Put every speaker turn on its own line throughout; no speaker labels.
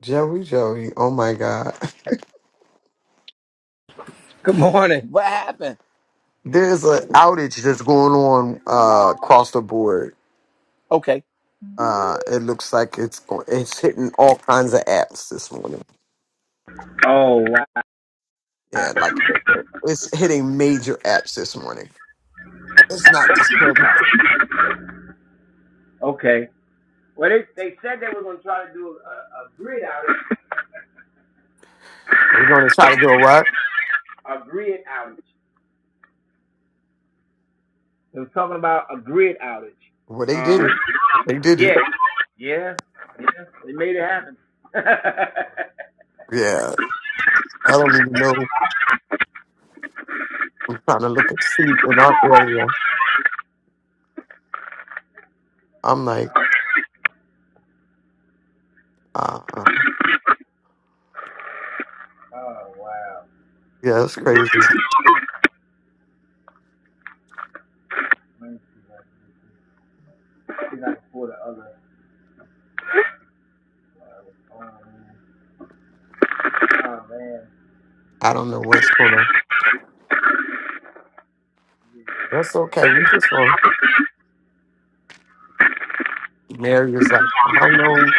Joey Joey, oh my God.
Good morning. What?
There's an outage that's going on uh, across the board.
Okay.
Uh, it looks like it's go- it's hitting all kinds of apps this morning. Yeah, like it's hitting major apps this morning. It's not just Clubhouse.
Okay. Well, they, they said they were going to try to do a, a grid outage.
They're going to try to do a what?
A grid outage.
Well, they did it. They did it. Yeah, I don't even know. I'm trying to look at see in our area. I'm like, uh, yeah, that's crazy. I don't know what's going on. That's okay. We just going. Mary is like, I don't know.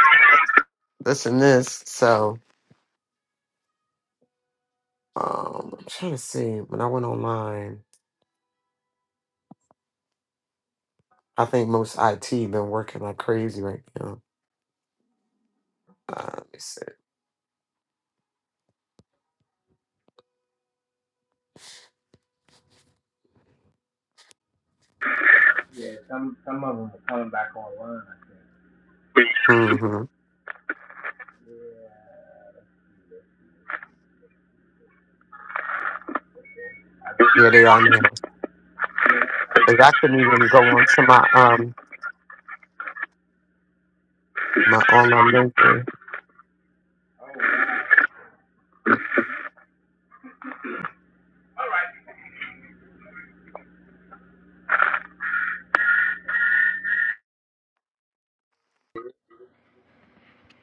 this and this. So um, I'm trying to see. When I went online, I think most IT been working like crazy right now. Uh, let me see. hmm Yeah, they are now. 'Cause I couldn't even go on to my um my online banking.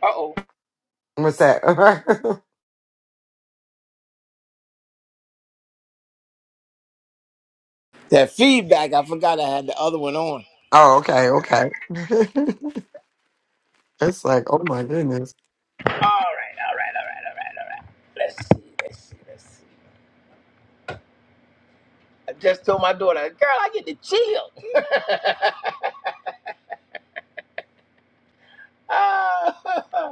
Uh oh. All
What's that?
That feedback, I forgot I had the other one on.
oh, okay, okay. it's like, oh my goodness.
right, all right, all right, all right, all right. Let's see, let's see, let's see. I just told my daughter, girl, I get to chill.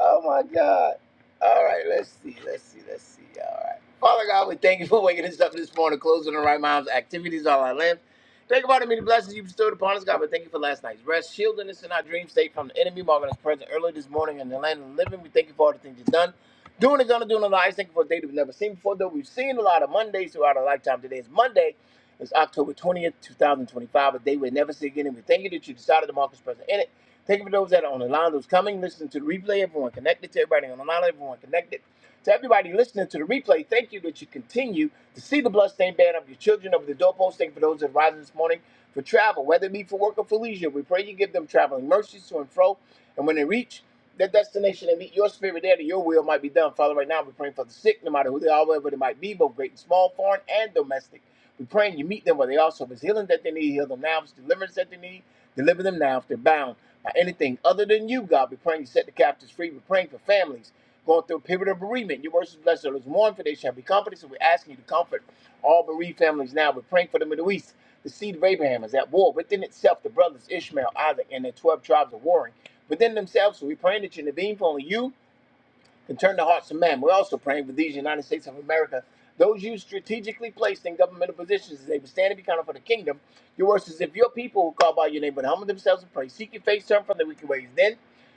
Oh my God. All right, let's see, let's see, let's see. All right. Father God, we thank you for waking us up this morning, closing the right minds, activities, all our limbs. Thank you for the many blessings you bestowed upon us, God. But thank you for last night's rest, shielding us in our dream state from the enemy, marking us present early this morning in the land of the living. We thank you for all the things you've done, doing and gonna do in our lives. Thank you for a day that we've never seen before, though we've seen a lot of Mondays throughout our lifetime. Today is Monday. It's October 20th, 2025, a day we'll never see again. And we thank you that you decided to mark us present in it. Thank you for those that are on the line, those coming, listening to the replay, everyone connected to everybody on the line, everyone connected to everybody listening to the replay. Thank you that you continue to see the bloodstained banner of your children over the doorpost. Thank you for those that are rising this morning for travel, whether it be for work or for leisure. We pray you give them traveling mercies to and fro. And when they reach that destination and meet your spirit there that your will might be done. Father, right now we're praying for the sick, no matter who they are, wherever they might be, both great and small, foreign and domestic. We're praying you meet them where they are. So if it's healing that they need, heal them now. If it's deliverance that they need, deliver them now. If they're bound by anything other than you, God, we're praying you set the captives free. We're praying for families going through a period of bereavement. Your words is blessed. Those who mourn, for they shall be comforted. So we're asking you to comfort all bereaved families now. We're praying for the Middle East. The seed of Abraham is at war within itself. The brothers Ishmael, Isaac, and the 12 tribes are warring within themselves. So we're praying that you intervene for only you can turn the hearts of man. We're also praying for these United States of America. Those you strategically placed in governmental positions as they would stand and be counted for the kingdom. Your words is if your people who call by your name would humble themselves and pray, seek your face, turn from their wicked ways, then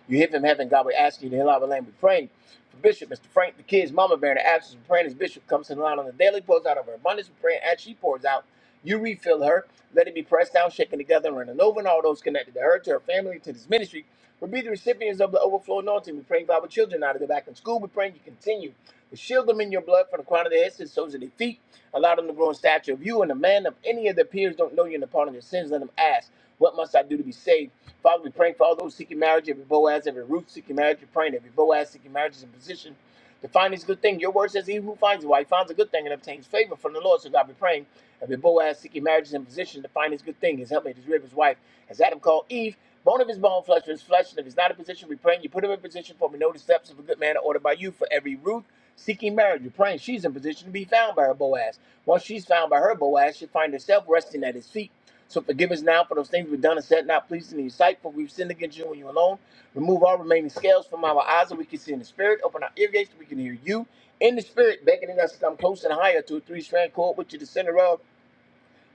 you hear from heaven. God, we ask you to heal our land. We pray. For Bishop, Mr. Frank, the kids, Mama Bear, in the absence of praying, as Bishop comes to the line on the daily, pours out of her abundance of prayer as she pours out. You refill her. Let it be pressed down, shaken together, and running over, and all those connected to her, to her family, to this ministry. will be the recipients of the overflow anointing. We pray for our children out of the back in school. We pray you continue to shield them in your blood from the crown of their heads to the soles of their feet. Allow them to grow in stature of you and the man of any of their peers don't know you and the pardon of their sins. Let them ask. What must I do to be saved? Father, we praying for all those seeking marriage, every Boaz, every Ruth seeking marriage. We're praying every Boaz seeking marriage is in position to find this good thing. Your word says, He who finds a wife finds a good thing and obtains favor from the Lord. So God, we praying every Boaz seeking marriage is in position to find his good thing. His helpmate, his rib, his wife, as Adam called Eve. Bone of his bone, flesh of his flesh, and if he's not in position, we praying you put him in position for we know the steps of a good man are ordered by you. For every Ruth seeking marriage, you're praying she's in position to be found by her Boaz. Once she's found by her Boaz, she'll find herself resting at his feet. So forgive us now for those things we've done and said not pleasing in your sight, for we've sinned against you and you alone. Remove all remaining scales from our eyes that we can see in the spirit. Open our ear gates that we can hear you in the spirit, beckoning us to come close and higher to a three-strand cord, which is the center of.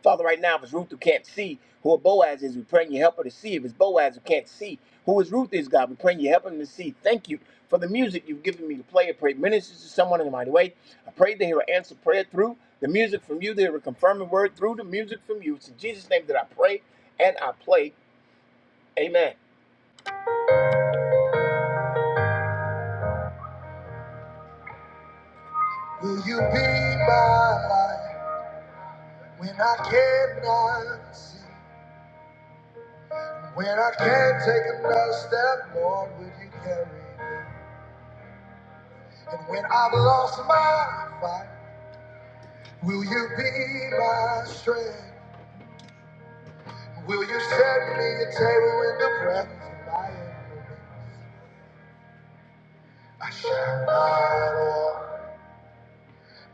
Father, right now, if it's Ruth who can't see who a Boaz is, we praying you help her to see. If it's Boaz who can't see who is Ruth is, God, we praying you help him to see. Thank you for the music you've given me to play. I pray it ministers to someone in a mighty way. I pray they hear an answer prayer through the music from you. They hear a confirming word through the music from you. It's in Jesus' name that I pray and I play. Amen. Will you be my light when I cannot see? When I can't take another step, Lord, will you carry me? And when I've lost my fight, will you be my strength? Will you set me a table in the presence of my enemies? I shall not walk.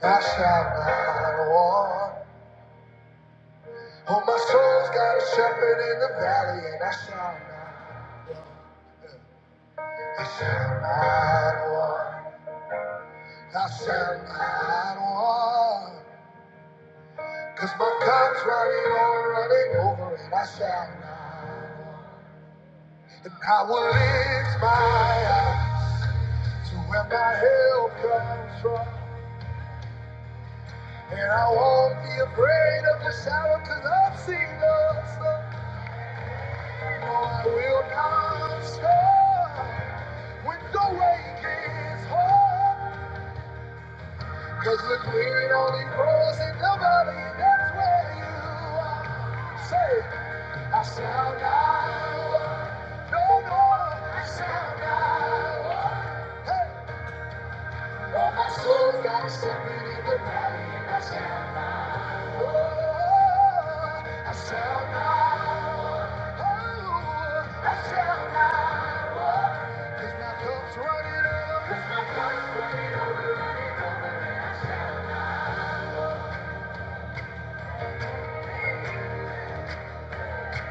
I shall not walk. Oh, my soul's got a shepherd in the valley, and I shall not. walk. I shall not walk. I shall not walk. Cause my cup's running over, running over, and I shall not. walk. And I will lift my eyes to where my help comes from. And I won't be afraid of the shadow, cause I've seen the sun. No, I will not stop when the way gets hard. Cause the green only grows in the valley, that's where you are. Say, I shall not. walk. No, no, I shall not. walk. Hey. But my soul's got a shepherd in the valley, and I shall not, I shall not, oh, I shall not walk. 'Cause my cup's running out. 'Cause my-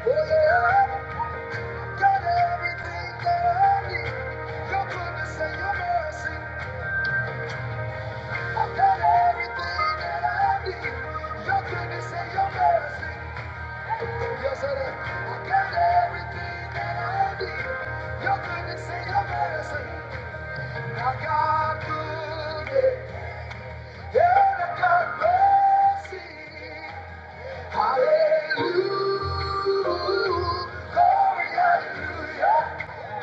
Oh, yeah, got everything that I need. Your goodness and your mercy. I've got everything that I need. Your goodness and your mercy. Yes, sir. I got everything that I need. Your goodness and your mercy. I got goodness and I got mercy. Hallelujah. Glory, hallelujah.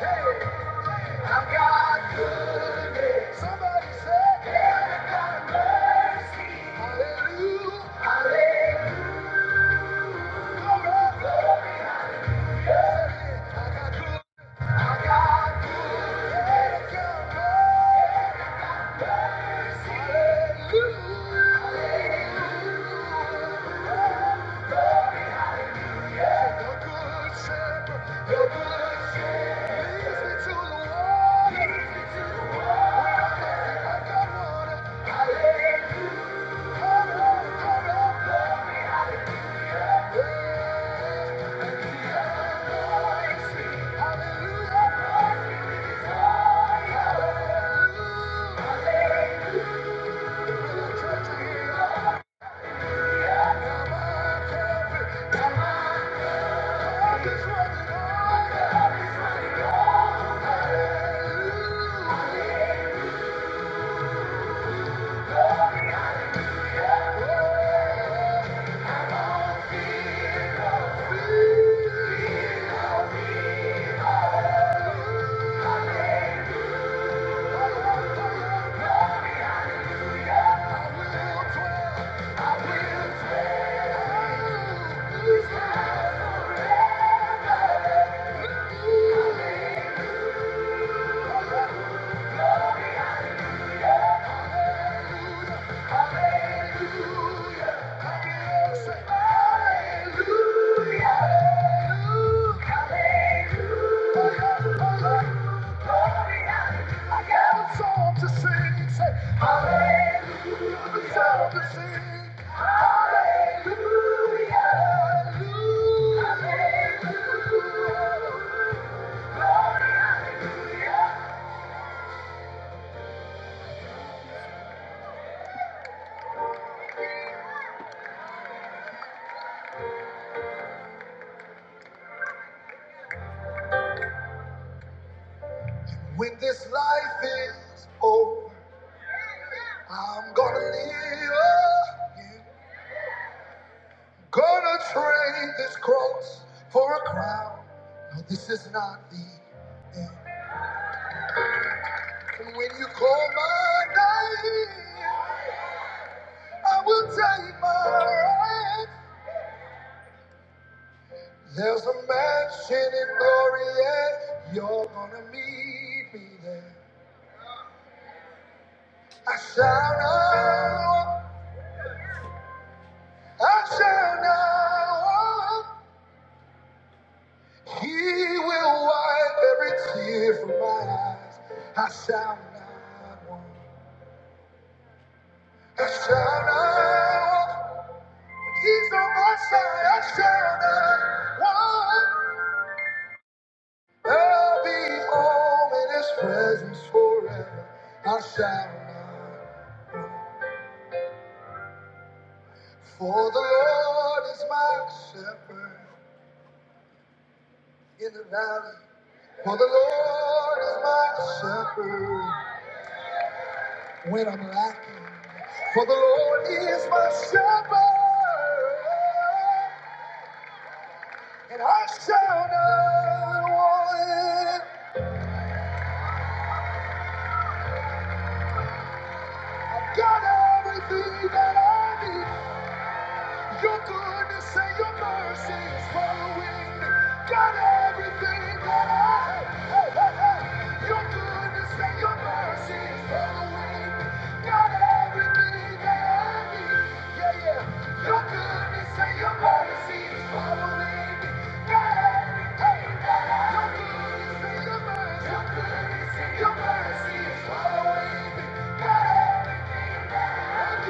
Hey, I got goodness. Somebody said, and I got mercy. Hallelujah. Hallelujah. Glory, glory. Hallelujah. Yeah. I will dwell. When this life is over, I'm gonna live. again. Gonna trade this cross for a crown. No, this is not the end. And when you call my name, I will take my right. There's a mansion in glory, and you're gonna meet me there. I shall now, I shall now. He will wipe every tear from my eyes. I shall not want. I shall not. He's on my side. I shall not want. I'll be home in His presence forever. I shall not. want. For the Lord is my shepherd in the valley. For the Lord is my shepherd when I'm lacking. For the Lord is my shepherd. And I shall not want. I've got everything that I need. Your goodness and your mercy is following me. Got everything that I have. Hey, hey, hey. Your goodness and your mercy is following me. Got everything that I need. Yeah, yeah. Your goodness and your mercy is following me. Got everything that I need. Your goodness and your mercy. Your goodness and your mercy is following me. Got everything. I got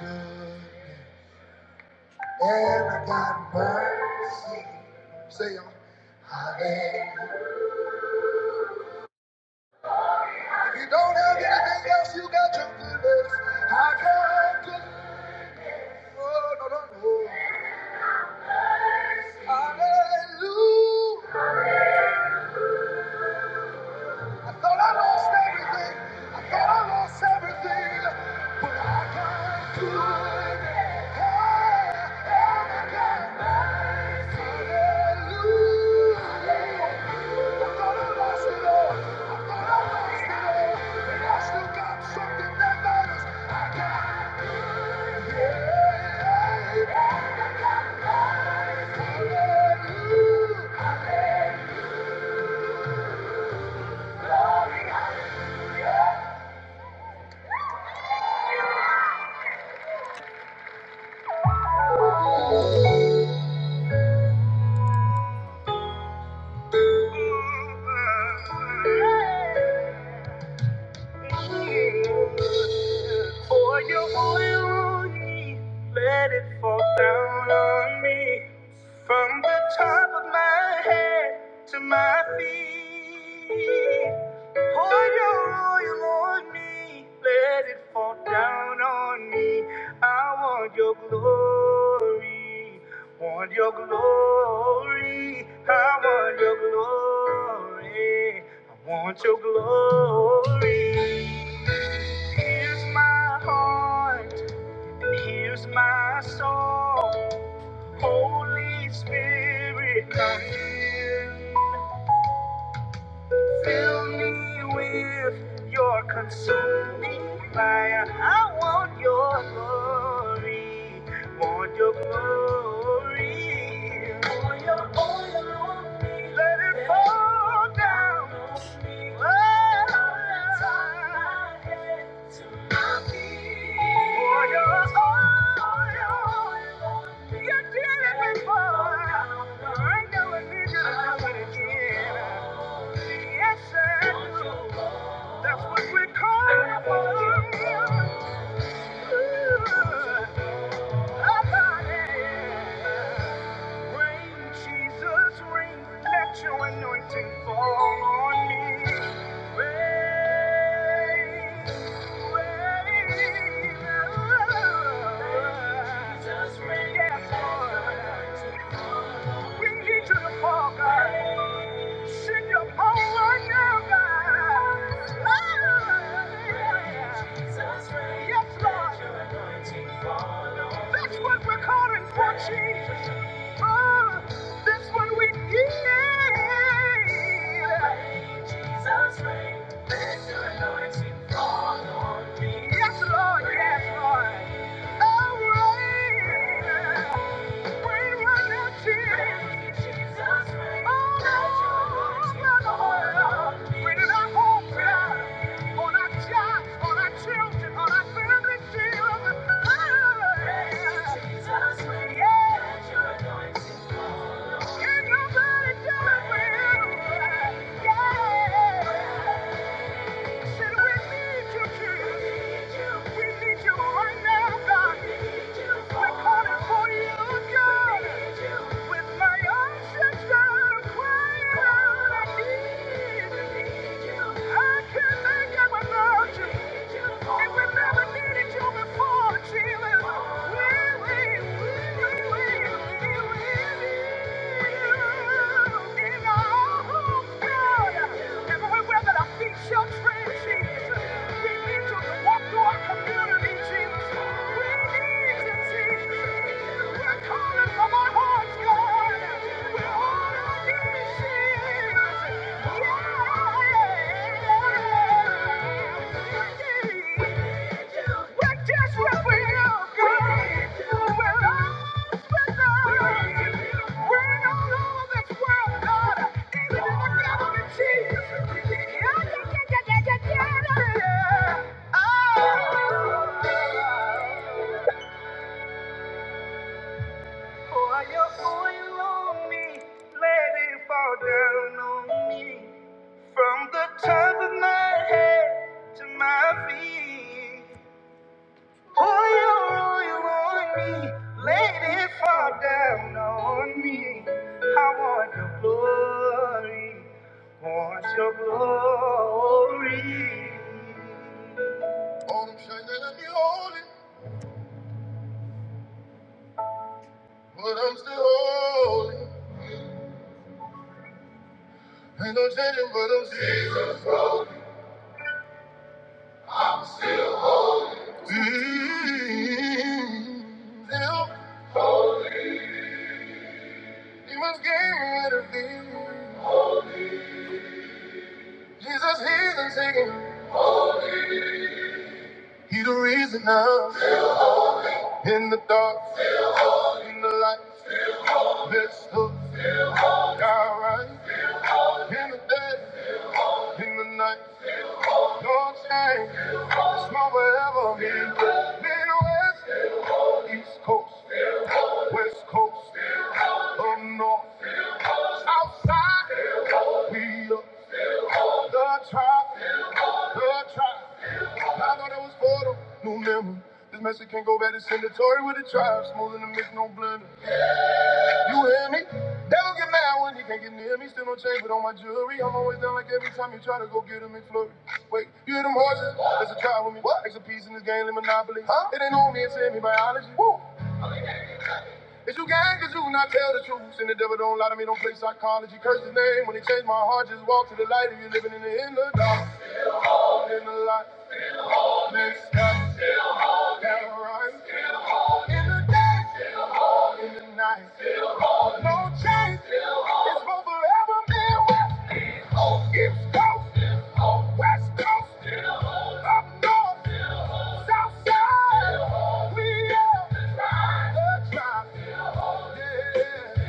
good and I got mercy. Say, hallelujah. If you don't have anything else, you got your goodness. I got good. Oh, no, no, no. Hallelujah. I thought I lost everything. I thought I lost everything. But I got good. I got For your oil, let it fall down on me from the top of my head to my feet. Pour your oil on me, let it fall down on me. I want your glory, want your glory, I want your glory, I want your glory. Here's my heart, and here's my soul. Holy Spirit, come in. Fill me with your consuming fire. I want your glory. Want your glory. Pour your oil on me. Let it fall down on me. Oh. From my head to my feet. Pour your oil. on me. You did it before. Right now I know it needs you to do it again. Yes, sir. That's what we call it. Rain, Jesus, rain. Let your anointing fall on me. Rain, rain. Jesus, rain. Yes, Lord. We need you to the fall, God. Send your power right now, God. Oh, Yes, Lord. That's what we're calling for, Jesus. Oh, that's what we need. Jesus, reign. Let your anointing fall on me. Yes, Lord. Yes, Lord. Oh, reign. Yeah. Thank you. We're just where we are, girl. We're all from the top of my head to my feet. Oh, you, you want me, lady, fall down on me. I want your glory, want your glory. Oh, I'm trying to be holy, but I'm still holy. Ain't no changing, but I'm still. Mm. Still, he must give me the feeling. Jesus, he's the singing. He the reason I'm in the dark. in the From the East Coast, West Coast, up north, I tried, I tried. I thought it was for the new memory. This message can't go back to sendatory with the tribe, smoother than mix, no blender. You hear me? Devil get mad when he can't get near me. Still no change, but on my jewelry, I'm always down like every time you try to go get a McFlurry. Wait, you hear them horses? There's a tribe with me. What? It's a piece in this game, like Monopoly. Huh? It ain't on me, it's in me biology. Woo. Is you gang, cause you not tell the truth. And the devil don't lie to me, don't play psychology. Curse his name when he changed my heart. Just walk to the light if you're living in the inner dark. In the light, next time, never run. In the day, in the night, no change. It's for forever, man. west, East Coast, West Coast, up north, south side. We are the tribe, yeah.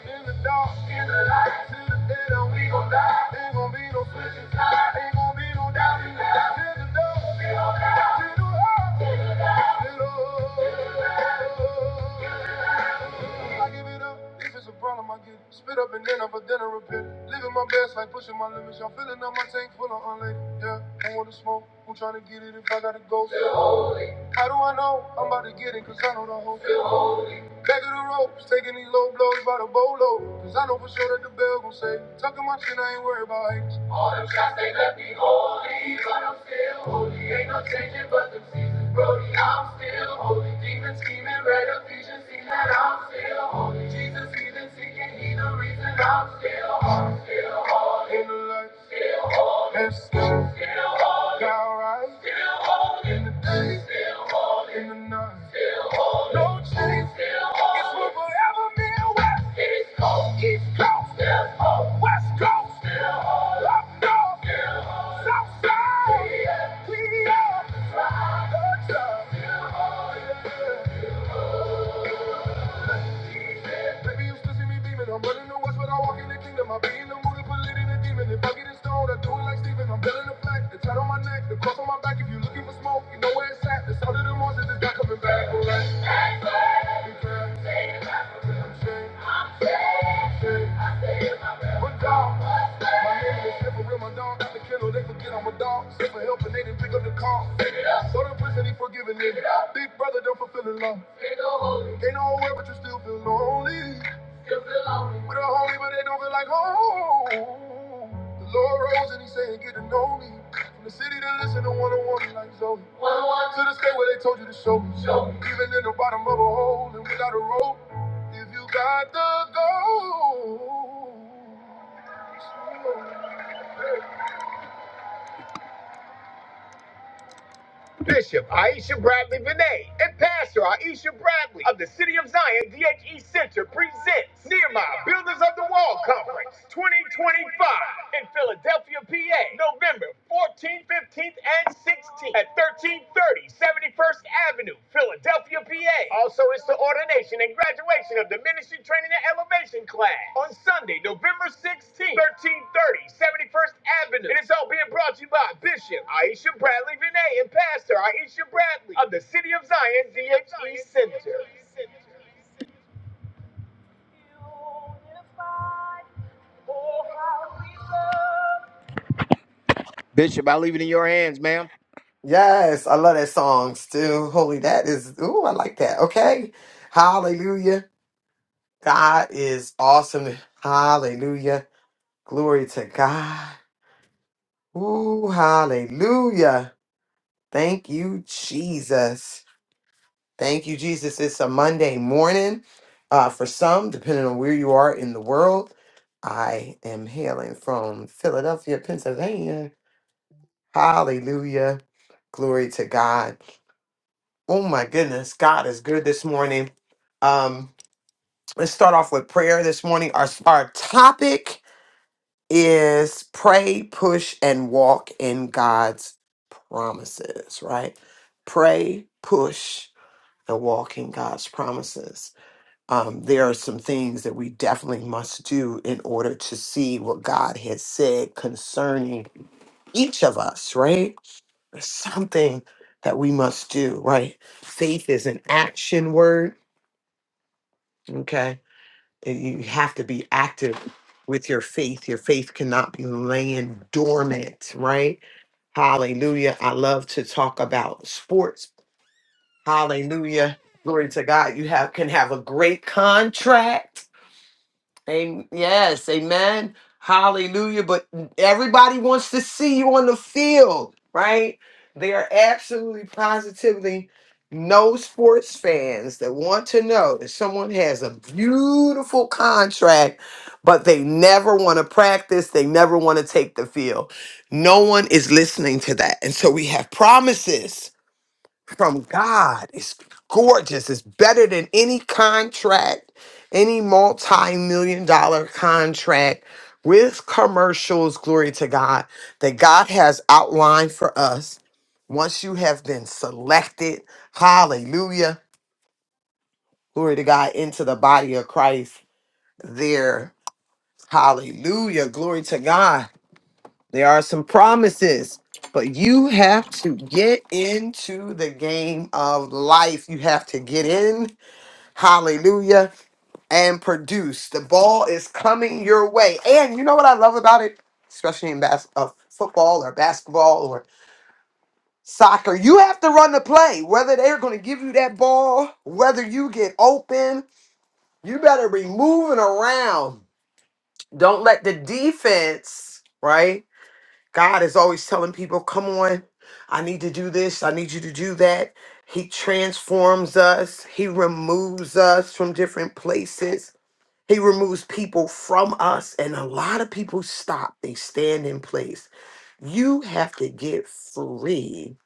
In the dark, in the light, till the day that we gon' die. Ain't gon' be no switching sides, ain't gon' be no doubting. now. In the dark, we gon' die. till the light, till the light. I give it up, if it's a problem, I get it. Spit up and then up a dinner repair. Living my best like pushing my limits. Y'all filling up my tank full of unleaded. Yeah, who wanna smoke? Who tryna get it if I gotta go? How do I know? I'm about to get it, cause I know the hope. Back of the ropes, taking these low blows by the bolo. Cause I know for sure that the bell gon' say, Tucking my chin, I ain't worried about haters. In the light, and still got right. In the day, in the night. No change, it's what forever me and West, West Coast, South Side. We are the tribe. Baby, you still see me beaming. I'm running the west, but I walk in the kingdom. I be in the mood to put lit in a demon. If I get it stoned, I do it like Steven. I'm building a flag, the tat on my neck, the cross on my back. If you're looking for smoke, you know where it's at. The sound of the monsters is not coming back. All right, be fair. I'm shame, shame. But dog, my name is here for real. My dog got the kennel. They forget I'm a dog. Sit for help and they didn't pick up the call. So the prison, he forgiving it. Big brother, don't fulfill the law. Ain't no nowhere, but you still feel lonely. With a homie, but they don't feel like home. The Lord rose and he said, get to know me. From the city to listen to one on one like Zoe. Went to the state where they told you to show me. Show me. Even in the bottom of a hole and without a rope. If you got the gold. Bishop Aisha Bradley Vinay and Pastor Aisha Bradley of the City of Zion DHE Center presents Nehemiah Builders of the Wall Conference 2025 in Philadelphia, PA, November 14th, 15th, and 16th at 1330 71st Avenue Philadelphia, PA. Also, it's the ordination and graduation of the Ministry Training and Elevation class on Sunday, November 16th, 1330, 71st Avenue. And it's all being brought to you by Bishop Aisha Bradley Vinay and Pastor Aisha Bradley of the City of Zion DHE Center. Bishop, I leave it in your hands, ma'am.
Yes, I love that song. Still, holy, that is. Ooh, I like that. Okay, Hallelujah. God is awesome. Hallelujah. Glory to God. Ooh, hallelujah. Thank you, Jesus. Thank you, Jesus. It's a Monday morning uh, for some, depending on where you are in the world. I am hailing from Philadelphia, Pennsylvania. Hallelujah. Glory to God. Oh, my goodness. God is good this morning. Um, let's start off with prayer this morning. Our, our topic is pray, push, and walk in God's promises, right? Pray, push, and walk in God's promises. Um, there are some things that we definitely must do in order to see what God has said concerning each of us, right? There's something that we must do, right? Faith is an action word, okay? And you have to be active with your faith. Your faith cannot be laying dormant, right? Hallelujah. I love to talk about sports. Hallelujah. Glory to God. You have can have a great contract Amen. Yes, amen. Hallelujah. But everybody wants to see you on the field, right? They are absolutely positively no sports fans that want to know that someone has a beautiful contract, but they never want to practice, they never want to take the field. No one is listening to that. And so we have promises from God. It's gorgeous. It's better than any contract, any multi million dollar contract with commercials. Glory to God that God has outlined for us. Once you have been selected, hallelujah, glory to God, into the body of Christ, there, hallelujah, glory to God. There are some promises, but you have to get into the game of life. You have to get in, hallelujah, and produce. The ball is coming your way. And you know what I love about it, especially in bas- uh, football or basketball or soccer, you have to run the play. Whether they're going to give you that ball, whether you get open, you better be moving around. Don't let the defense, right? God is always telling people, come on, I need to do this, I need you to do that. He transforms us, He removes us from different places, He removes people from us. And a lot of people stop, they stand in place. You have to get free,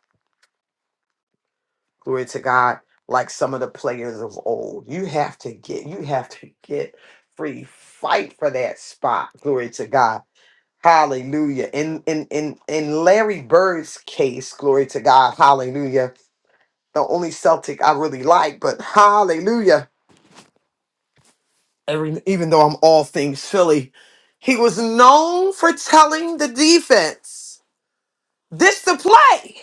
glory to God, like some of the players of old. You have to get, you have to get free. Fight for that spot, glory to God Hallelujah. In in in in Larry Bird's case, glory to God, hallelujah. The only Celtic I really like, but hallelujah. Every, even though I'm all things Philly, he was known for telling the defense, this the play.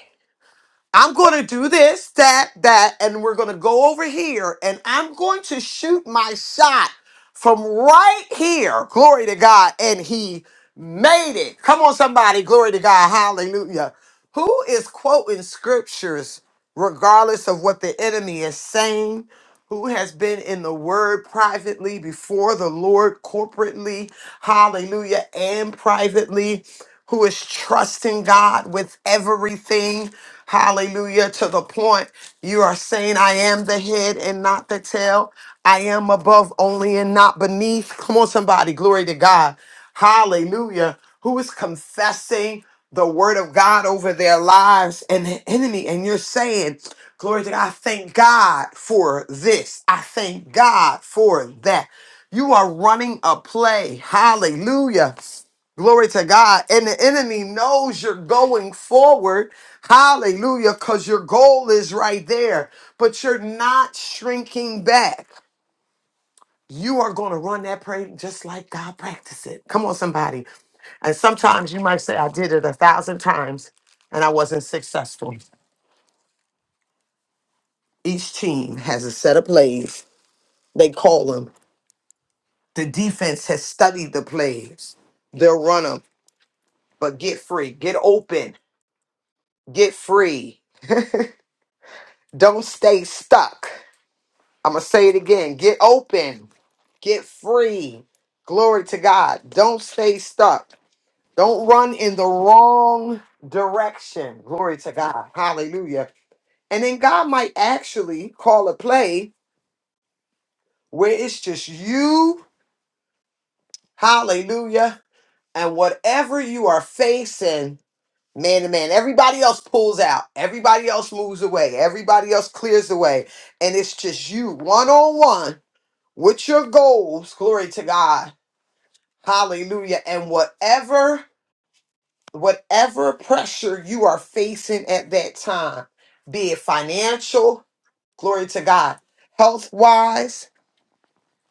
I'm going to do this, that, that, and we're going to go over here and I'm going to shoot my shot from right here. Glory to God. And he made it. Come on, somebody. Glory to God. Hallelujah. Who is quoting scriptures regardless of what the enemy is saying? Who has been in the word privately before the Lord corporately? Hallelujah. And privately who is trusting God with everything. Hallelujah. To the point you are saying, I am the head and not the tail. I am above only and not beneath. Come on, somebody. Glory to God. Hallelujah. Who is confessing the word of God over their lives and the enemy. And you're saying, Glory to God. I thank God for this. I thank God for that. You are running a play. Hallelujah. Glory to God. And the enemy knows you're going forward. Hallelujah. Because your goal is right there, but you're not shrinking back. You are going to run that prayer just like God practiced it. Come on, somebody. And sometimes you might say, I did it a thousand times and I wasn't successful. Each team has a set of plays. They call them. The defense has studied the plays. They'll run them, but get free, get open, get free. Don't stay stuck. I'm going to say it again. Get open. Get free. Glory to God. Don't stay stuck. Don't run in the wrong direction. Glory to God. Hallelujah. And then God might actually call a play where it's just you. Hallelujah. And whatever you are facing, man to man, everybody else pulls out. Everybody else moves away. Everybody else clears away. And it's just you one on one with your goals glory to god hallelujah and whatever whatever pressure you are facing at that time be it financial glory to god health wise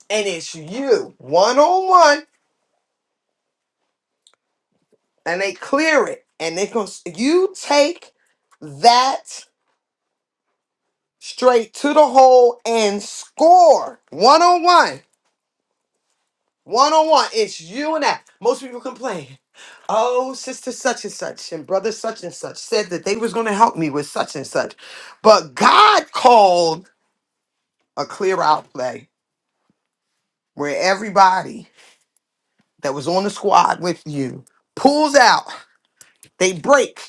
and it's you one on one and they clear it and they can you take that straight to the hole and score one on one One on one, it's you and that. Most people complain. Oh, sister such and such and brother such and such said that they was going to help me with such and such. But God called a clear out play where everybody that was on the squad with you pulls out. They break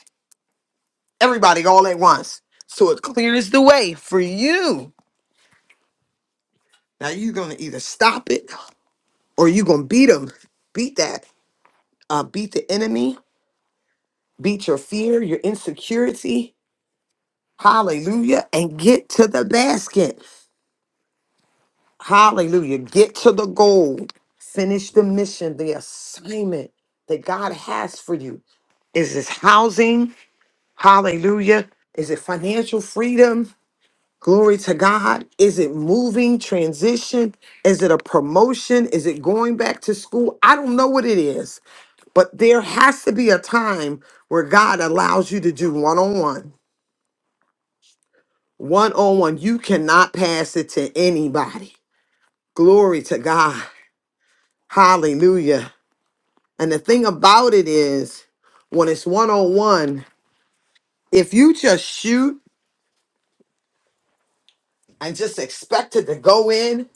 everybody all at once. So it clears the way for you. Now you're going to either stop it or you're going to beat them. Beat that. Uh, beat the enemy. Beat your fear, your insecurity Hallelujah. And get to the basket. Hallelujah. Get to the goal. Finish the mission, the assignment that God has for you. Is this housing? Hallelujah. Is it financial freedom? Glory to God. Is it moving, transition? Is it a promotion? Is it going back to school? I don't know what it is, but there has to be a time where God allows you to do one on one. One on one. You cannot pass it to anybody. Glory to God. Hallelujah. And the thing about it is, when it's one on one, if you just shoot and just expect it to go in,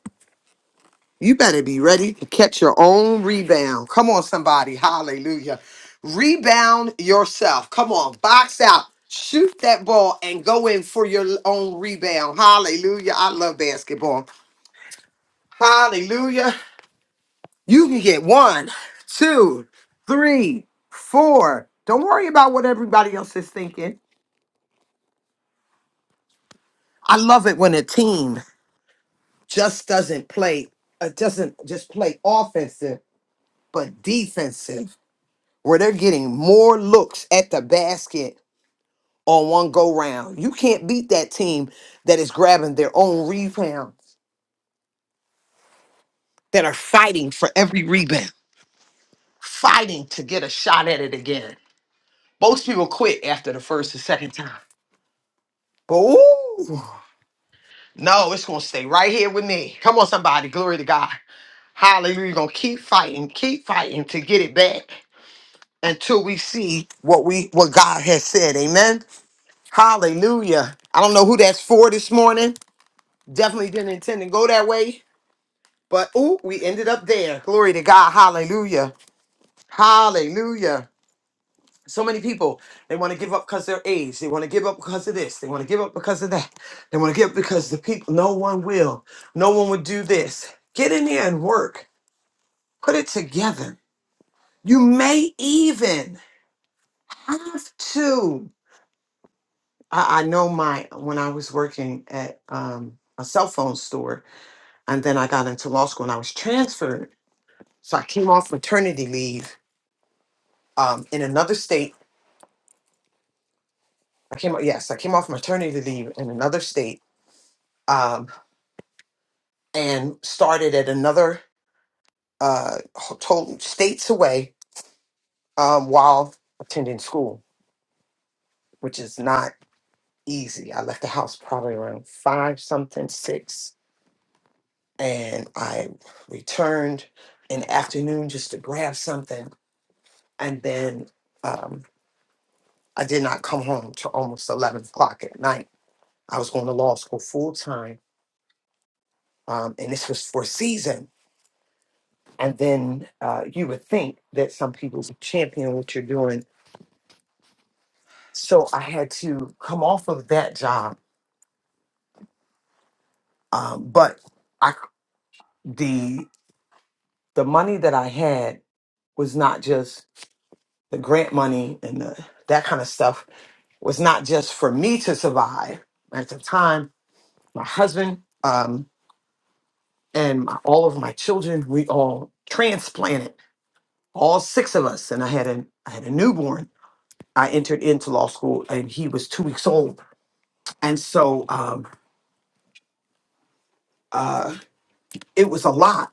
you better be ready to catch your own rebound. Come on, somebody. Hallelujah. Rebound yourself. Come on, box out. Shoot that ball and go in for your own rebound. Hallelujah. I love basketball. Hallelujah. You can get one, two, three, four. Don't worry about what everybody else is thinking. I love it when a team just doesn't play, uh, doesn't just play offensive, but defensive, where they're getting more looks at the basket on one go round. You can't beat that team that is grabbing their own rebound, that are fighting for every rebound, fighting to get a shot at it again. Most people quit after the first or second time. But ooh. No, it's gonna stay right here with me. Come on, somebody, glory to God. Hallelujah. You're gonna keep fighting, keep fighting to get it back until we see what we what God has said. Amen. Hallelujah. I don't know who that's for this morning. Definitely didn't intend to go that way, but ooh, we ended up there. Glory to God. Hallelujah. Hallelujah. So many people, they want to give up because of their age. They want to give up because of this. They want to give up because of that. They want to give up because the people, no one will. No one would do this. Get in there and work. Put it together. You may even have to. I, I know my, when I was working at um, a cell phone store, and then I got into law school and I was transferred. So I came off maternity leave um, in another state. I came, yes, I came off maternity leave in another state Um, and started at another uh total states away um while attending school which is not easy i left the house probably around five something six and i returned in the afternoon just to grab something and then um i did not come home till almost 11 o'clock at night i was going to law school full time um and this was for a season and then uh, you would think that some people would champion what you're doing so I had to come off of that job. Um, but I c- the the money that I had was not just the grant money and the, that kind of stuff was not just for me to survive. At the time, my husband um, and my, all of my children, we all transplanted, all six of us, and I had a I had a newborn. I entered into law school, and he was two weeks old, and so um, uh, it was a lot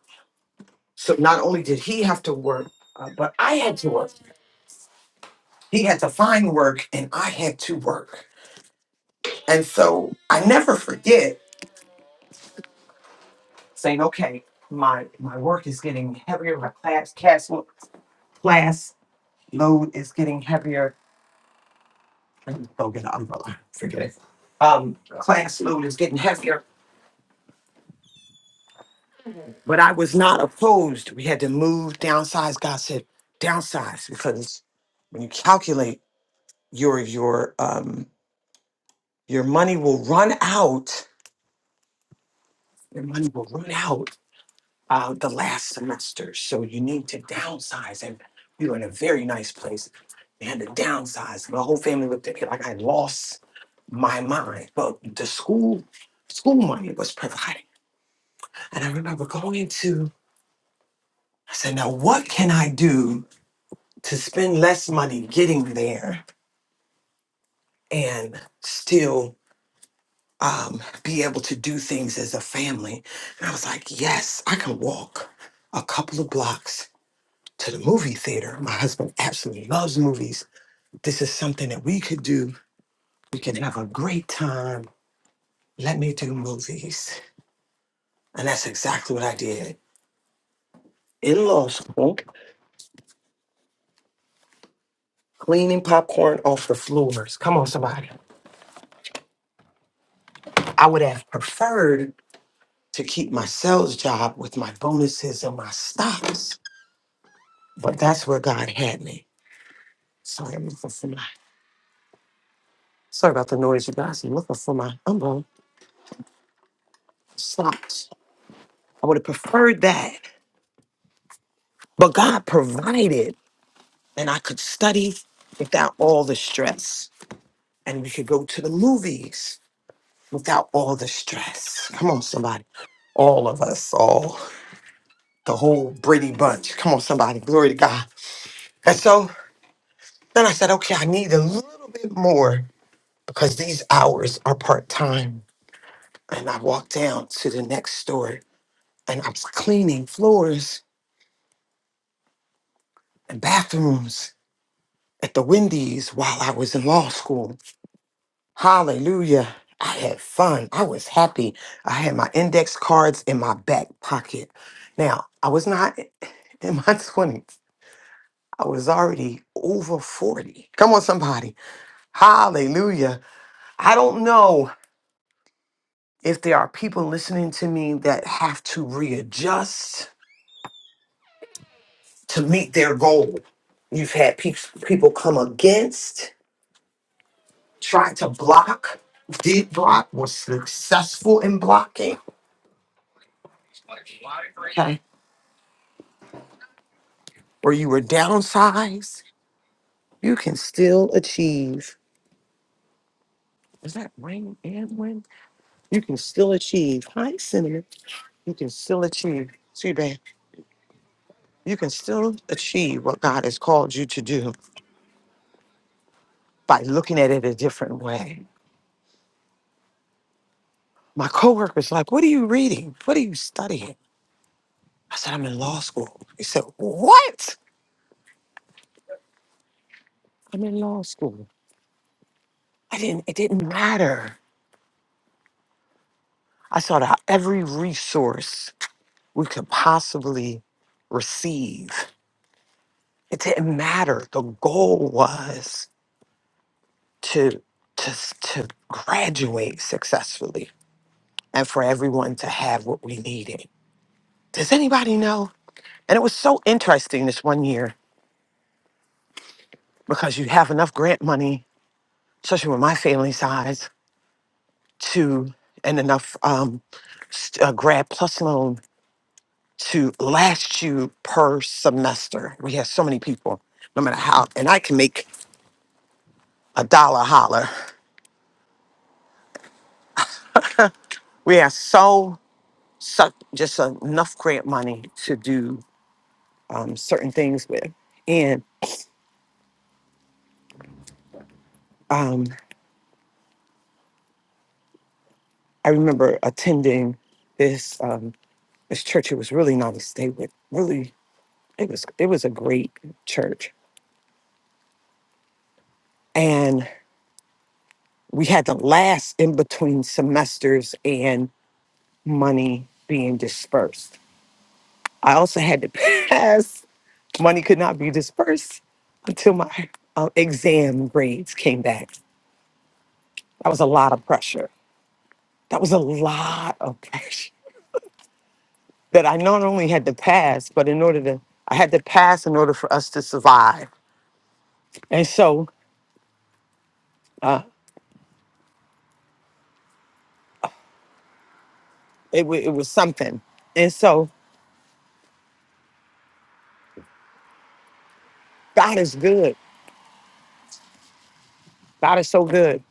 So not only did he have to work, uh, but I had to work. He had to find work and I had to work. And so I never forget saying, okay, my my work is getting heavier, my class class lo- class load is getting heavier. Let me Go get an umbrella. Forget it. Um, class load is getting heavier, but I was not opposed. We had to move, downsize. God said, downsize because when you calculate your your um your money will run out Your money will run out uh, the last semester, so you need to downsize. And we were in a very nice place. They had to downsize. My whole family looked at me like I lost my mind. But the school, school money was providing. And I remember going to, I said, now what can I do to spend less money getting there and still um, be able to do things as a family? And I was like, yes, I can walk a couple of blocks to the movie theater. My husband absolutely loves movies. This is something that we could do. We can have a great time. Let me do movies. And that's exactly what I did in law school, cleaning popcorn off the floors. Come on, somebody. I would have preferred to keep my sales job with my bonuses and my stocks, but that's where God had me. Sorry, I'm looking for my, sorry about the noise, you guys. I'm looking for my umbrella stocks. I would have preferred that, but God provided and I could study without all the stress. And we could go to the movies without all the stress. Come on, somebody. All of us, all the whole Brady bunch. Come on, somebody. Glory to God. And so then I said, okay, I need a little bit more because these hours are part time. And I walked down to the next store and I was cleaning floors and bathrooms at the Wendy's while I was in law school. Hallelujah. I had fun. I was happy. I had my index cards in my back pocket. Now, I was not in my 20s. I was already over 40. Come on, somebody. Hallelujah. I don't know if there are people listening to me that have to readjust to meet their goal. You've had pe- people come against, try to block, did block, was successful in blocking. or you were downsized, you can still achieve. Is that rain and wind? You can still achieve. Hi, Cinnamon. You can still achieve. See, babe, you can still achieve what God has called you to do by looking at it a different way. My coworker's like, What are you reading? What are you studying? I said, I'm in law school. He said, What? I'm in law school. I didn't, it didn't matter. I sought out every resource we could possibly receive it didn't matter. The goal was to to to graduate successfully and for everyone to have what we needed. Does anybody know? And it was so interesting this one year because you have enough grant money, especially with my family size, to and enough um, s- uh, grad plus loan to last you per semester. We had so many people, no matter how, and I can make a dollar holler. We have so suck just enough grant money to do um, certain things with. And um, I remember attending this um, this church. It was really nice. They would really it was it was a great church, and we had the last in between semesters and money being dispersed. I also had to pass. Money could not be dispersed until my uh, exam grades came back. That was a lot of pressure That was a lot of pressure that I not only had to pass, but in order to, I had to pass in order for us to survive. And so it, wa- it was something. And so God is good. God is so good.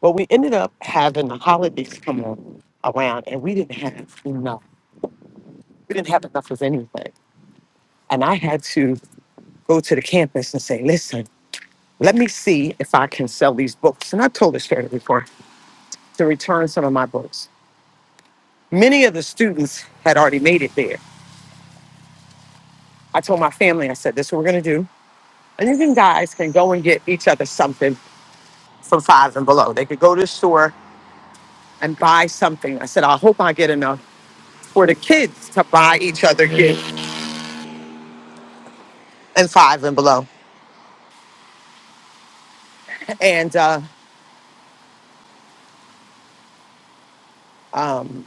But we ended up having the holidays come on around and we didn't have enough. We didn't have enough of anything. And I had to go to the campus and say, listen, let me see if I can sell these books. And I've told this story before to return some of my books. Many of the students had already made it there I told my family, I said, this is what we're going to do. And you can- guys can go and get each other something from five and below. They could go to the store and buy something. I said, I hope I get enough for the kids to buy each other gifts and five and below. And, uh, um,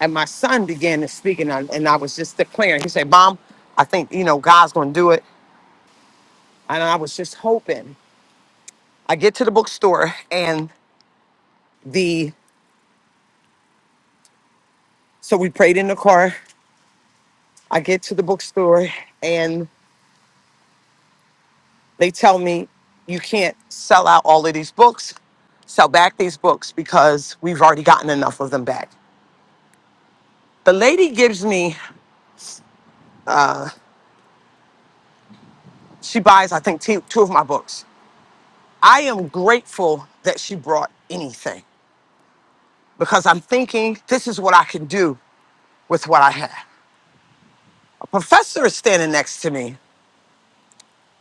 and my son began to speak and I, and I was just declaring, he said, mom, I think, you know, God's going to do it. And I was just hoping. I get to the bookstore and the, so we prayed in the car. I get to the bookstore and. They tell me you can't sell out all of these books, sell back these books because we've already gotten enough of them back. The lady gives me, she buys, I think, two two of my books. I am grateful that she brought anything because I'm thinking this is what I can do with what I have. A professor is standing next to me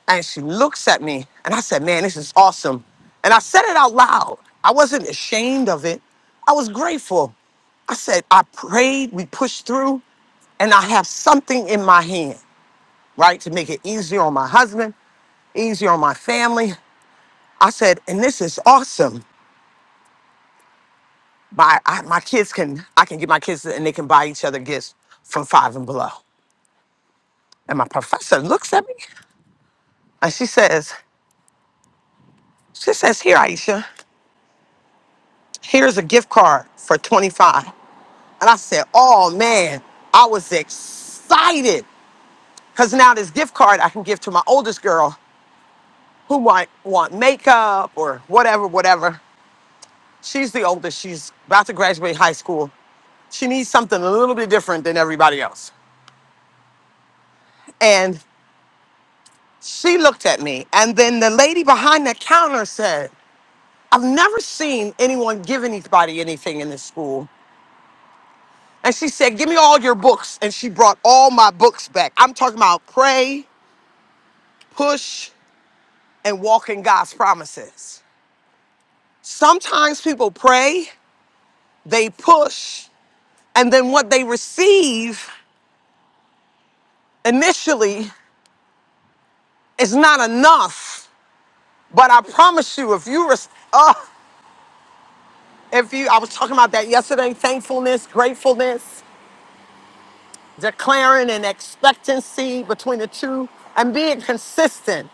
and she looks at me and I said, Man, this is awesome. And I said it out loud. I wasn't ashamed of it. I was grateful. I said, I prayed, we pushed through, and I have something in my hand, right? To make it easier on my husband, easier on my family. I said, and this is awesome. My I, my kids can, I can get my kids and they can buy each other gifts from five and below. And my professor looks at me and she says, she says, here, Aisha, here's a gift card for 25. And I said, oh man, I was excited. Because now this gift card I can give to my oldest girl who might want makeup or whatever, whatever. She's the oldest. She's about to graduate high school. She needs something a little bit different than everybody else. And she looked at me. And then the lady behind the counter said, I've never seen anyone give anybody anything in this school. And she said, Give me all your books. And she brought all my books back. I'm talking about pray, push. and walk in God's promises. Sometimes people pray, they push, and then what they receive initially is not enough. But I promise you, if you, res- uh, if you, I was talking about that yesterday, thankfulness, gratefulness, declaring and expectancy between the two, and being consistent.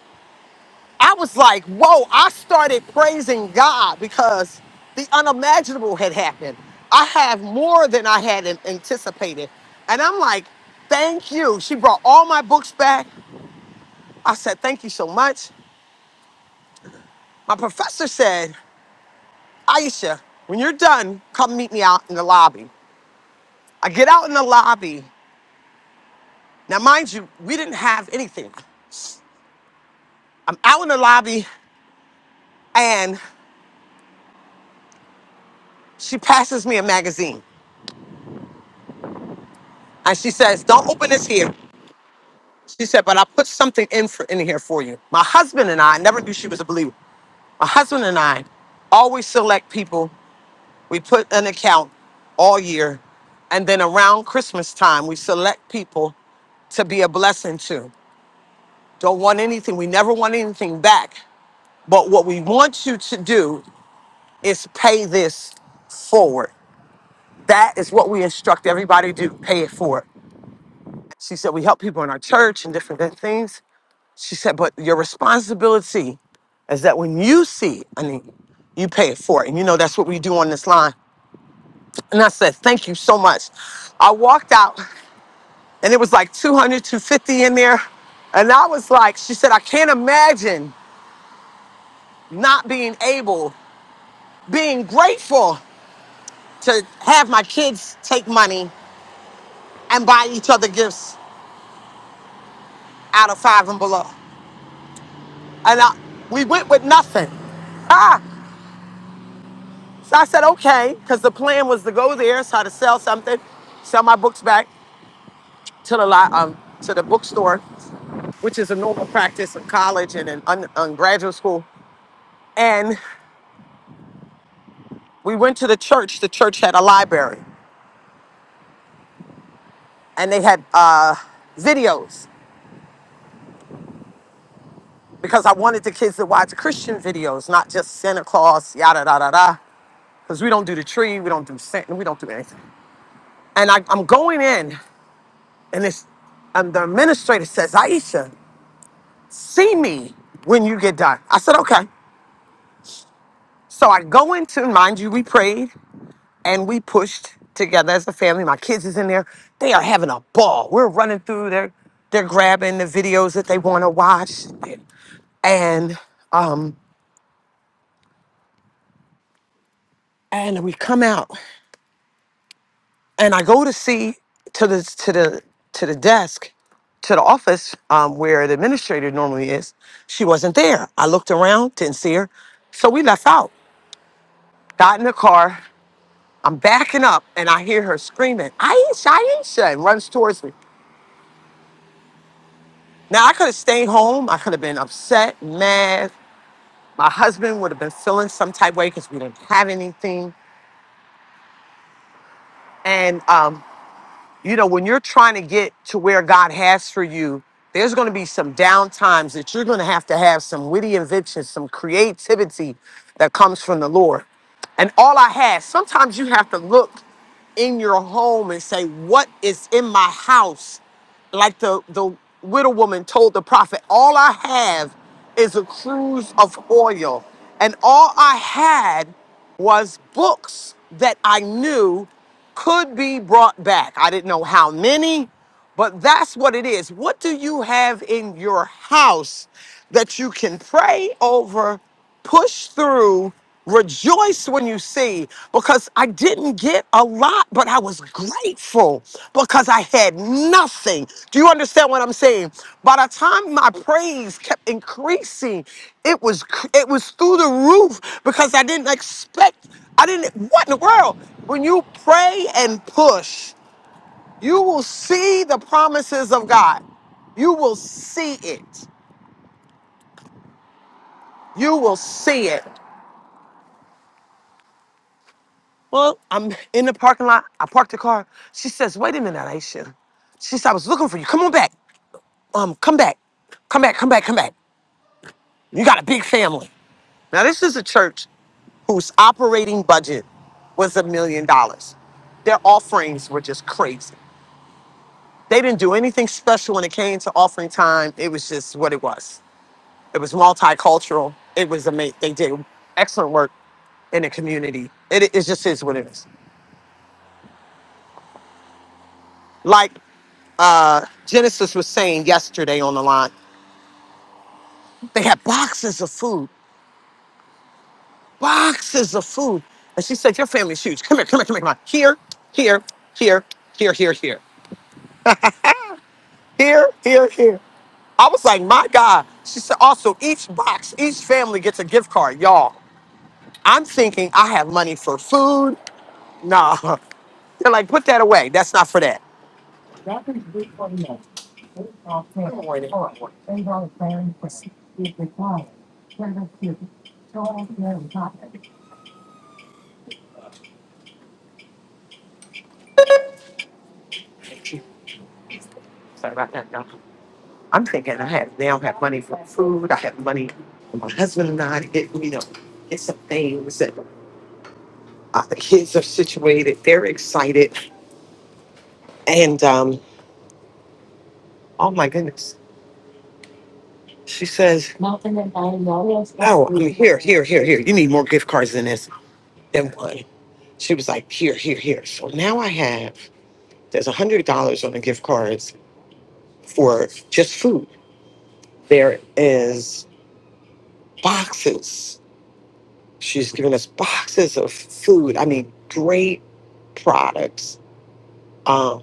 I was like, whoa, I started praising God because the unimaginable had happened. I have more than I had an- anticipated. And I'm like, thank you. She brought all my books back. I said, thank you so much. My professor said, Aisha, when you're done, come meet me out in the lobby. I get out in the lobby. Now, mind you, we didn't have anything. I'm out in the lobby and she passes me a magazine. And she says, Don't open this here. She said, but I put something in for in here for you. My husband and I never knew she was a believer. My husband and I always select people. We put an account all year, and then around Christmas time, we select people to be a blessing to. Don't want anything. We never want anything back. But what we want you to do is pay this forward. That is what we instruct everybody to do. Pay it forward. She said we help people in our church and different things. She said, but your responsibility is that when you see a need, you pay it for it. And you know, that's what we do on this line. And I said, thank you so much. I walked out and it was like 200, 250 in there. And I was like, she said, I can't imagine not being able, being grateful to have my kids take money and buy each other gifts out of five and below. And I, we went with nothing. So I said, okay, because the plan was to go there, try to sell something, sell my books back to the li- um, to the bookstore, which is a normal practice in college and in un- um, graduate school. And we went to the church. The church had a library, and they had uh, videos because I wanted the kids to watch Christian videos, not just Santa Claus, yada da da da. Because we don't do the tree, we don't do Santa, we don't do anything. And I, I'm going in, and this, and the administrator says, Aisha. see me when you get done. I said, okay. So I go into, mind you, we prayed and we pushed together as a family. My kids is in there. They are having a ball. We're running through there; They're grabbing the videos that they want to watch. And um, and we come out and I go to see to the to the to the desk to the office um, where the administrator normally is. She wasn't there. I looked around, didn't see her. So we left out, got in the car. I'm backing up and I hear her screaming, Aisha, Aisha, and runs towards me. Now, I could have stayed home. I could have been upset, mad. My husband would have been feeling some type way because we didn't have anything. And, um, you know, when you're trying to get to where God has for you, there's going to be some down times that you're going to have to have some witty inventions, some creativity that comes from the Lord. And all I had, sometimes you have to look in your home and say, What is in my house? like the, the widow woman told the prophet, all I have is a cruise of oil. And all I had was books that I knew could be brought back. I didn't know how many, but that's what it is. What do you have in your house that you can pray over? push through, rejoice when you see, because I didn't get a lot, but I was grateful because I had nothing. Do you understand what I'm saying? By the time my praise kept increasing, it was cr- it was through the roof because I didn't expect. I didn't. What in the world? When you pray and push, you will see the promises of God. You will see it. You will see it. Well, I'm in the parking lot. I parked the car. She says, wait a minute, Aisha. She said, I was looking for you. Come on back. Um, come back. Come back, come back, come back. You got a big family. Now, this is a church whose operating budget was a million dollars. Their offerings were just crazy. They didn't do anything special when it came to offering time. It was just what it was. It was multicultural. It was amazing. They did excellent work in the community. It, it just is what it is. Like Genesis was saying yesterday on the line, they had boxes of food, boxes of food. And she said, Your family's huge. Come here, come here, come here, come on. Here, here, here, here, here, here, here, here, here. I was like, My God. She said, Also, each box, each family gets a gift card, y'all. I'm thinking I have money for food. Nah. They're like, Put that away. That's not for that. Sorry about that. I'm thinking I don't have money. food. I have money. My husband and I, it, you know, get some things. Uh, the kids are situated. They're excited. And um, oh my goodness. She says, No, I'm here, here, here, here. You need more gift cards than this, than one. She was like, Here, here, here. So now I have, there's $100 on the gift cards for just food. There is boxes. She's giving us boxes of food. I mean, great products. Um,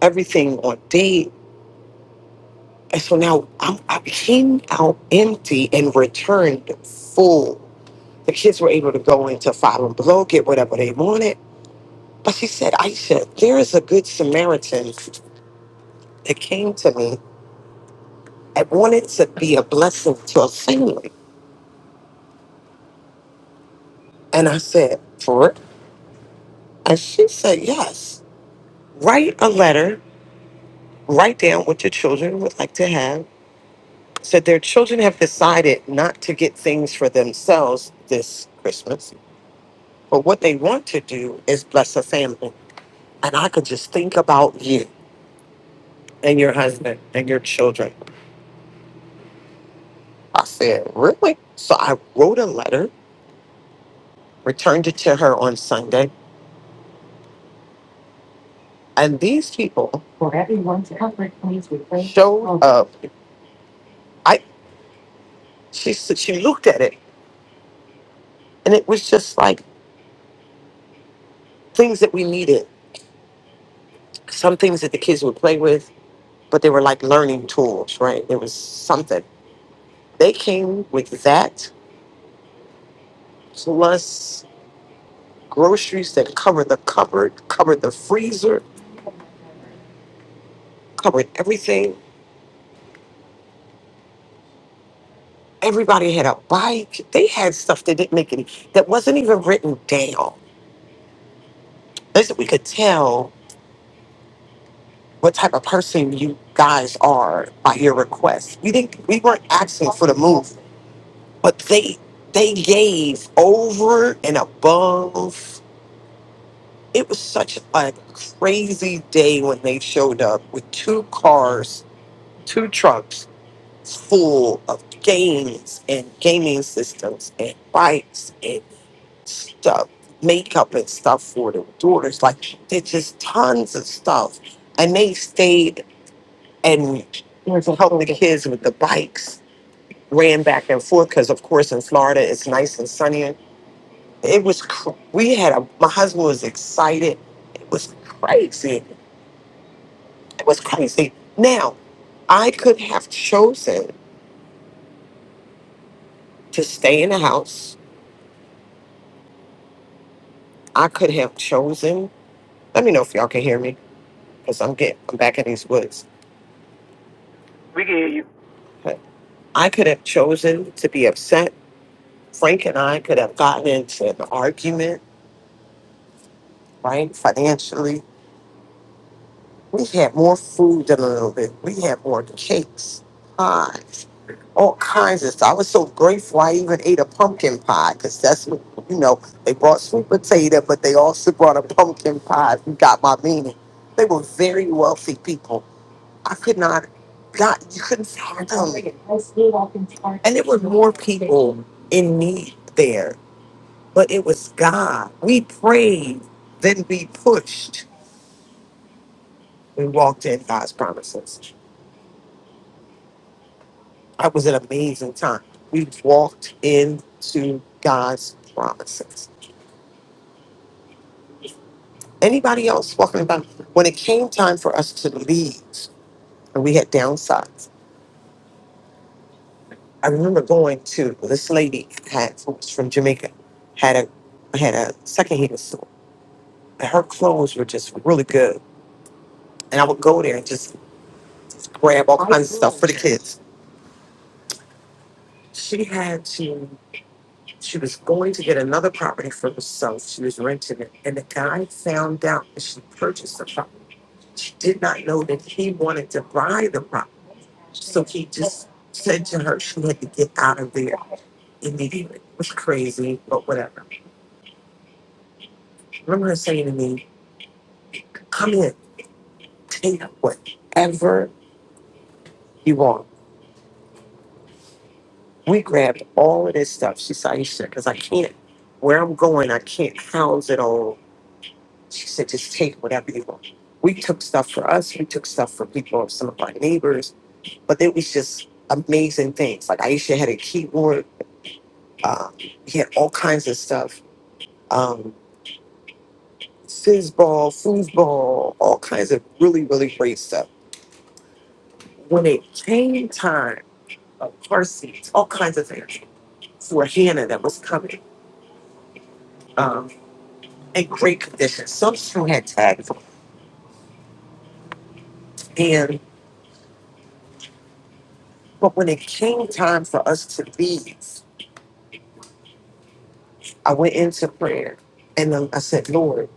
everything on date. And so now I'm, I came out empty and returned full. The kids were able to go into Five and Below, get whatever they wanted. But she said, Aisha, there is a good Samaritan that came to me and wanted to be a blessing to a family. And I said, for it? And she said, yes. Write a letter, write down what your children would like to have. Said their children have decided not to get things for themselves this Christmas But what they want to do is bless a family. And I could just think about you and your husband and your children. I said, Really? So I wrote a letter, returned it to her on Sunday. And these people For everyone's comfort, please refer- showed up. I she said she looked at it and it was just like things that we needed. Some things that the kids would play with, but they were like learning tools, right? It was something. They came with that plus groceries that covered the cupboard, covered the freezer, covered everything. Everybody had a bike. They had stuff that didn't make any, that wasn't even written down. Listen, we could tell what type of person you guys are by your request. We didn't, we weren't asking for the move, but they, they gave over and above. It was such a crazy day when they showed up with two cars, two trucks, It's full of games and gaming systems and bikes and stuff, makeup and stuff for the daughters. Like there's just tons of stuff. And they stayed and helped the kids with the bikes, ran back and forth because of course in Florida it's nice and sunny. It was cr- we had a my husband was excited. It was crazy. It was crazy. Now I could have chosen to stay in the house I could have chosen. Let me know if y'all can hear me, because I'm getting I'm back in these woods. But I could have chosen to be upset. Frank and I could have gotten into an argument, right? Financially, we had more food than a little bit. We had more cakes, pies, all kinds of stuff. I was so grateful I even ate a pumpkin pie because that's what, you know, they brought sweet potato, but they also brought a pumpkin pie if you got my meaning. They were very wealthy people. I could not, God, you couldn't find them. And there were more people in need there, but it was God. We prayed, then we pushed. We walked in God's promises. That was an amazing time. We walked into God's promises. Anybody else walking about? When it came time for us to leave, and we had downsized, I remember going to this lady had who was from Jamaica, had a had a secondhand store. And her clothes were just really good. And I would go there and just grab all kinds of stuff for the kids. She had to she was going to get another property for herself. She was renting it. And the guy found out that she purchased the property. She did not know that he wanted to buy the property. So he just said to her she had to get out of there immediately. It was crazy, but whatever. Remember her saying to me, come in, take whatever you want. We grabbed all of this stuff. She said, Aisha, because I can't, where I'm going, I can't house it all. She said, just take whatever you want. We took stuff for us. We took stuff for people, some of my neighbors, but it was just amazing things. Like Aisha had a keyboard. Um, he had all kinds of stuff. Um, Fizzball, foosball, all kinds of really, really great stuff. When it came time uh, car seats, all kinds of things for Hannah that was coming um, in great condition. Some still had tags, on. and but when it came time for us to leave, I went into prayer and then I said, Lord,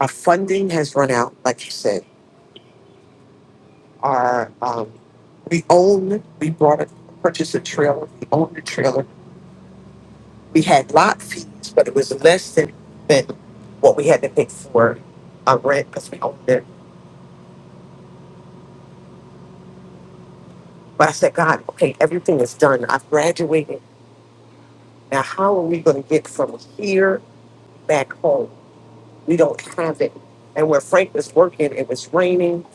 our funding has run out, like you said. Our um, we own, we brought a purchased a trailer, we owned the trailer. We had lot fees, but it was less than than what we had to pay for our rent because we owned it But I said, God, okay, everything is done. I've graduated. Now, how are we going to get from here back home? We don't have it. And where Frank was working, it was raining.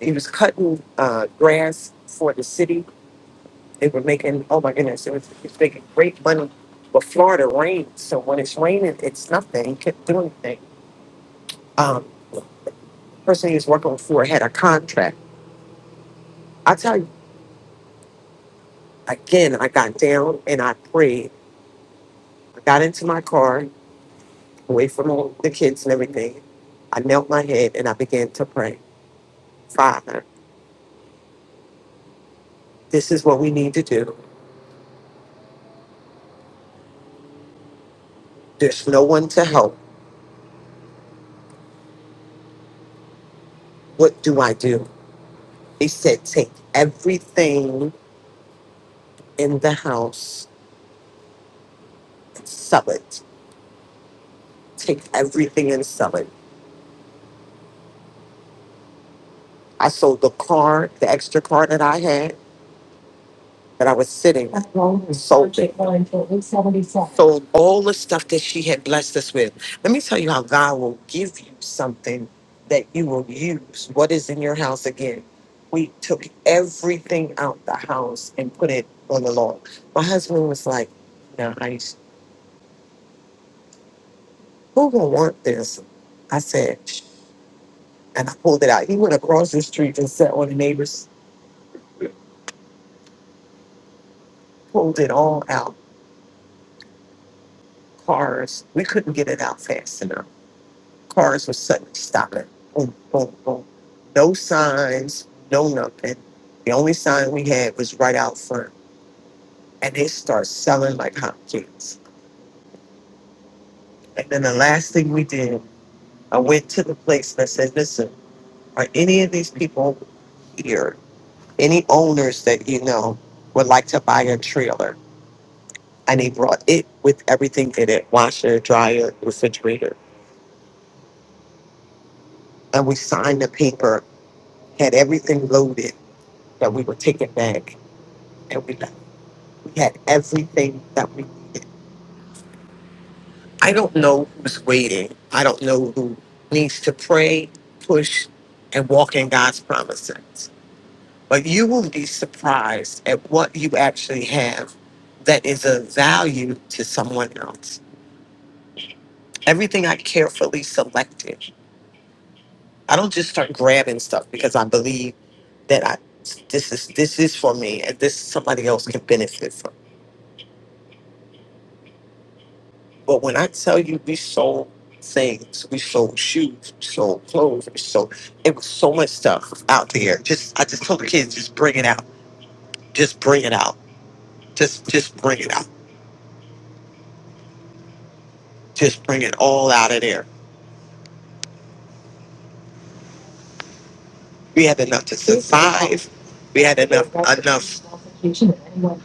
He was cutting uh, grass for the city. They were making, oh my goodness, it was, he was making great money. But Florida rains. So when it's raining, it's nothing. You can't do anything. Um, person he was working for had a contract. I tell you, again, I got down and I prayed. I got into my car away from all the kids and everything. I knelt my head and I began to pray. Father, this is what we need to do. There's no one to help. What do I do? He said, take everything in the house, and sell it. Take everything and sell it. I sold the car, the extra car that I had. that I was sitting sold it. Sold all the stuff that she had blessed us with. Let me tell you how God will give you something that you will use. What is in your house again? We took everything out the house and put it on the Lord. My husband was like, nice. Who gonna want this? I said, "Shh," and I pulled it out. He went across the street and sat on the neighbors, pulled it all out. Cars, we couldn't get it out fast enough Cars were suddenly stopping. Boom, boom, boom. No signs, no nothing. The only sign we had was right out front. And they start selling like hotcakes. And then the last thing we did, I went to the place and I said, listen, are any of these people here, any owners that you know would like to buy a trailer? And they brought it with everything in it, washer, dryer, refrigerator. And we signed the paper, had everything loaded that we were taking back, and we left. We had everything that we needed. I don't know who's waiting. I don't know who needs to pray, push, and walk in God's promises. But you will be surprised at what you actually have that is of value to someone else. Everything I carefully selected. I don't just start grabbing stuff because I believe that I this is this is for me and this somebody else can benefit from. But when I tell you we sold things, we sold shoes, we sold clothes, we sold it was so much stuff out there. Just I just told the kids, just bring it out. Just bring it out. Just just bring it out. Just bring it all out of there. We had enough to survive. We had enough enough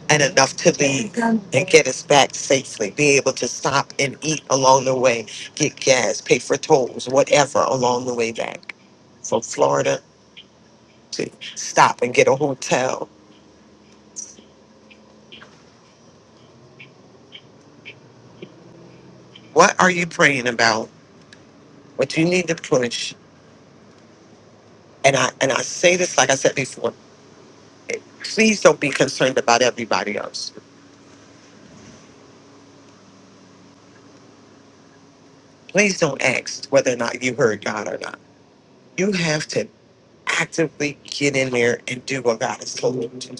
and enough to leave and get us back safely. Be able to stop and eat along the way, get gas, pay for tolls, whatever along the way back. From Florida to stop and get a hotel. What are you praying about? What you need to push? And I and I say this like I said before. Please don't be concerned about everybody else. Please don't ask whether or not you heard God or not. You have to actively get in there and do what God has told you to.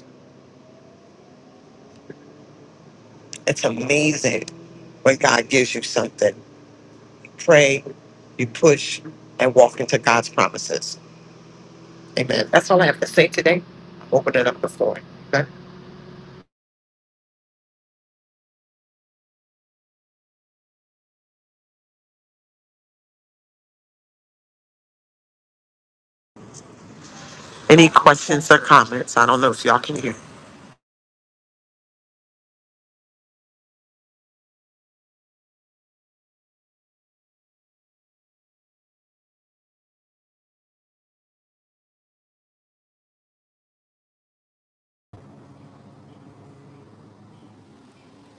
It's amazing when God gives you something. Pray, you push, and walk into God's promises. Amen. That's all I have to say today. Open it up the floor. Any questions or comments? I don't know if y'all can hear.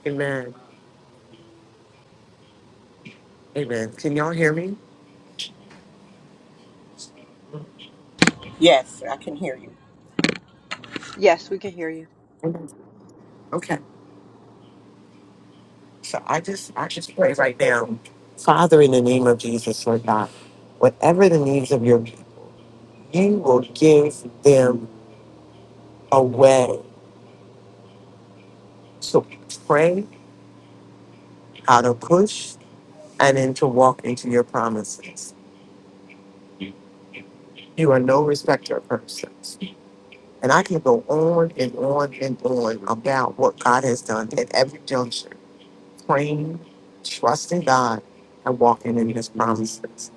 Amen. Amen. Can y'all hear me?
Yes, I can hear you.
Yes, we can hear you.
Amen. Okay. So I just I just pray right now. Father, in the name of Jesus, Lord God, whatever the needs of your people, you will give them a way to pray, how to push, and then to walk into your promises. You are no respecter of persons. And I can go on and on and on about what God has done at every juncture praying, trusting God, and walking in His promises.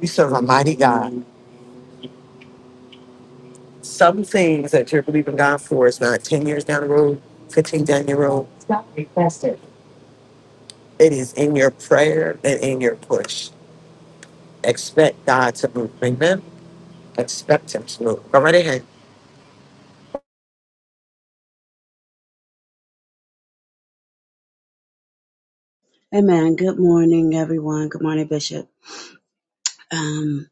We serve a mighty God. Some things that you're believing God for is not 10 years down the road, 15 down the road. Request it. It is in your prayer and in your push. Expect God to move. Amen. Expect Him to move. Go right ahead.
Amen. Good morning, everyone. Good morning, Bishop. Um,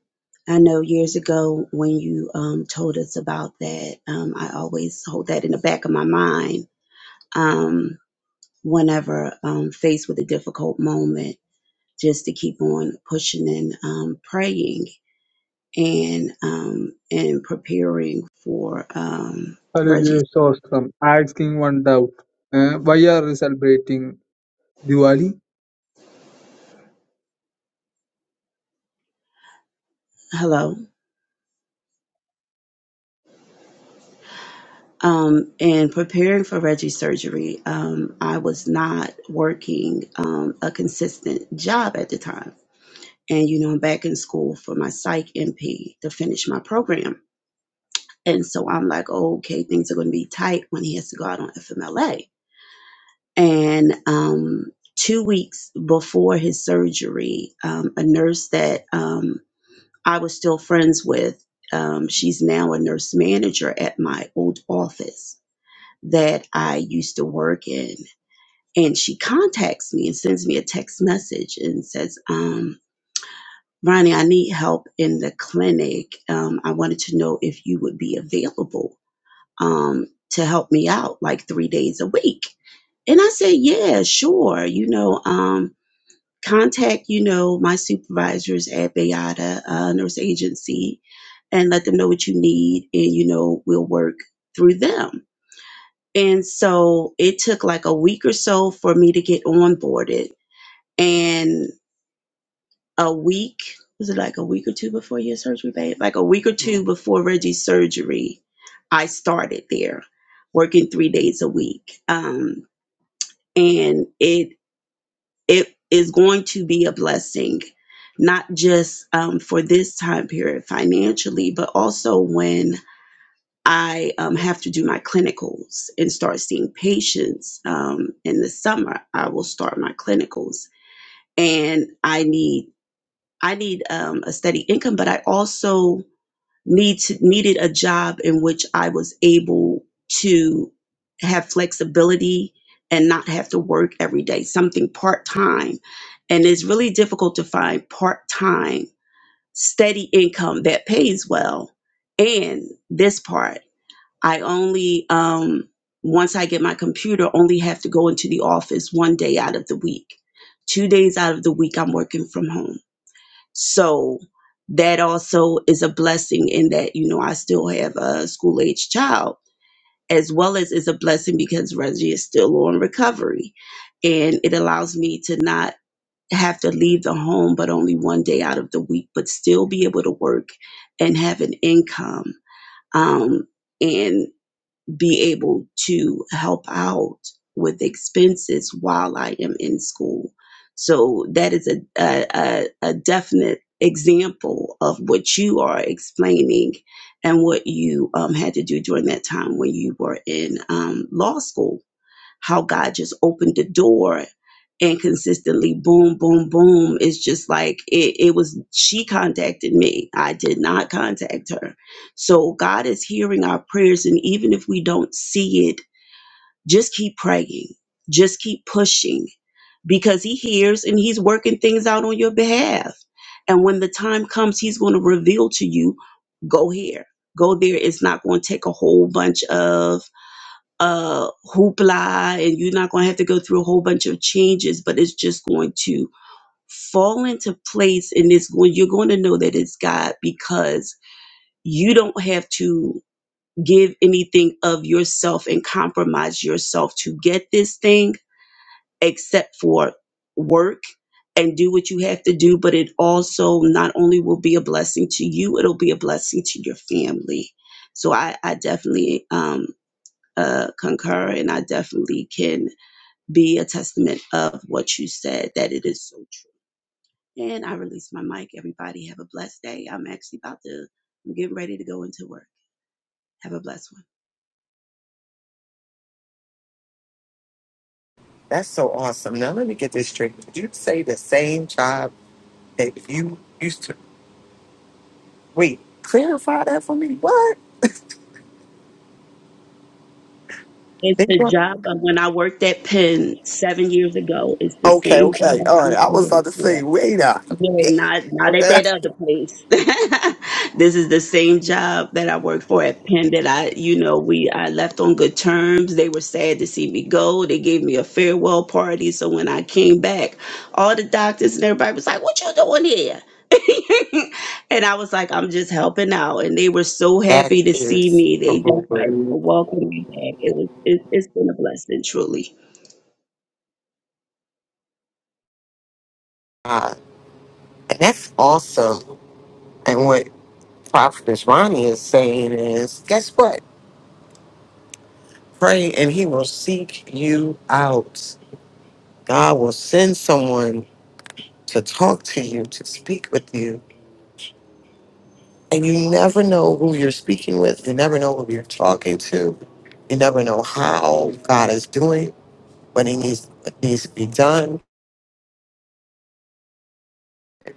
I know years ago when you um, told us about that, um, I always hold that in the back of my mind um, whenever um, faced with a difficult moment, just to keep on pushing and um, praying and um, and preparing for um, Reggie.
Hallelujah, awesome. Asking one doubt. Uh, why are we celebrating Diwali?
Hello. Um, and preparing for Reggie's surgery, um, I was not working um, a consistent job at the time. And, you know, I'm back in school for my psych MP to finish my program. And so I'm like, oh, okay, things are going to be tight when he has to go out on FMLA. And um, two weeks before his surgery, um, a nurse that um, I was still friends with, um, she's now a nurse manager at my old office that I used to work in. And she contacts me and sends me a text message and says, um, Ronnie, I need help in the clinic. Um, I wanted to know if you would be available um, to help me out like three days a week. And I said, Yeah, sure. You know, um, contact, you know, my supervisors at Bayada uh, Nurse Agency and let them know what you need. And, you know, we'll work through them. And so it took like a week or so for me to get onboarded. And a week, was it like a week or two before your surgery, babe? Like a week or two before Reggie's surgery, I started there working three days a week. Um, and it it is going to be a blessing, not just um, for this time period financially, but also when I um, have to do my clinicals and start seeing patients um, in the summer. I will start my clinicals, and I need I need um, a steady income, but I also need to, needed a job in which I was able to have flexibility and not have to work every day. Something part time, and it's really difficult to find part time steady income that pays well. And this part. I only um once I get my computer, only have to go into the office one day out of the week. Two days out of the week I'm working from home. So that also is a blessing in that, you know, I still have a school age child, as well as is a blessing because Reggie is still on recovery. And it allows me to not have to leave the home, but only one day out of the week, but still be able to work and have an income. Um, and be able to help out with expenses while I am in school. So that is a, a, a, definite example of what you are explaining and what you um, had to do during that time when you were in um, law school how God just opened the door and consistently boom, boom, boom. It's just like it, it was, she contacted me. I did not contact her. So God is hearing our prayers. And even if we don't see it, just keep praying, just keep pushing because He hears and He's working things out on your behalf. And when the time comes, He's going to reveal to you go here, go there. It's not going to take a whole bunch of uh, hoopla and you're not going to have to go through a whole bunch of changes, but it's just going to fall into place and it's going, you're going to know that it's God because you don't have to give anything of yourself and compromise yourself to get this thing except for work and do what you have to do. But it also not only will be a blessing to you, it'll be a blessing to your family. So I, I definitely, um, uh, concur and I definitely can be a testament of what you said, that it is so true. And I release my mic. Everybody have a blessed day. I'm actually about to, I'm getting ready to go into work. Have a blessed one.
That's so awesome. Now let me get this straight. Did you say the same job that you used to? Wait, clarify that for me. What?
It's the
They
job of when I worked at Penn seven years ago. It's the
Okay,
same job
okay.
I
All right. I was about
worked
to
for.
say, wait a
Yeah,
minute.
not not at
Okay.
that other place. this is the same job that I worked for at Penn that I, you know, we I left on good terms. They were sad to see me go. They gave me a farewell party. So when I came back, all the doctors and everybody was like, What you doing here? and I was like, I'm just helping out. And they were so
That
happy to see
is
me.
a
They
real
just like
word.
welcomed me back. It was it, it's been a blessing, truly.
Uh, and that's awesome. And what Prophet Ronnie is saying is, guess what? Pray and he will seek you out. God will send someone to talk to you, to speak with you. And you never know who you're speaking with. You never know who you're talking to. You never know how God is doing, but it needs, it needs to be done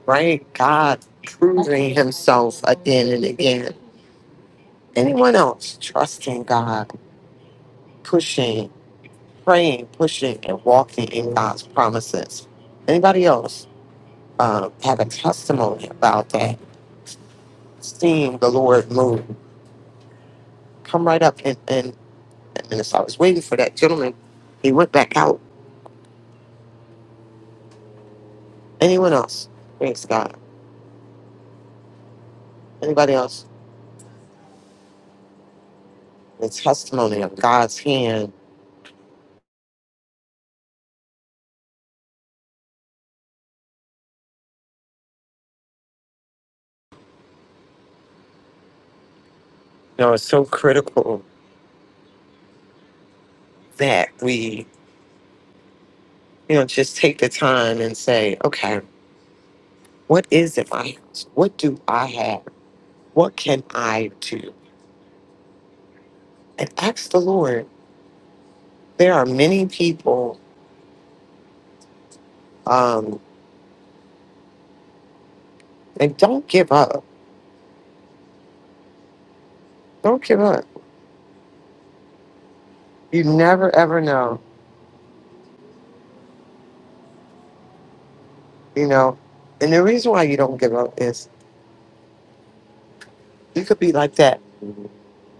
right? God proving himself again and again. Anyone else trusting God, pushing, praying, pushing, and walking in God's promises? Anybody else uh, have a testimony about that? Seeing the Lord move. Come right up and, and, and so I was waiting for that gentleman. He went back out. Anyone else? Praise God. Anybody else? The testimony of God's hand. You know, it's so critical that we You know, just take the time and say, okay, what is it my house? What do I have? What can I do? And ask the Lord. There are many people, um, and don't give up. Don't give up. You never ever know, you know. And the reason why you don't give up is you could be like that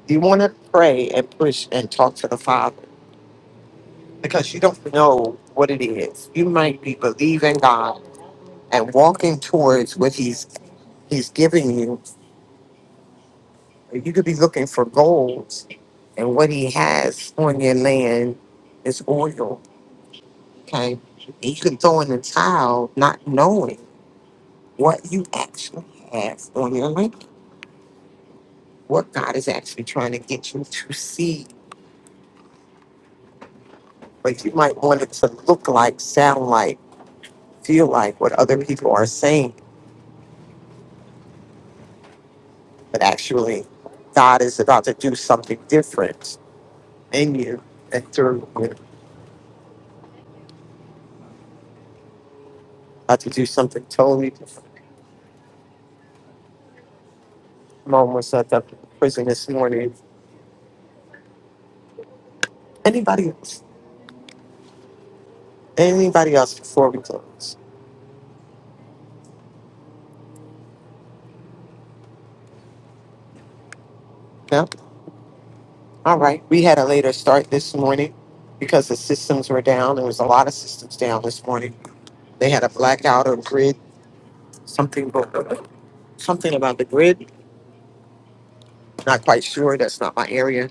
you want to pray and push and talk to the Father because you don't know what it is. You might be believing God and walking towards what He's He's giving you, You could be looking for gold, and what he has on your land is oil. Okay, and you can throw in the towel not knowing what you actually have on your land, what God is actually trying to get you to see. But you might want it to look like, sound like, feel like what other people are saying, but actually, God is about to do something different in you and through you. About to do something totally different. Mom was at the prison this morning Anybody else? Anybody else before we close? No? All right. We had a later start this morning because the systems were down. There was a lot of systems down this morning. They had a blackout of grid, something about, something about the grid. Not quite sure. That's not my area.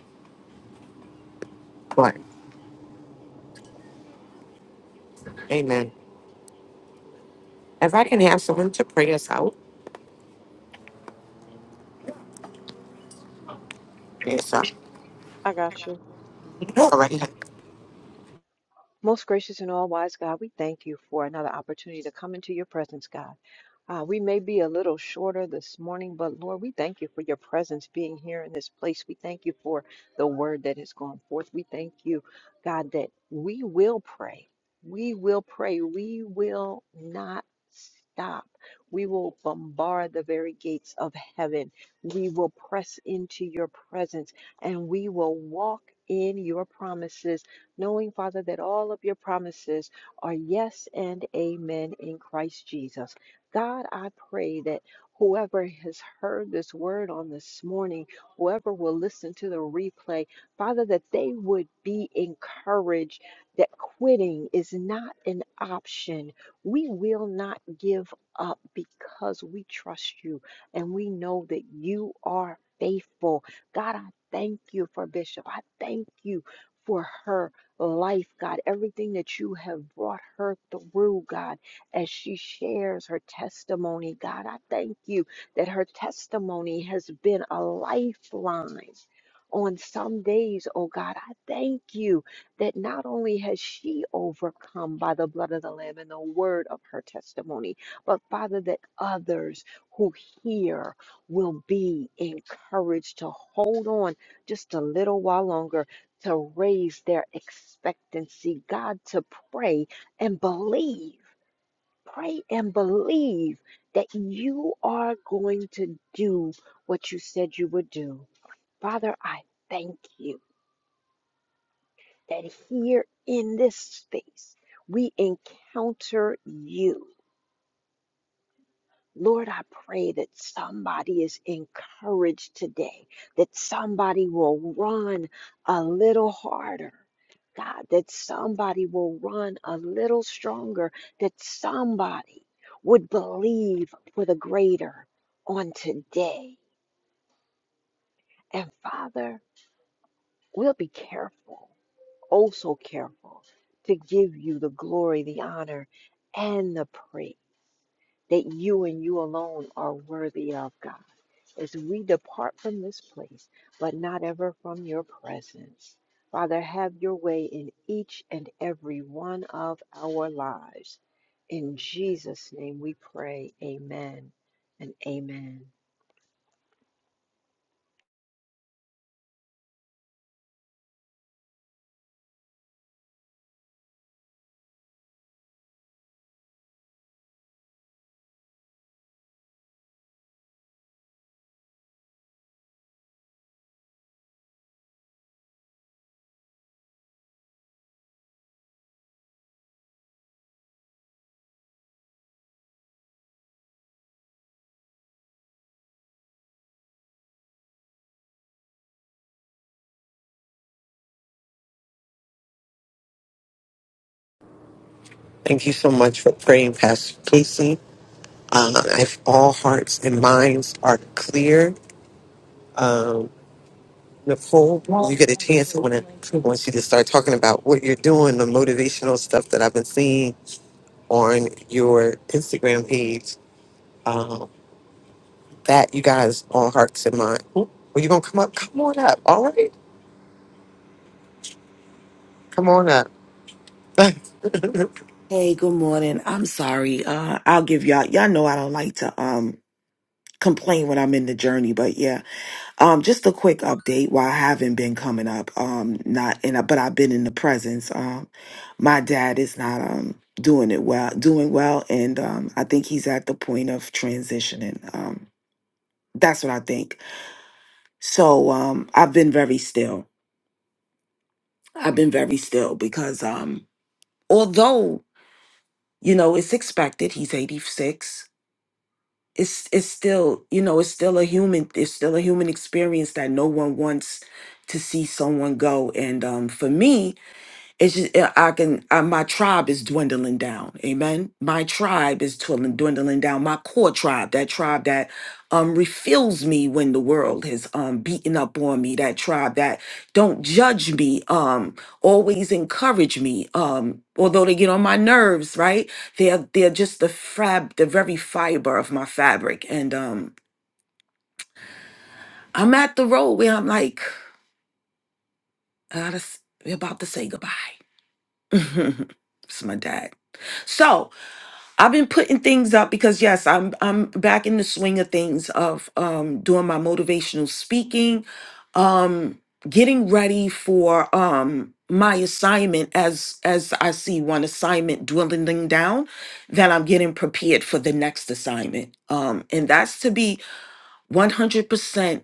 But amen. If I can have someone to pray us out, pray us out.
I got you.
All right.
Most gracious and all wise God, we thank you for another opportunity to come into your presence, God. Uh, we may be a little shorter this morning, but Lord, we thank you for your presence being here in this place. We thank you for the word that has gone forth. We thank you, God, that we will pray. We will pray. We will not stop. We will bombard the very gates of heaven. We will press into your presence and we will walk in your promises, knowing, Father, that all of your promises are yes and amen in Christ Jesus. God, I pray that whoever has heard this word on this morning, whoever will listen to the replay, Father, that they would be encouraged that quitting is not an option. We will not give up because we trust you and we know that you are faithful. God, I thank you for Bishop. I thank you for her life, God, everything that you have brought her through, God as she shares her testimony. God, I thank you that her testimony has been a lifeline. On some days, oh God, I thank you that not only has she overcome by the blood of the Lamb and the word of her testimony, but Father, that others who hear will be encouraged to hold on just a little while longer, to raise their expectancy, God, to pray and believe. Pray and believe that you are going to do what you said you would do. Father, I thank you that here in this space we encounter you Lord, I pray that somebody is encouraged today, that somebody will run a little harder. God, that somebody will run a little stronger, that somebody would believe for the greater on today. And Father, we'll be careful, oh so careful, to give you the glory, the honor, and the praise that you and you alone are worthy of, God. as we depart from this place, but not ever from your presence. Father, have your way in each and every one of our lives. In Jesus' name we pray, amen and amen.
Thank you so much for praying, Pastor Casey. Uh, if all hearts and minds are clear, um, The when you get a chance, when want to you just start talking about what you're doing, the motivational stuff that I've been seeing on your Instagram page. Um, that you guys all hearts and mind. Oop, Well, you gonna come up? Come on up. All right, come on up.
Hey, good morning. I'm sorry. Uh, I'll give y'all. Y'all know I don't like to um complain when I'm in the journey, but yeah. Um, just a quick update. While I haven't been coming up, um, not in, a, but I've been in the presence. Um, my dad is not um doing it well, doing well, and um, I think he's at the point of transitioning. Um, that's what I think. So um, I've been very still. I've been very still because um, although you know it's expected, he's 86 it's it's still you know it's still a human it's still a human experience that no one wants to see someone go and um for me it's just uh, I can uh, my tribe is dwindling down. Amen. My tribe is dwindling dwindling down. My core tribe, that tribe that um refuels me when the world has um beaten up on me. That tribe that don't judge me. Um, always encourage me. Um, although they get on my nerves, right? They're they're just the fab, the very fiber of my fabric. And um, I'm at the road where I'm like, I gotta s- we're about to say goodbye. it's my dad. So I've been putting things up because yes, I'm I'm back in the swing of things of um doing my motivational speaking, um getting ready for um my assignment as as I see one assignment dwindling down that I'm getting prepared for the next assignment. Um and that's to be 100%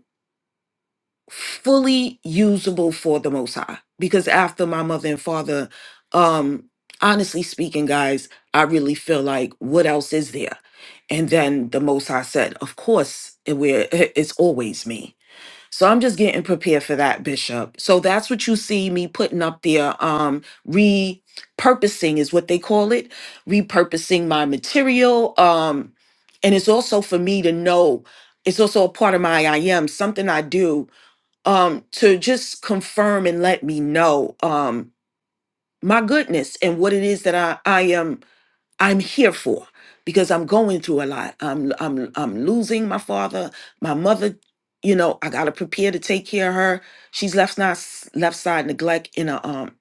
fully usable for the most high because after my mother and father um honestly speaking guys i really feel like what else is there and then the most high said of course it, we're, it's always me so i'm just getting prepared for that bishop so that's what you see me putting up there um repurposing is what they call it repurposing my material um and it's also for me to know it's also a part of my i am something i do um to just confirm and let me know um my goodness and what it is that I I am I'm here for because I'm going through a lot. I'm I'm I'm losing my father, my mother, you know, I got to prepare to take care of her. She's left side left side neglect in a um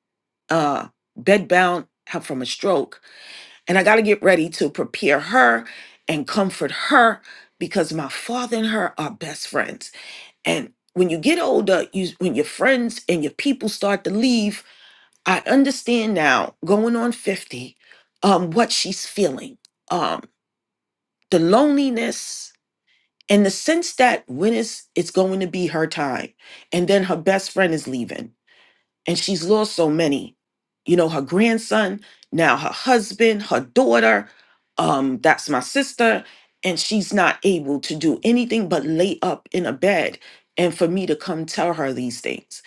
uh bed bound from a stroke and I got to get ready to prepare her and comfort her because my father and her are best friends and when you get older, you when your friends and your people start to leave, I understand now, going on 50, um, what she's feeling. Um, the loneliness and the sense that when it's it's going to be her time, and then her best friend is leaving and she's lost so many you know her grandson now her husband her daughter um that's my sister and she's not able to do anything but lay up in a bed and for me to come tell her these things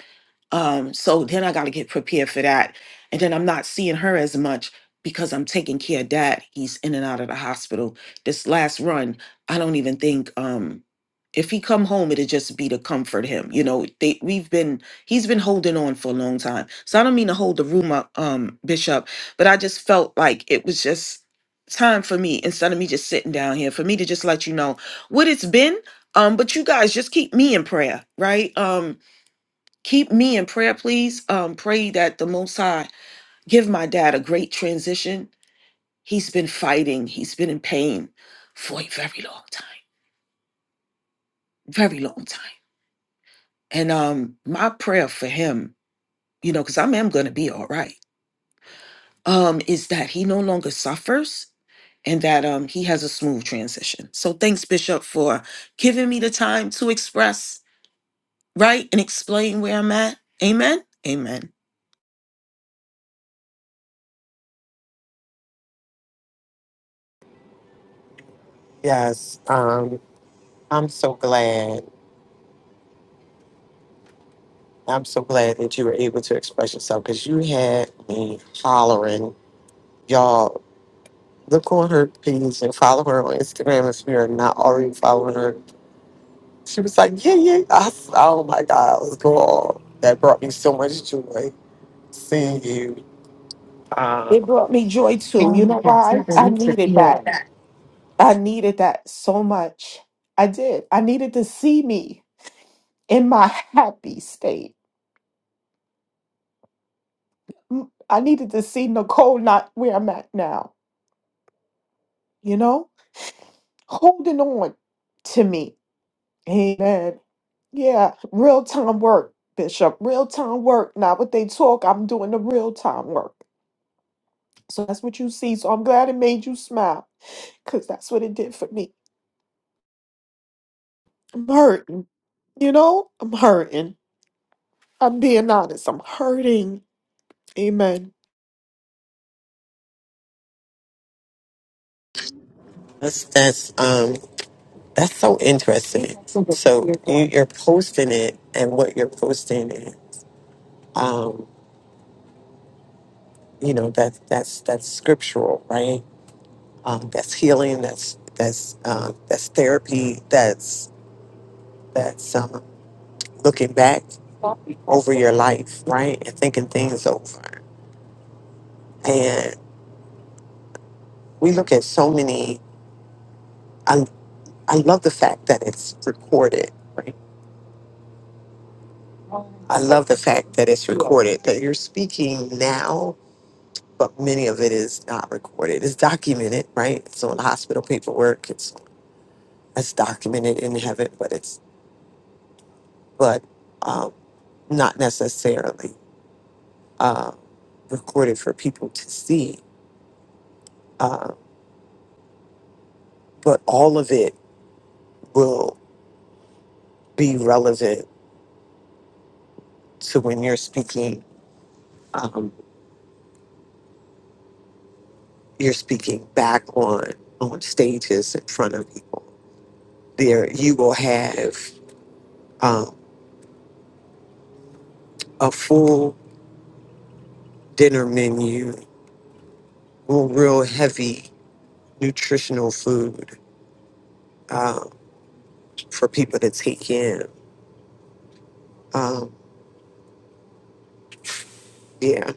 um, so then I got to get prepared for that. And then I'm not seeing her as much because I'm taking care of dad. He's in and out of the hospital. This last run, I don't even think um if he come home, it'd just be to comfort him. You know, they we've been he's been holding on for a long time. So I don't mean to hold the room up, um, Bishop, but I just felt like it was just time for me instead of me just sitting down here for me to just let you know what it's been um but you guys just keep me in prayer right um Keep me in prayer, please. Um, pray that the Most High give my dad a great transition. He's been fighting. He's been in pain for a very long time, very long time. And um, my prayer for him, you know, because I am going to be all right, um, is that he no longer suffers and that um, he has a smooth transition. So thanks, Bishop, for giving me the time to express, right, and explain where I'm at. Amen. Amen.
yes, um, I'm so glad. I'm so glad that you were able to express yourself because you had me hollering, y'all. Look on her page and follow her on Instagram if you are not already following her She was like, yeah, yeah. I s oh my God, it was cool. That brought me so much joy seeing you.
It
Um,
brought me joy too. You know why? I needed that. I needed that so much. I did. I needed to see me in my happy state. Mm, I needed to see Nicole not where I'm at now, you know, holding on to me. Amen. Yeah, real time work, Bishop. Real time work. Not what they talk. I'm doing the real time work. So that's what you see. So I'm glad it made you smile because that's what it did for me. I'm hurting, you know, I'm hurting. No,
that's that's um that's so interesting. So you, you're posting it, and what you're posting, it, um, you know that that's that's scriptural, right? Um, that's healing. That's that's um, that's therapy. That's that's um, looking back over your life, right, and thinking things over. And we look at so many. I love the fact that it's recorded, right? I love the fact that it's recorded, that you're speaking now, but many of it is not recorded. It's documented, right? It's on hospital paperwork. It's it's documented in heaven, but it's but um, not necessarily uh, recorded for people to see. Uh, but all of it will be relevant to when you're speaking. Um, you're speaking back on on stages in front of people there you will have um, a full dinner menu, real heavy nutritional food um, for people to take in. Um, yeah,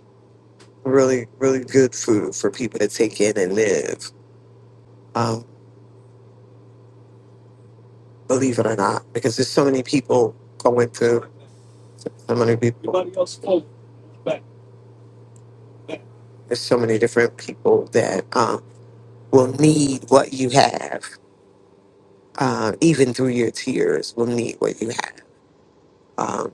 really, really good food for people to take in and live. Um, believe it or not, because there's so many people going through, so many people. There's so many different people that um, will need what you have, uh, even through your tears, will need what you have um,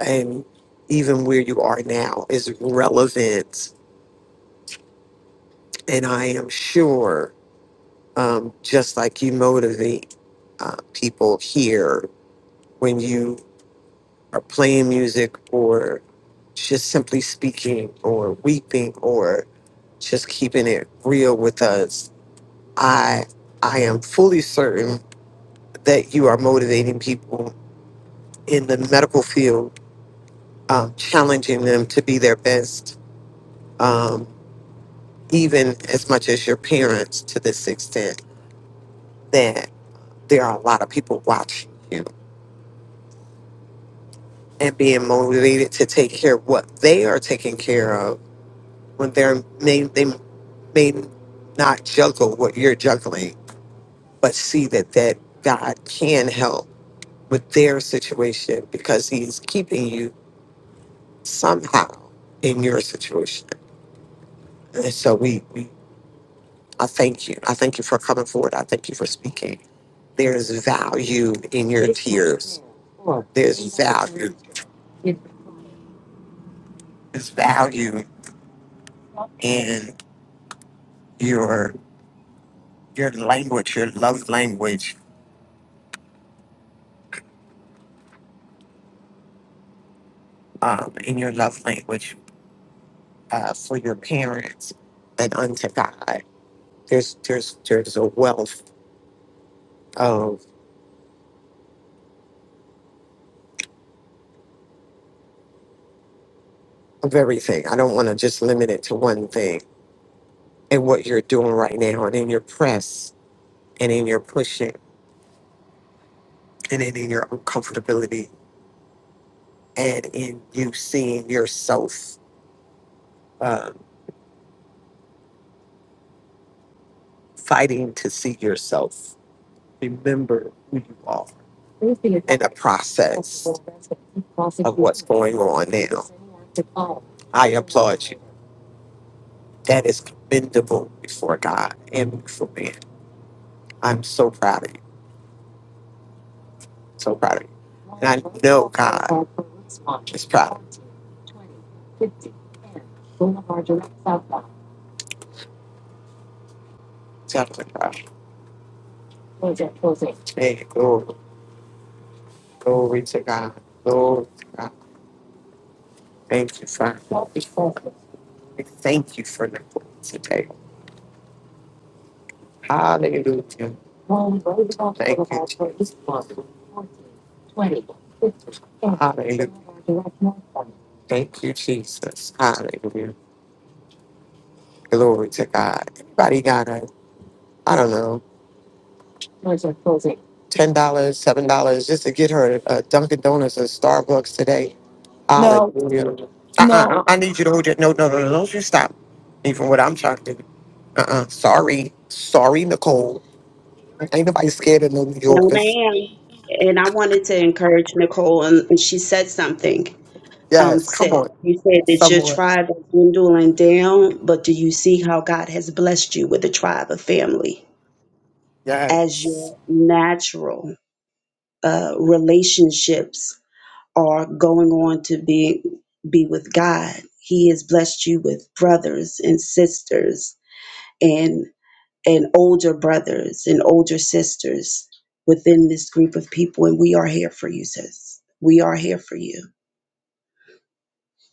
and even where you are now is relevant. And I am sure, um, just like you motivate uh, people here when you are playing music or just simply speaking or weeping or just keeping it real with us, I I am fully certain that you are motivating people in the medical field, um, challenging them to be their best. um, even as much as your parents to this extent that there are a lot of people watching you and being motivated to take care of what they are taking care of when they're may they may not juggle what you're juggling but see that that god can help with their situation because he's keeping you somehow in your situation and so we, we i thank you i thank you for coming forward i thank you for speaking there's value in your tears There's value. There's value in your your language, your love language, um, in your love language uh, for your parents and unto God. There's there's there's a wealth of of everything. I don't want to just limit it to one thing. And what you're doing right now, and in your press, and in your pushing, and in, in your uncomfortability, and in you seeing yourself, um, fighting to see yourself remember who you are in the process of what's going on now. I applaud you. That is commendable before God and before man. I'm so proud of you. So proud of you. And I know God is proud. Definitely proud. Hey, glory, glory to God. Glory to God. Thank you, Father. Thank you for the book today. Hallelujah. Thank you, Jesus. Hallelujah. Thank you, Jesus. Hallelujah. Glory to God. Everybody got a, I don't know, $10, dollars, $7 just to get her a Dunkin' Donuts or Starbucks today. Hallelujah. Uh-uh.
no,
I I need you to hold your, no, no, no, no, don't you stop. Even what I'm trying to do. Uh-uh. Sorry. Sorry, Nicole. Ain't nobody scared of no New
No,
Yorkers.
ma'am. And I wanted to encourage Nicole, and, and she said something. Um,
Yes. Come
sis,
on.
you said that your
Someone.
tribe is dwindling down, but do you see how God has blessed you with a tribe of family as
Yes.
your natural uh, relationships are going on to be be with God. He has blessed you with brothers and sisters and and older brothers and older sisters within this group of people and we are here for you sis. We are here for you.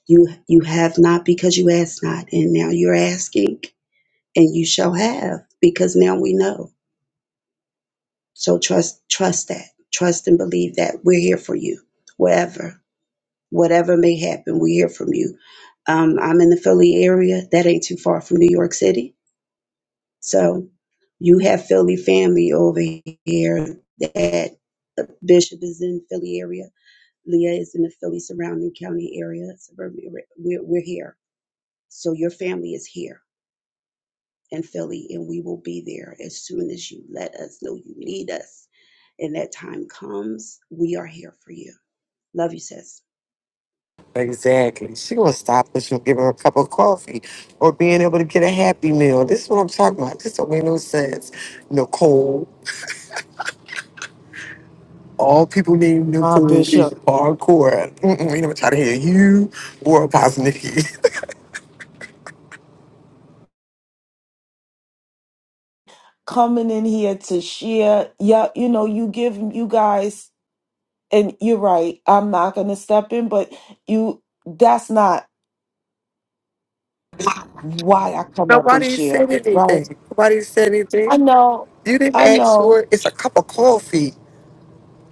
You you have not because you asked not and now you're asking and you shall have because now we know. So trust trust that. Trust and believe that we're here for you wherever Whatever may happen, we hear from you. Um, I'm in the Philly area. That ain't too far from New York City. So you have Philly family over here. That Bishop is in Philly area. Leah is in the Philly surrounding county area, suburban area. We're, we're here. So your family is here in Philly, and we will be there as soon as you let us know you need us. And that time comes, we are here for you. Love you, sis.
Exactly. She gonna stop us from giving her a cup of coffee or being able to get a happy meal. This is what I'm talking about. This don't make no sense. Nicole. All people need
my
Nicole
Bishop.
is hardcore. Mm-mm, we never try to hear you or Apostle Nikki.
coming in here to share. Yeah, you know, you give you guys, and you're right. I'm not gonna step in, but you. That's not why I come up and
Nobody
share,
said
right?
anything. Nobody said
I
anything.
know,
You didn't
I
ask
know.
for it. It's a cup of coffee.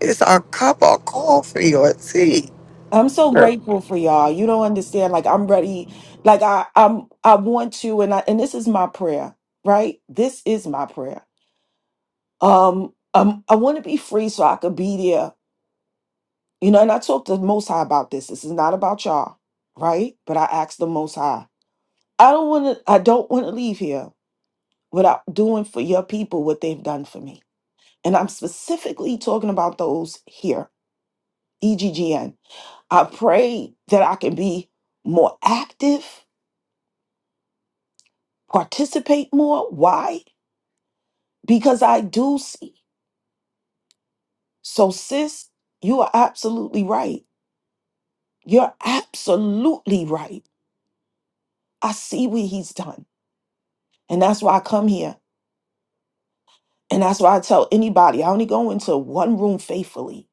It's a cup of coffee or tea.
I'm so grateful for y'all. You don't understand. Like I'm ready. Like I, I'm. I want to, and I, and this is my prayer, right? This is my prayer. Um, um, I want to be free so I could be there You know, and I talked to the Most High about this. This is not about y'all, right? But I asked the Most High. I don't want to. I don't want to leave here without doing for your people what they've done for me. And I'm specifically talking about those here, EGGN. I pray that I can be more active, participate more. Why? Because I do see. So, sis, you are absolutely right. You're absolutely right. I see what he's done. And that's why I come here And that's why I tell anybody, I only go into one room faithfully.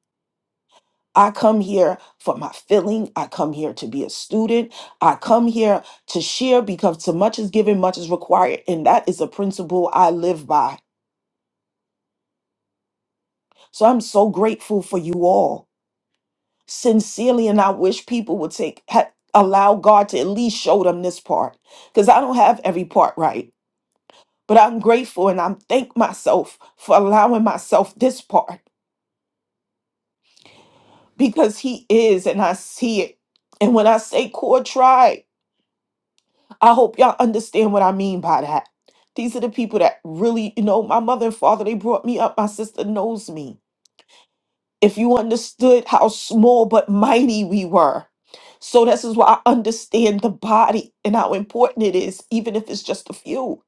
I come here for my filling. I come here to be a student. I come here to share because so much is given, much is required. And that is a principle I live by. So I'm so grateful for you all. Sincerely, and I wish people would take ha- allow God to at least show them this part. Because I don't have every part right. But I'm grateful and I'm thank myself for allowing myself this part. because he is and I see it. And when I say core tribe, I hope y'all understand what I mean by that. These are the people that really, you know, my mother and father, they brought me up. My sister knows me. If you understood how small but mighty we were. So this is why I understand the body and how important it is, even if it's just a few,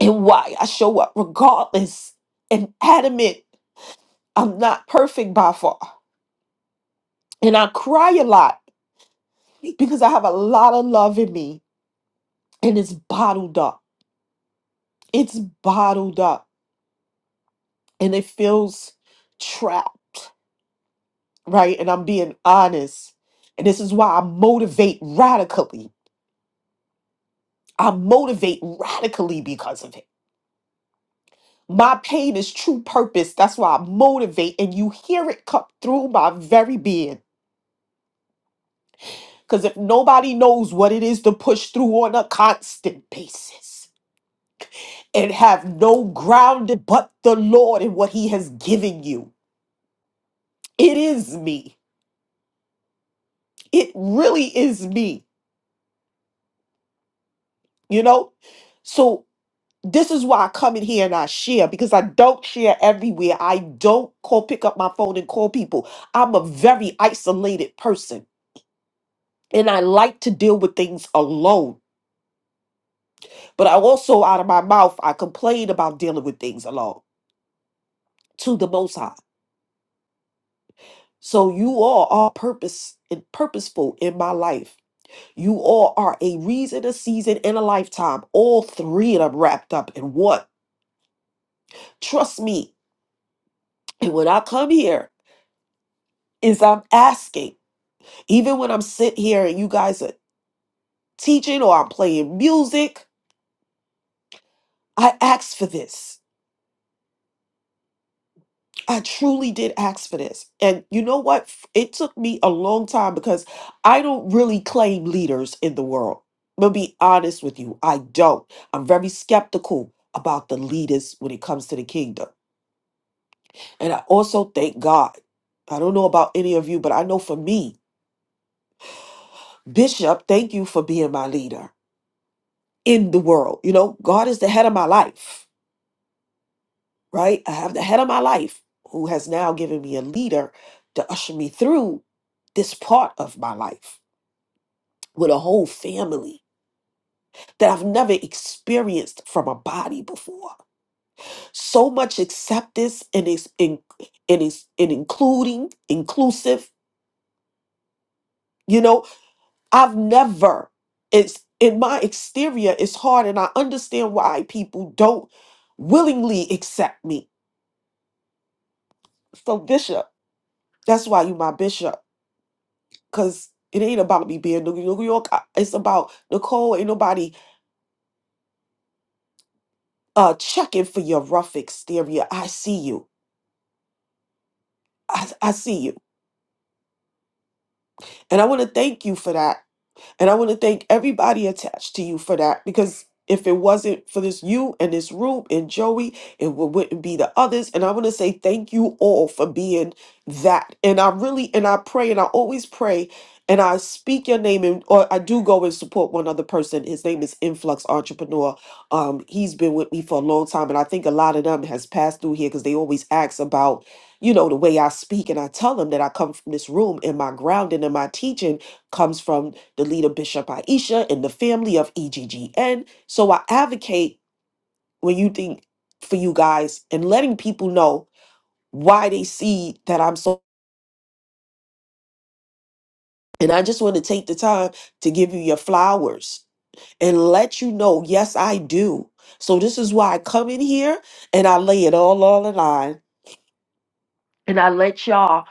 and why I show up regardless and adamant I'm not perfect by far. And I cry a lot because I have a lot of love in me and it's bottled up. It's bottled up and it feels trapped, right? And I'm being honest. And this is why I motivate radically. I motivate radically because of it. My pain is true purpose. That's why I motivate, and you hear it come through my very being. Because if nobody knows what it is to push through on a constant basis and have no grounded but the Lord and what He has given you, it is me. It really is me, you know? So this is why I come in here and I share because I don't share everywhere. I don't call pick up my phone and call people. I'm a very isolated person and I like to deal with things alone. But I also out of my mouth I complain about dealing with things alone to the most high. So you all are purpose and purposeful in my life. You all are a reason, a season, and a lifetime. All three of them wrapped up in one. Trust me, And when I come here, is I'm asking, even when I'm sitting here and you guys are teaching or I'm playing music, I asked for this. I truly did ask for this. And you know what? F- It took me a long time because I don't really claim leaders in the world. I'm gonna be honest with you. I don't. I'm very skeptical about the leaders when it comes to the kingdom. And I also thank God. I don't know about any of you, but I know for me, Bishop, thank you for being my leader. in the world. You know, God is the head of my life, right? I have the head of my life who has now given me a leader to usher me through this part of my life with a whole family that I've never experienced from a body before. So much acceptance and is in and is and including, inclusive, you know, I've never it's in my exterior it's hard and I understand why people don't willingly accept me. So Bishop That's why you my bishop, cause it ain't about me being New New York. I- It's about Nicole. Ain't nobody uh checking for your rough exterior. I see you. I, I see you, and I want to thank you for that And I want to thank everybody attached to you for that because if it wasn't for this you and this room and Joey, it wou- wouldn't be the others. And I want to say thank you all for being that. And I really, and I pray, and I always pray, and I speak your name, and or I do go and support one other person. His name is Influx Entrepreneur. Um, he's been with me for a long time, and I think a lot of them has passed through here because they always ask about, you know, the way I speak, and I tell them that I come from this room, and my grounding and my teaching comes from the leader Bishop Aisha, and the family of EGGN. So I advocate when you think for you guys and letting people know why they see that I'm so. And I just want to take the time to give you your flowers and let you know, yes, I do. So this is why I come in here and I lay it all on the line and I let y'all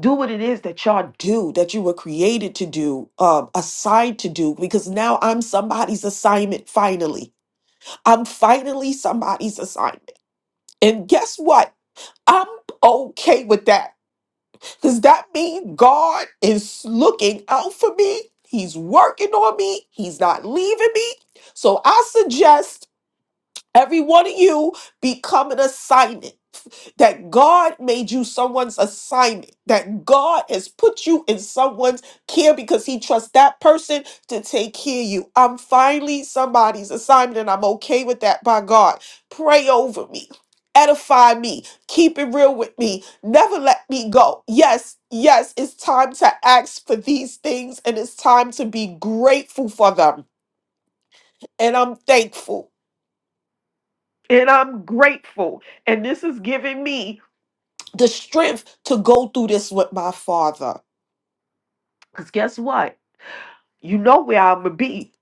do what it is that y'all do that you were created to do um assigned to do because now i'm somebody's assignment finally I'm finally somebody's assignment. And guess what? I'm okay with that. Does that mean God is looking out for me? He's working on me. He's not leaving me. So I suggest Every one of you become an assignment. That God made you someone's assignment. That God has put you in someone's care because He trusts that person to take care of you. I'm finally somebody's assignment and I'm okay with that by God. Pray over me, edify me, keep it real with me, never let me go. Yes, yes, it's time to ask for these things and it's time to be grateful for them. And I'm thankful. And I'm grateful. And this is giving me, The strength to go through this with my father. because guess what? You know where I'm going to be.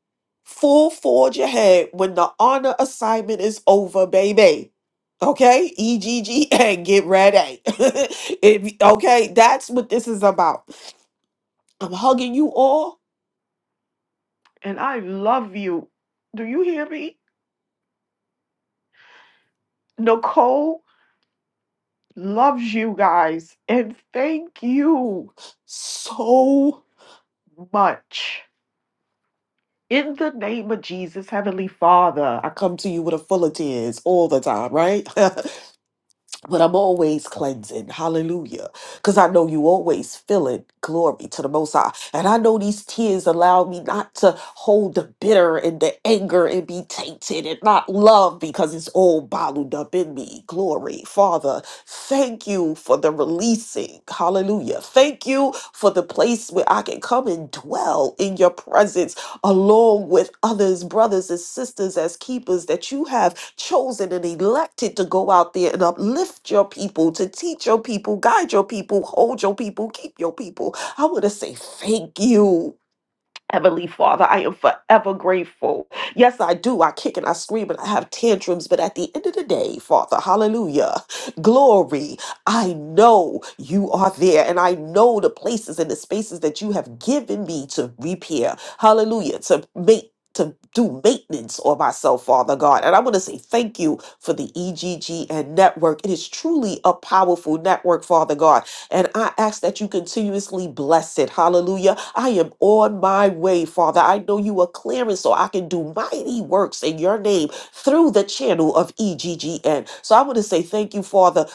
Full forge ahead when the honor assignment is over, baby. Okay? EGGN, get ready. If- okay? That's what this is about. I'm hugging you all. And I love you. Do you hear me? Nicole loves you guys. And thank you. so much. In the name of Jesus, Heavenly Father, I come to you with a full of tears all the time, right? but I'm always cleansing. Hallelujah. Because I know you always fill it. Glory to the Most High. And I know these tears allow me not to hold the bitter and the anger and be tainted and not love because it's all bottled up in me. Glory. Father, thank you for the releasing. Hallelujah. Thank you for the place where I can come and dwell in your presence along with others, brothers and sisters, as keepers that you have chosen and elected to go out there and uplift your people, to teach your people, guide your people, hold your people, keep your people. I want to say thank you. Heavenly Father, I am forever grateful. Yes, I do. I kick and I scream and I have tantrums, but at the end of the day, Father, hallelujah, glory, I know you are there and I know the places and the spaces that you have given me to repair, hallelujah, to make. To do maintenance on myself, Father God. And I want to say thank you for the EGG and network. It is truly a powerful network, Father God. And I ask that you continuously bless it. Hallelujah. I am on my way, Father. I know you are clearing so I can do mighty works in your name through the channel of EGGN. So I want to say thank you, Father,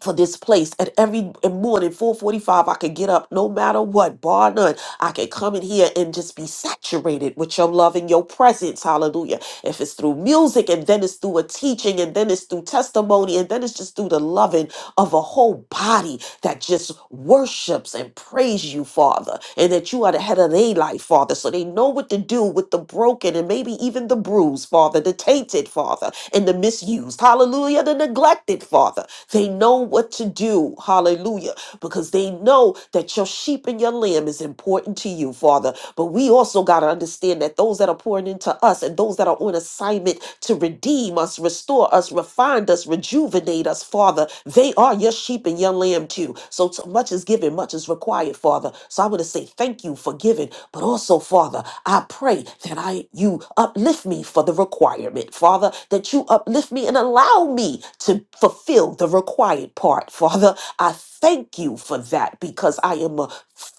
for this place. And every morning, 445, I can get up no matter what, bar none. I can come in here and just be saturated with your love and your presence. Hallelujah. If it's through music and then it's through a teaching and then it's through testimony and then it's just through the loving of a whole body that just worships and praise you, Father, and that you are the head of their life, Father, so they know what to do with the broken and maybe even the bruised, Father, the tainted, Father, and the misused, hallelujah, the neglected, Father. They know what to do, hallelujah, because they know that your sheep and your lamb is important to you, Father. But we also got to understand that those that are pouring into us and those that are on assignment to redeem redeem us, restore us, refine us, rejuvenate us, Father. They are your sheep and your lamb too. So, so much is given, much is required, Father. So I want to say thank you for giving, but also, Father, I pray that I you uplift me for the requirement, Father, that you uplift me and allow me to fulfill the required part, Father. I thank you for that because I am a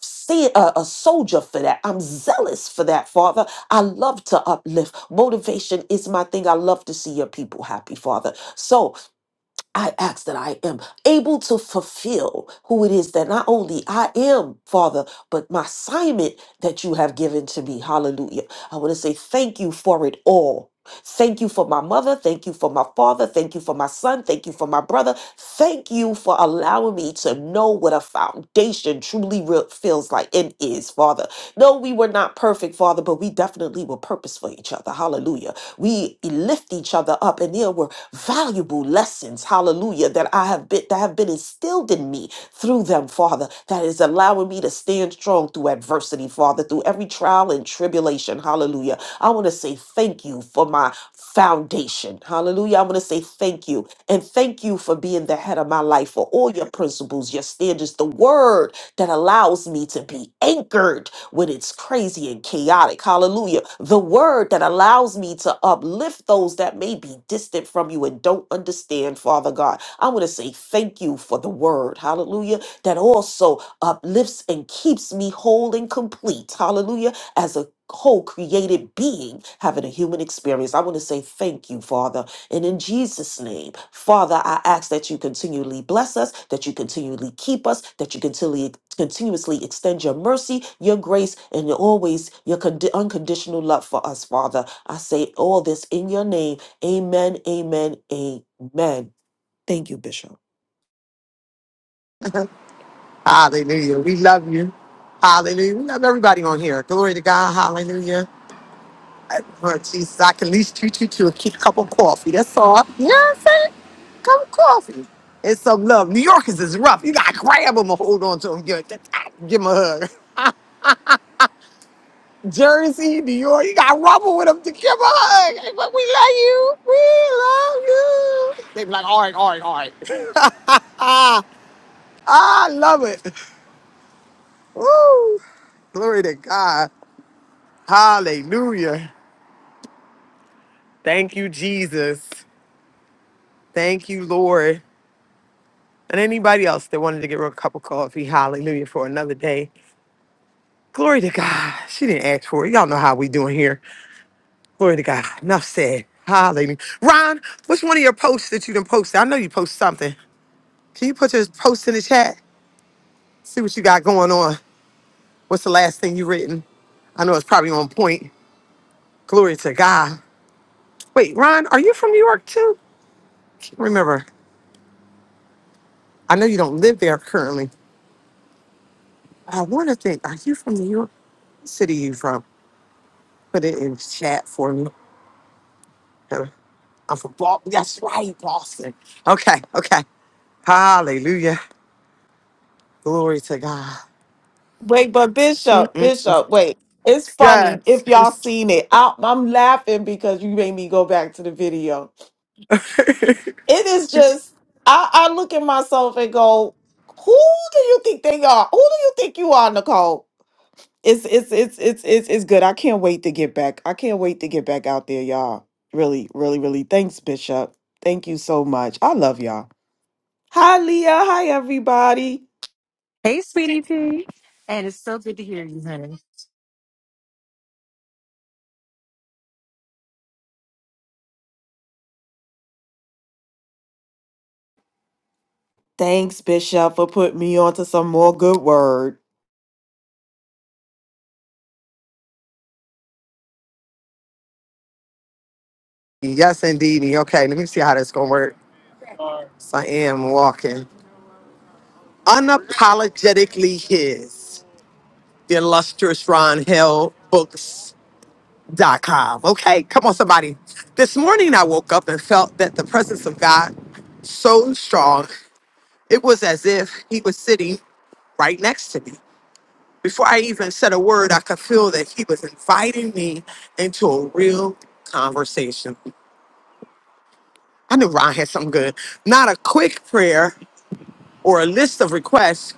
see a, a soldier for that. I'm zealous for that, Father. I love to uplift. Motivation is my thing. I love to see your people happy, Father. So I ask that I am able to fulfill who it is that not only I am, Father, but my assignment that you have given to me. Hallelujah. I want to say thank you for it all. Thank you for my mother. Thank you for my father. Thank you for my son. Thank you for my brother. Thank you for allowing me to know what a foundation truly re- feels like and is, Father. No, we were not perfect, Father, but we definitely were purpose for each other. Hallelujah. We lift each other up and there were valuable lessons, hallelujah, that I have been that have been instilled in me through them, Father, that is allowing me to stand strong through adversity, Father, through every trial and tribulation. Hallelujah. I want to say thank you for my foundation. Hallelujah. I want to say thank you. And thank you for being the head of my life, for all your principles, your standards, the word that allows me to be anchored when it's crazy and chaotic. Hallelujah. The word that allows me to uplift those that may be distant from you and don't understand, Father God. I want to say thank you for the word. Hallelujah. That also uplifts and keeps me whole and complete. Hallelujah. As a whole created being having a human experience. I want to say thank you, Father. And in Jesus' name, Father, I ask that you continually bless us, that you continually keep us, that you continually continuously extend your mercy, your grace, and your always your condi- unconditional love for us, Father. I say all this in your name. Amen. Amen. Amen. Thank you, Bishop.
Hallelujah. We love you. Hallelujah. We love everybody on here. Glory to God. Hallelujah. Lord Jesus, I can at least treat you to a ki- cup of coffee. That's all. You know what I'm saying? Cup of coffee. It's some love. New Yorkers is rough. You gotta grab them and hold on to them. Give, give them a hug. Jersey, New York, you gotta rubble with them to give 'em a hug. Hey, but we love you. We love you. They be like, I love it. Woo! Glory to God. Hallelujah. Thank you, Jesus. Thank you, Lord. And anybody else that wanted to get her a cup of coffee, hallelujah, for another day. Glory to God. She didn't ask for it. Y'all know how we doing here. Glory to God. Enough said. Hallelujah. Ron, which one of your posts that you done posted? I know you post something. Can you put your post in the chat? See what you got going on. What's the last thing you written? I know it's probably on point. Glory to God. Wait, Ron, are you from New York too? Can't remember. I know you don't live there currently. I want to think, are you from New York? What city you from? Put it in chat for me. I'm from Boston. That's right, Boston. Okay, okay. Hallelujah. Glory to God.
Wait, but Bishop,
Mm-mm-mm.
Bishop, wait. It's funny
Yes.
if y'all seen it. I, I'm laughing because you made me go back to the video. it is just I, I look at myself and go, who do you think they are? Who do you think you are, Nicole? It's it's it's it's it's it's good. I can't wait to get back. I can't wait to get back out there, y'all. Really, really, really. Thanks, Bishop. Thank you so much. I love y'all. Hi, Leah. Hi, everybody.
Hey, sweetie P. And it's so good to hear you, honey.
Thanks, Bishop, for putting me on to some more good word.
Yes, indeed. Okay, let me see how this gonna work. So I am walking. Unapologetically his. The illustrious Ron Hill books. Dot com. Okay, come on, somebody. This morning I woke up and felt that the presence of God so strong, it was as if he was sitting right next to me. Before I even said a word, I could feel that he was inviting me into a real conversation. I knew Ron had something good. Not a quick prayer or a list of requests,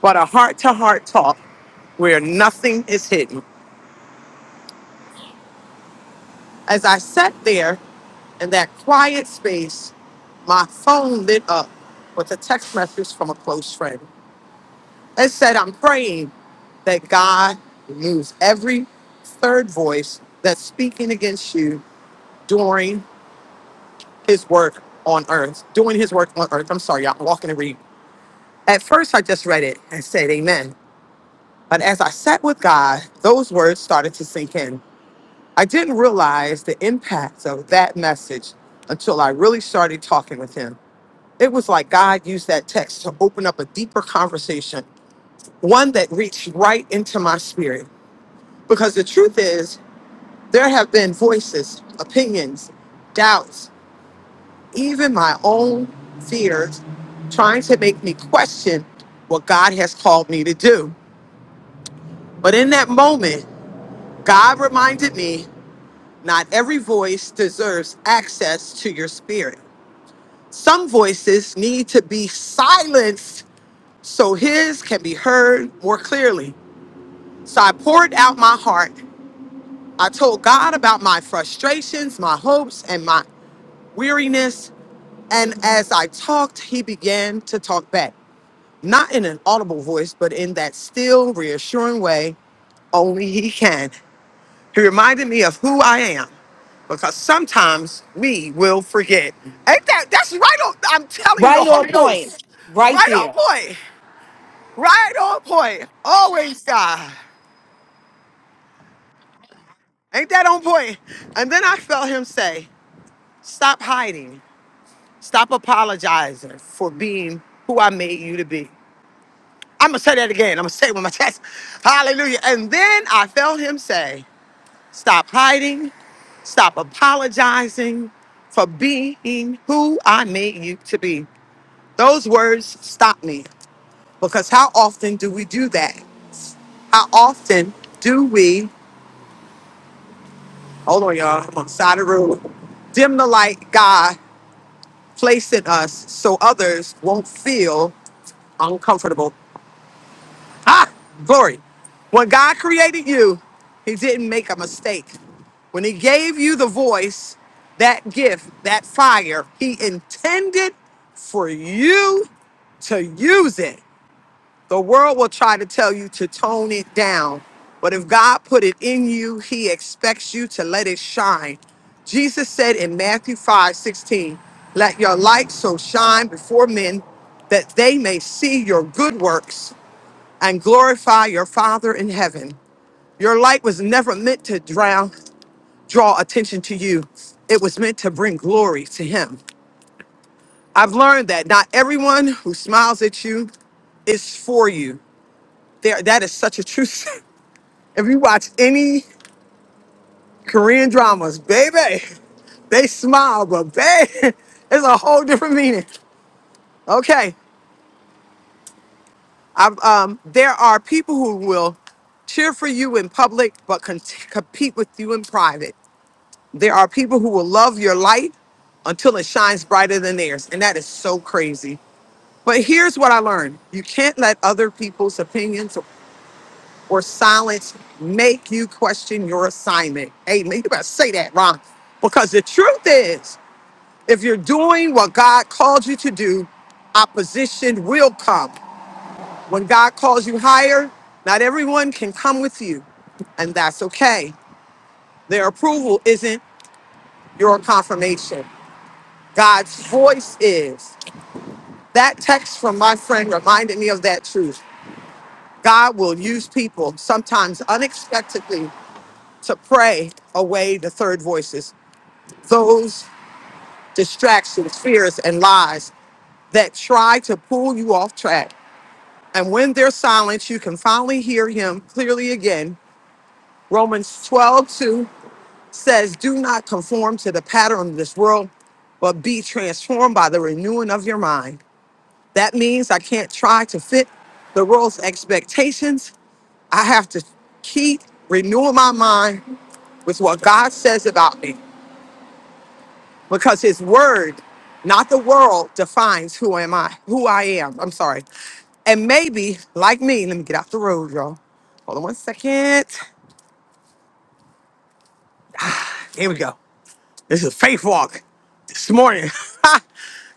but a heart to heart talk where nothing is hidden. As I sat there in that quiet space, my phone lit up with a text message from a close friend. It said, I'm praying that God removes every third voice that's speaking against you during." his work on earth, doing his work on earth. I'm sorry, y'all, I'm walking and read. At first, I just read it and said amen. But as I sat with God, those words started to sink in. I didn't realize the impact of that message until I really started talking with him. It was like God used that text to open up a deeper conversation, one that reached right into my spirit. Because the truth is, there have been voices, opinions, doubts, even my own fears trying to make me question what God has called me to do. But in that moment, God reminded me not every voice deserves access to your spirit. Some voices need to be silenced so his can be heard more clearly. So I poured out my heart. I told God about my frustrations, my hopes, and my weariness. And as I talked, he began to talk back. not in an audible voice, but in that still, reassuring way only He can. He reminded me of who I am because sometimes we will forget. Ain't that, that's right on, I'm telling you, the
Right on
Holy
point.
Ghost,
Right
right on
there.
point, right on point, always God. Ain't that on point? And then I felt Him say, Stop hiding, stop apologizing for being who I made you to be. I'm gonna say that again. I'm gonna say it with my chest. Hallelujah. And then I felt him say, Stop hiding. Stop apologizing for being who I made you to be. Those words stop me because how often do we do that? How often do we, hold on, y'all, I'm on the side of the road, dim the light God placed in us so others won't feel uncomfortable? Ah, glory. When God created you, He didn't make a mistake. When He gave you the voice, that gift, that fire, He intended for you to use it. The world will try to tell you to tone it down. But if God put it in you, He expects you to let it shine. Jesus said in Matthew 5 16, Let your light so shine before men that they may see your good works and glorify your Father in heaven. Your light was never meant to drown, draw attention to you. It was meant to bring glory to him. I've learned that not everyone who smiles at you is for you. There, that is such a truth. if you watch any Korean dramas, baby, they smile, but baby, it's a whole different meaning. Okay, I've, um, there are people who will cheer for you in public, but con- compete with you in private. There are people who will love your light until it shines brighter than theirs. And that is so crazy. But here's what I learned you can't let other people's opinions or silence make you question your assignment. Amen. You better say that, Ron. Because the truth is, if you're doing what God called you to do, opposition will come. When God calls you higher, not everyone can come with you, and that's okay. Their approval isn't your confirmation. God's voice is. That text from my friend reminded me of that truth. God will use people sometimes unexpectedly to pray away the third voices, those distractions, fears, and lies that try to pull you off track. And when there's silence, you can finally hear him clearly again. Romans 12:2 says, Do not conform to the pattern of this world, but be transformed by the renewing of your mind. That means I can't try to fit the world's expectations. I have to keep renewing my mind with what God says about me because his word, not the world, defines who am I, who I am. I'm sorry. And maybe, like me, let me get out the road, y'all. Hold on one second. Here we go. This is faith walk this morning.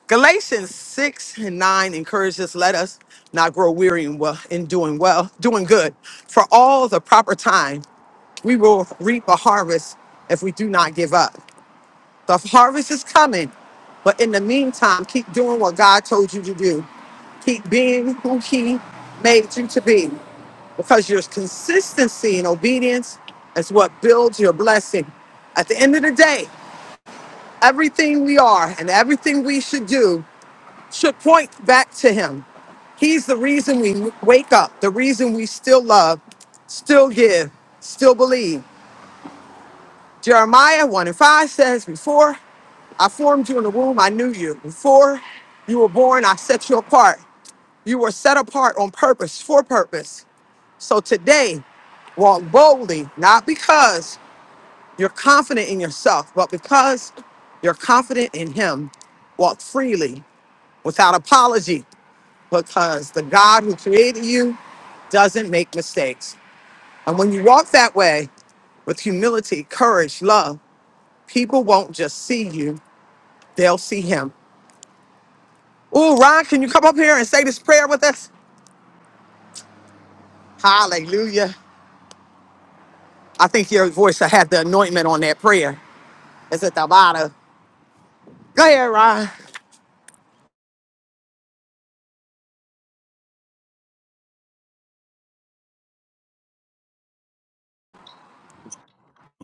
Galatians 6 and 9 encourages let us not grow weary in, well, in doing well, doing good. For all the proper time, we will reap a harvest if we do not give up. The harvest is coming, but in the meantime, keep doing what God told you to do. Keep being who He made you to be because your consistency and obedience is what builds your blessing. At the end of the day, everything we are and everything we should do should point back to him. He's the reason we wake up, the reason we still love, still give, still believe. Jeremiah 1 and 5 says, Before I formed you in the womb, I knew you. Before you were born, I set you apart. You were set apart on purpose, for purpose. So today, walk boldly, not because you're confident in yourself, but because you're confident in Him. Walk freely, without apology, because the God who created you doesn't make mistakes. And when you walk that way with humility, courage, love, people won't just see you, they'll see him. Oh, Ron, can you come up here and say this prayer with us? Hallelujah. I think your voice will have the anointment on that prayer. It's at the bottom. Go ahead, Ron.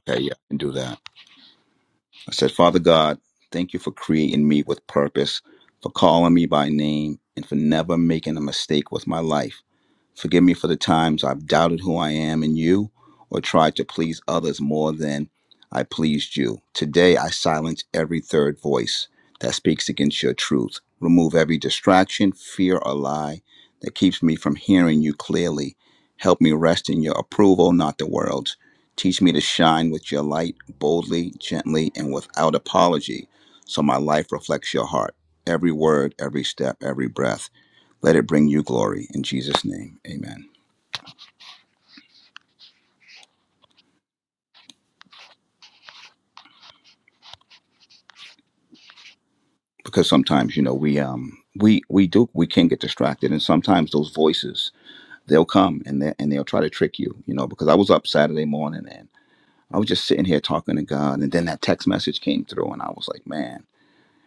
Okay, yeah, I can do that. I said, Father God, thank you for creating me with purpose, for calling me by name, and for never making a mistake with my life. Forgive me for the times I've doubted who I am in you or tried to please others more than I pleased you. Today, I silence every third voice that speaks against your truth. Remove every distraction, fear, or lie that keeps me from hearing you clearly. Help me rest in your approval, not the world's. Teach me to shine with your light boldly, gently, and without apology, so my life reflects your heart. Every word, every step, every breath. Let it bring you glory in Jesus' name. Amen. Because sometimes, you know, we um we we do we can get distracted and sometimes those voices they'll come and they and they'll try to trick you, you know, because I was up Saturday morning and I was just sitting here talking to God and then that text message came through and I was like, man,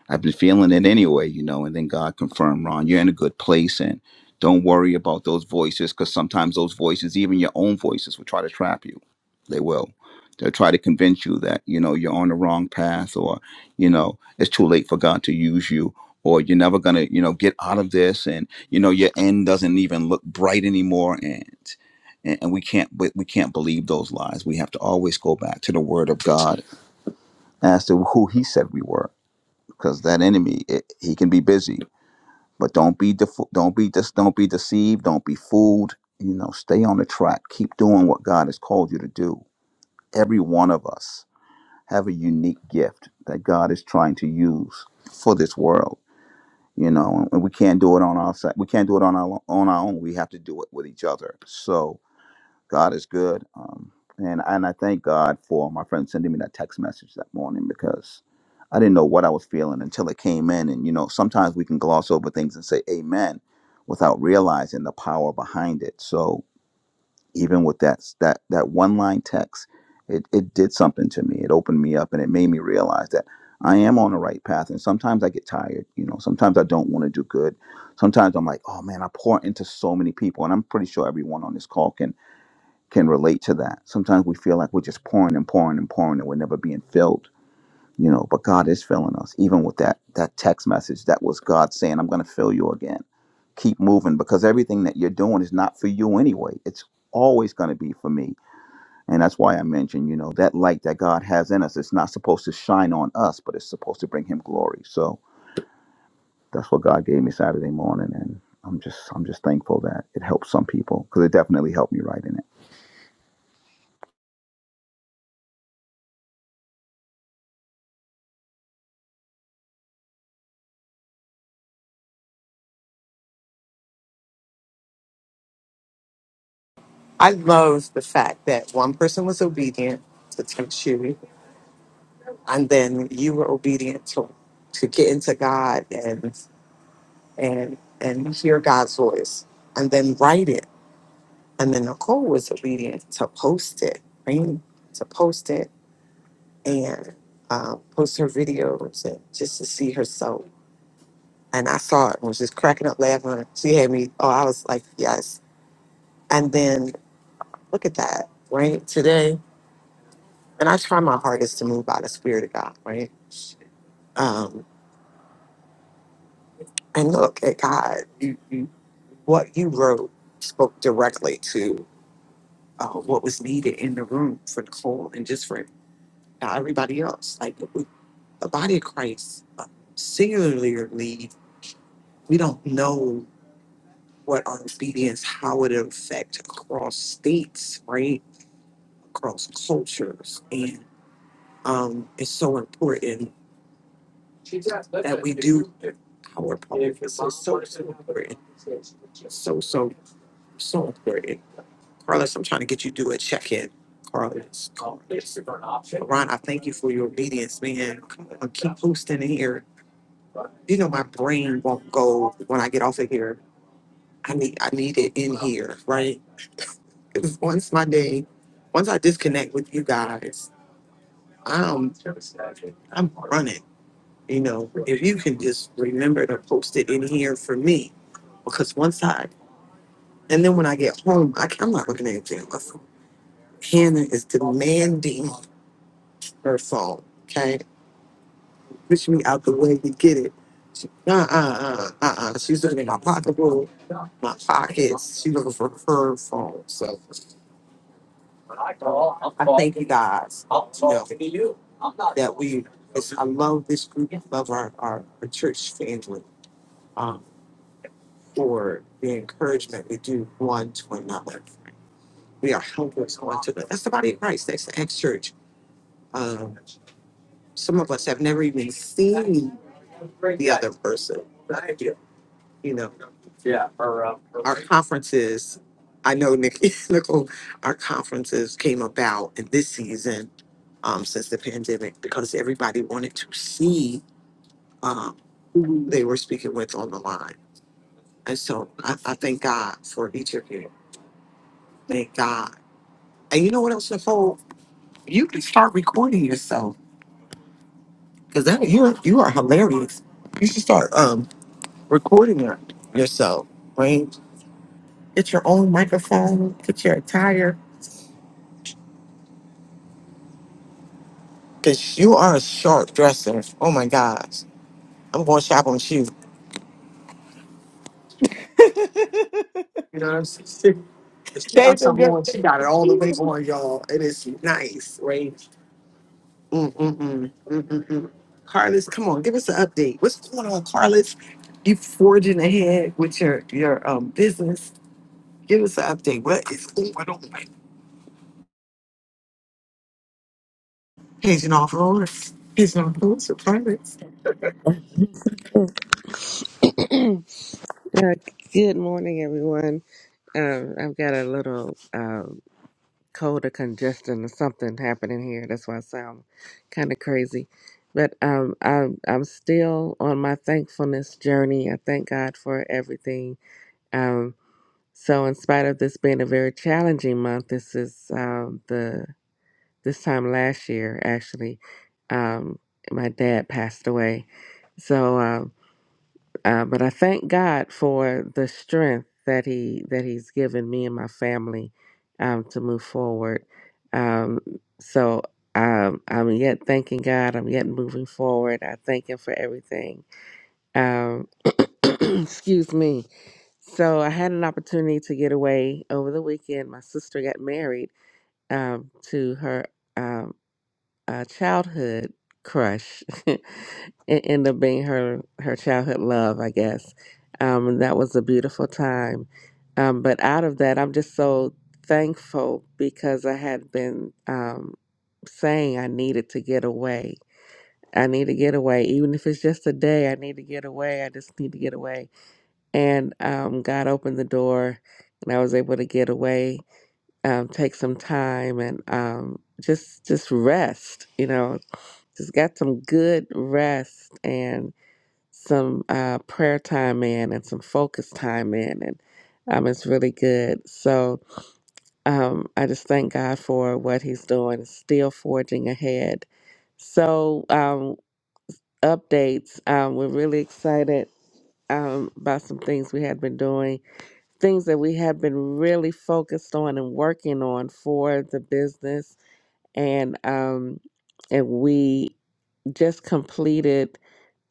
I've been feeling it anyway, you know. And then God confirmed, Ron, you're in a good place, and don't worry about those voices, because sometimes those voices, even your own voices, will try to trap you. They will. They'll try to convince you that you know you're on the wrong path, or you know it's too late for God to use you, or you're never gonna you know get out of this, and you know your end doesn't even look bright anymore, and and, and we can't we, we can't believe those lies. We have to always go back to the Word of God as to who He said we were because that enemy it, he can be busy but don't be defo- don't be just don't be deceived don't be fooled you know stay on the track keep doing what god has called you to do every one of us have a unique gift that god is trying to use for this world you know and we can't do it on our side we can't do it on our on our own we have to do it with each other so God is good. Um, and and I thank God for my friend sending me that text message that morning because I didn't know what I was feeling until it came in. And you know, sometimes we can gloss over things and say amen without realizing the power behind it. So even with that that that one line text, it, it did something to me. It opened me up and it made me realize that I am on the right path. And sometimes I get tired, you know, sometimes I don't want to do good. Sometimes I'm like, oh man, I pour into so many people. And I'm pretty sure everyone on this call can can relate to that. Sometimes we feel like we're just pouring and pouring and pouring and we're never being filled, you know, but God is filling us. Even with that that text message, that was God saying, I'm gonna fill you again. Keep moving because everything that you're doing is not for you anyway. It's always gonna be for me. And that's why I mentioned, you know, that light that God has in us, it's not supposed to shine on us, but it's supposed to bring him glory. So that's what God gave me Saturday morning and I'm just I'm just thankful that it helped some people because it definitely helped me writing it.
I love the fact that one person was obedient to tempt you, and then you were obedient to, to get into God and. and and hear God's voice and then write it. And then Nicole was obedient to post it, right? To post it and uh, post her videos and just to see herself. I was just cracking up laughing. She had me, oh, I was like, yes. And look at that. Okay. And I try my hardest to move by the Spirit of God, right? Um, and look at God, you, you, what you wrote spoke directly to uh, what was needed in the room for Nicole and just for everybody else. Like, that we do. It's so, so, so important. So, so brother. Ron, I thank you for your obedience, man. Come on, keep posting in here. You know, my brain won't go when I get off of here. I need, I need it in here, right? Because once my day, once I disconnect with you guys, I'm, I'm running. You know, if you can just remember to post it in here for me, because once I, and then when I get home, I, I'm not looking at anything else. Hannah is demanding her phone. Okay, push me out the way to get it. She, uh uh uh uh uh. She's looking at my pocketbook, my pockets. She's looking for her phone. So I thank you guys. You know, that we. It's, I love this group. I love our our, our church family. Um, for the encouragement we do one to another. We are helpers one to another. That's the body of Christ. That's the ex church. Um, some of us have never even seen the other person. you know, Yeah, her, uh, her our conferences. I know Nick, Nicole, our conferences came about in this season um, since the pandemic because everybody wanted to see um, who they were speaking with on the line. And so I, I thank God for each of you. Thank God. And you know what else, Nicole? You can start recording yourself because that you are, you are hilarious. You should start um, recording your, yourself, right? Get your own microphone, get your attire Because you are a sharp dresser. Oh my gosh. I'm going shopping with you. You know what I'm saying? If She
They've
got
been
something on. She got it all the
good.
way on, y'all. It is nice, right? Mm-mm-mm. Mm-mm-mm. Carlos, come on, give us an update. What's going on, Carlos? You forging ahead with your your um business. Give us an update. What is going on? Paging off Lawrence. Paging off Lawrence with Carlos.
Uh, good morning, everyone. Um, I've got a little um, cold or congestion or something happening here. That's why I sound kind of crazy. But um, I'm, I'm still on my thankfulness journey. I thank God for everything. Um, so, in spite of this being a very challenging month, this is um, the this time last year actually. Um, my dad passed away, so. um, Uh, but I thank God for the strength that He that He's given me and my family um, to move forward. Um, so um, I'm yet thanking God. I'm yet moving forward. I thank Him for everything. Um, excuse me. So I had an opportunity to get away over the weekend. My sister got married um, to her. um, uh, childhood crush. it ended up being her her childhood love, I guess. Um, and that was a beautiful time. Um, but out of that, I'm just so thankful because I had been um, saying I needed to get away. I need to get away, even if it's just a day. I need to get away. I just need to get away. And um, God opened the door, and I was able to get away um, take some time and um, just just rest. You know, just got some good rest and some uh, prayer time in and some focus time in and um, it's really good so um, i just thank god for what he's doing still forging ahead so um, updates um, we're really excited um, about some things we had been doing things that we had been really focused on and working on for the business and um, and we just completed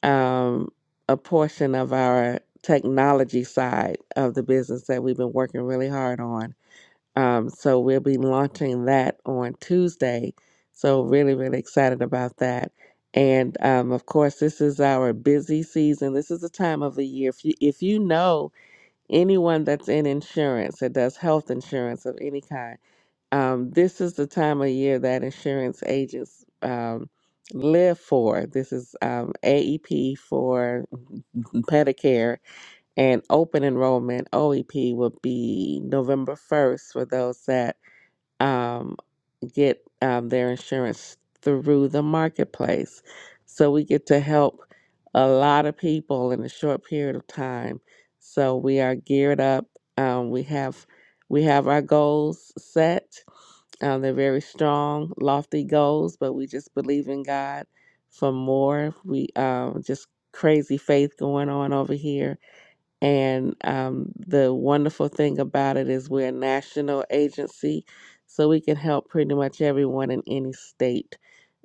um, a portion of our technology side of the business that we've been working really hard on. Um, so we'll be launching that on Tuesday. So really, really excited about that. And um, of course, this is our busy season. This is the time of the year. If you if you know anyone that's in insurance that does health insurance of any kind um, this is the time of year that insurance agents um, live for. This is um, AEP for Medicare and open enrollment. OEP will be November 1st for those that um, get um, their insurance through the marketplace. So we get to help a lot of people in a short period of time. So we are geared up. Um, we have we have our goals set um, they're very strong, lofty goals, but we just believe in God for more. We um, just crazy faith going on over here. And um, the wonderful thing about it is we're a national agency, so we can help pretty much everyone in any state.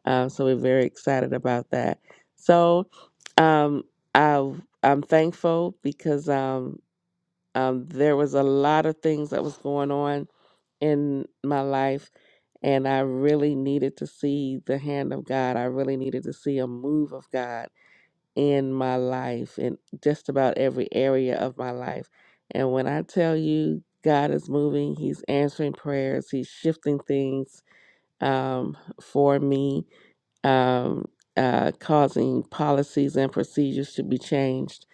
Um, so we're very excited about that. So um, I, I'm thankful because um, um, there was a lot of things that was going on in my life and I really needed to see the hand of God. I really needed to see a move of God in my life, in just about every area of my life. And when I tell you, God is moving, He's answering prayers, He's shifting things um, for me, um, uh, causing policies and procedures to be changed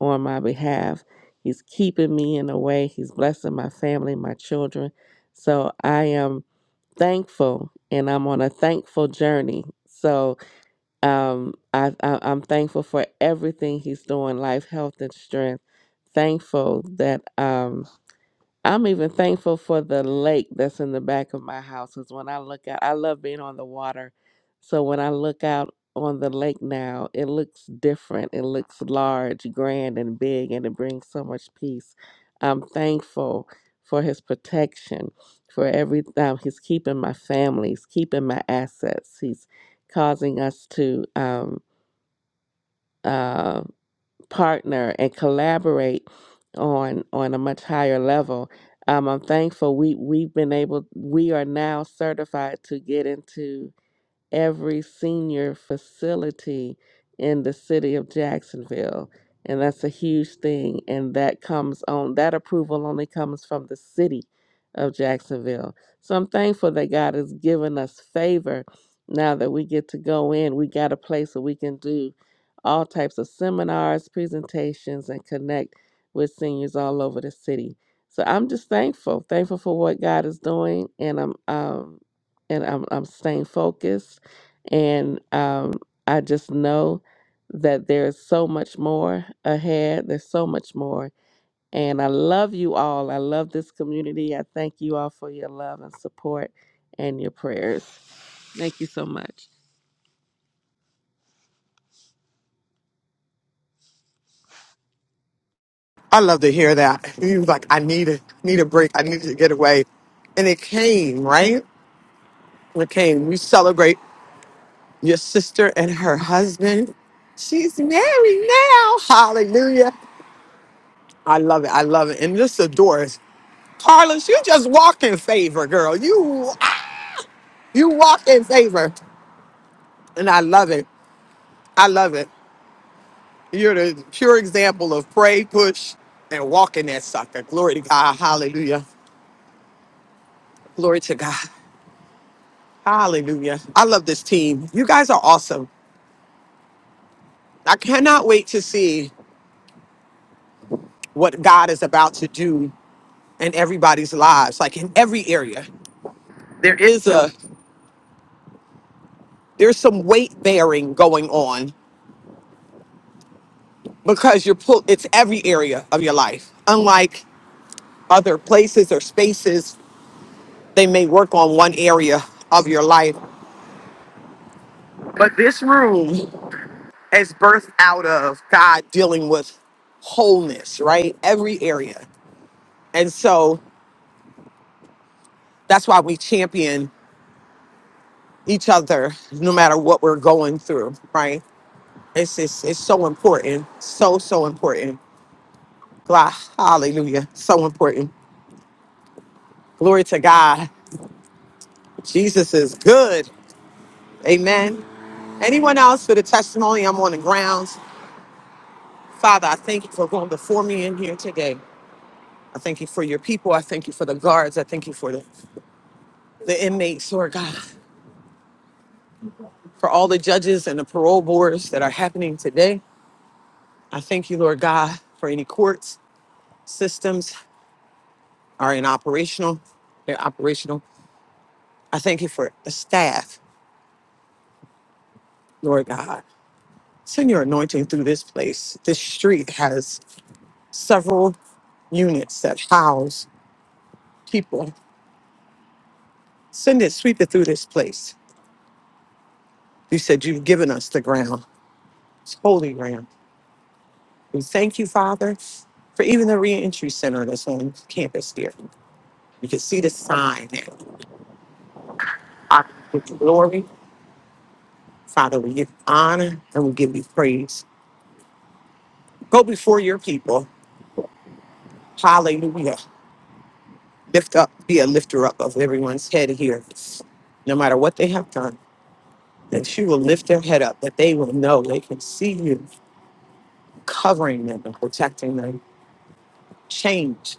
on my behalf. He's keeping me in a way, He's blessing my family, my children. So I am thankful and I'm on a thankful journey. So um, I, I, I'm thankful for everything he's doing life, health, and strength. Thankful that. Um, I'm even thankful for the lake that's in the back of my house. Cause when I look out, I love being on the water. So when I look out on the lake now, it looks different. It looks large, grand, and big, and it brings so much peace. I'm thankful for his protection, for every um, he's keeping my family, he's keeping my assets, he's causing us to um, uh, partner and collaborate on on a much higher level. Um, I'm thankful we we've been able we are now certified to get into every senior facility in the city of Jacksonville. And that's a huge thing. And that comes on, that approval only comes from the city of Jacksonville. So I'm thankful that God has given us favor now that we get to go in. We got a place where we can do all types of seminars, presentations, and connect with seniors all over the city. So I'm just thankful, thankful for what God is doing, and I'm um, and I'm I'm staying focused and um, I just know that there is so much more ahead. There's so much more. And I love you all. I love this community. I thank you all for your love and support and your prayers. Thank you so much.
I love to hear that. He was like, I need a need a break. I need to get away. And it came, right? Okay, we celebrate your sister and her husband. She's married now. Hallelujah. I love it. I love it. And this adores. Carlos, you just walk in favor, girl. You you walk in favor. And I love it. I love it. You're the pure example of pray, push, and walk in that sucker. Glory to God. Hallelujah. Glory to God. Hallelujah. I love this team. You guys are awesome. I cannot wait to see what God is about to do in everybody's lives, like in every area. There is a there's some weight bearing going on because you're pull it's every area of your life. Unlike other places or spaces, they may work on one area of your life. But this room is birthed out of God dealing with wholeness, right? Every area. And so that's why we champion each other no matter what we're going through, right? It's it's, it's so important. So so important Blah. Hallelujah. So important. Glory to God. Jesus is good. Amen. Anyone else for the testimony? I'm on the grounds. Father, I thank you for going before me in here today. I thank you for your people. I thank you for the guards. I thank you for the, the inmates, Lord God, for all the judges and the parole boards that are happening today. I thank you, Lord God, for any courts systems are in operational. They're operational. I thank you for the staff, Lord God. Send your anointing through this place. This street has several units that house people. Send it, sweep it through this place. You said you've given us the ground. It's holy ground. We thank you, Father, for even the reentry center that's on campus here. You can see the sign there. I give you glory. Father, we give you honor and we give you praise. Go before your people. Hallelujah. Lift up, be a lifter up of everyone's head here, no matter what they have done. that you will lift their head up, that they will know they can see you covering them and protecting them. Change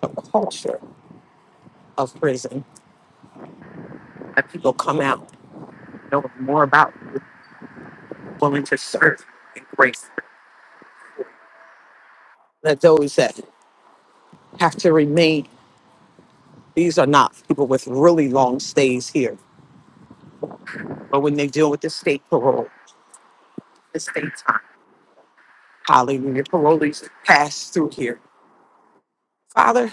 the culture of prison. That people come out knowing more about you, willing to serve and grace. That those that have to remain, these are not people with really long stays here. But when they deal with the state parole, the state time, hallelujah, parolees pass through here. Father,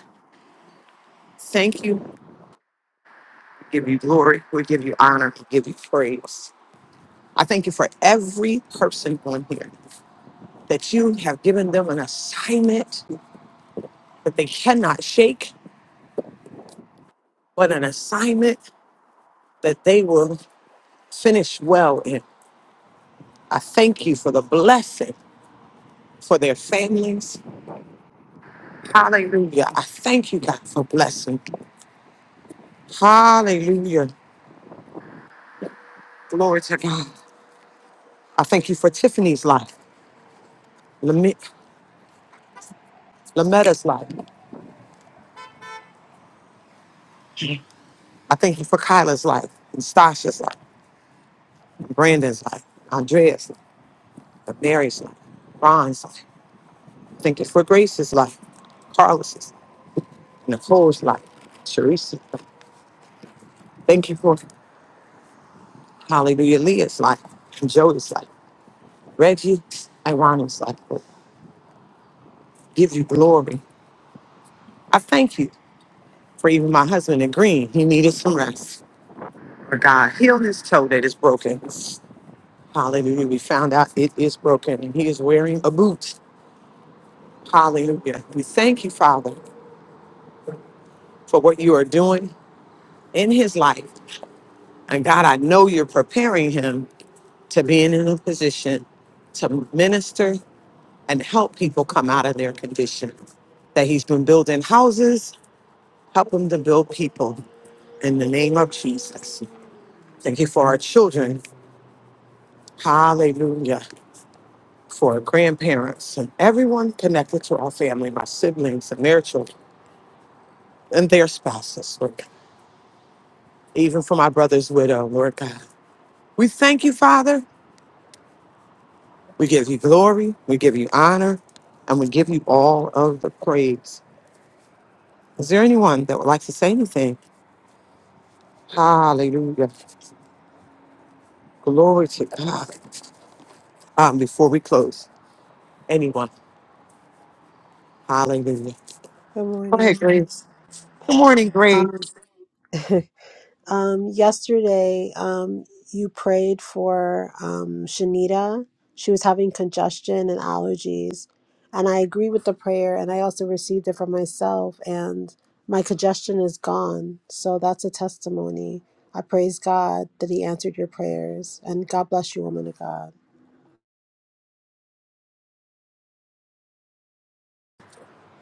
thank you. Give you glory. We give you honor. We give you praise. I thank you for every person on here that you have given them an assignment that they cannot shake, but an assignment that they will finish well in. I thank you for the blessing for their families. Hallelujah. I thank you, God, for blessing. Hallelujah. Glory to God. I thank you for Tiffany's life, Lame- Lametta's life. I thank you for Kyla's life, and Stasha's life, Brandon's life, Andrea's life, Mary's life, Ron's life. Thank you for Grace's life, Carlos's, Nicole's life, Sharice's life. Thank you for Hallelujah Leah's life, and Joey's life, Reggie and Ronald's life. Lord. Give you glory. I thank you for even my husband in green. He needed some rest. For God heal his toe that is broken. Hallelujah. We found out it is broken and he is wearing a boot. Hallelujah. We thank you, Father, for what you are doing in his life. And God, I know you're preparing him to being in a position to minister and help people come out of their condition. That he's been building houses, help him to build people in the name of Jesus. Thank you for our children. Hallelujah. For our grandparents and everyone connected to our family, my siblings and their children and their spouses, Lord God. Even for my brother's widow, Lord God. We thank you, Father. We give you glory. We give you honor. And we give you all of the praise. Is there anyone that would like to say anything? Hallelujah. Glory to God. Um, before we close, anyone? Hallelujah.
Good
Go ahead,
morning.
Grace. Good morning, Grace.
Um, um, yesterday, um, you prayed for um, Shanita. She was having congestion and allergies. And I agree with the prayer, and I also received it for myself. And my congestion is gone. So that's a testimony. I praise God that He answered your prayers. And God bless you, woman of God.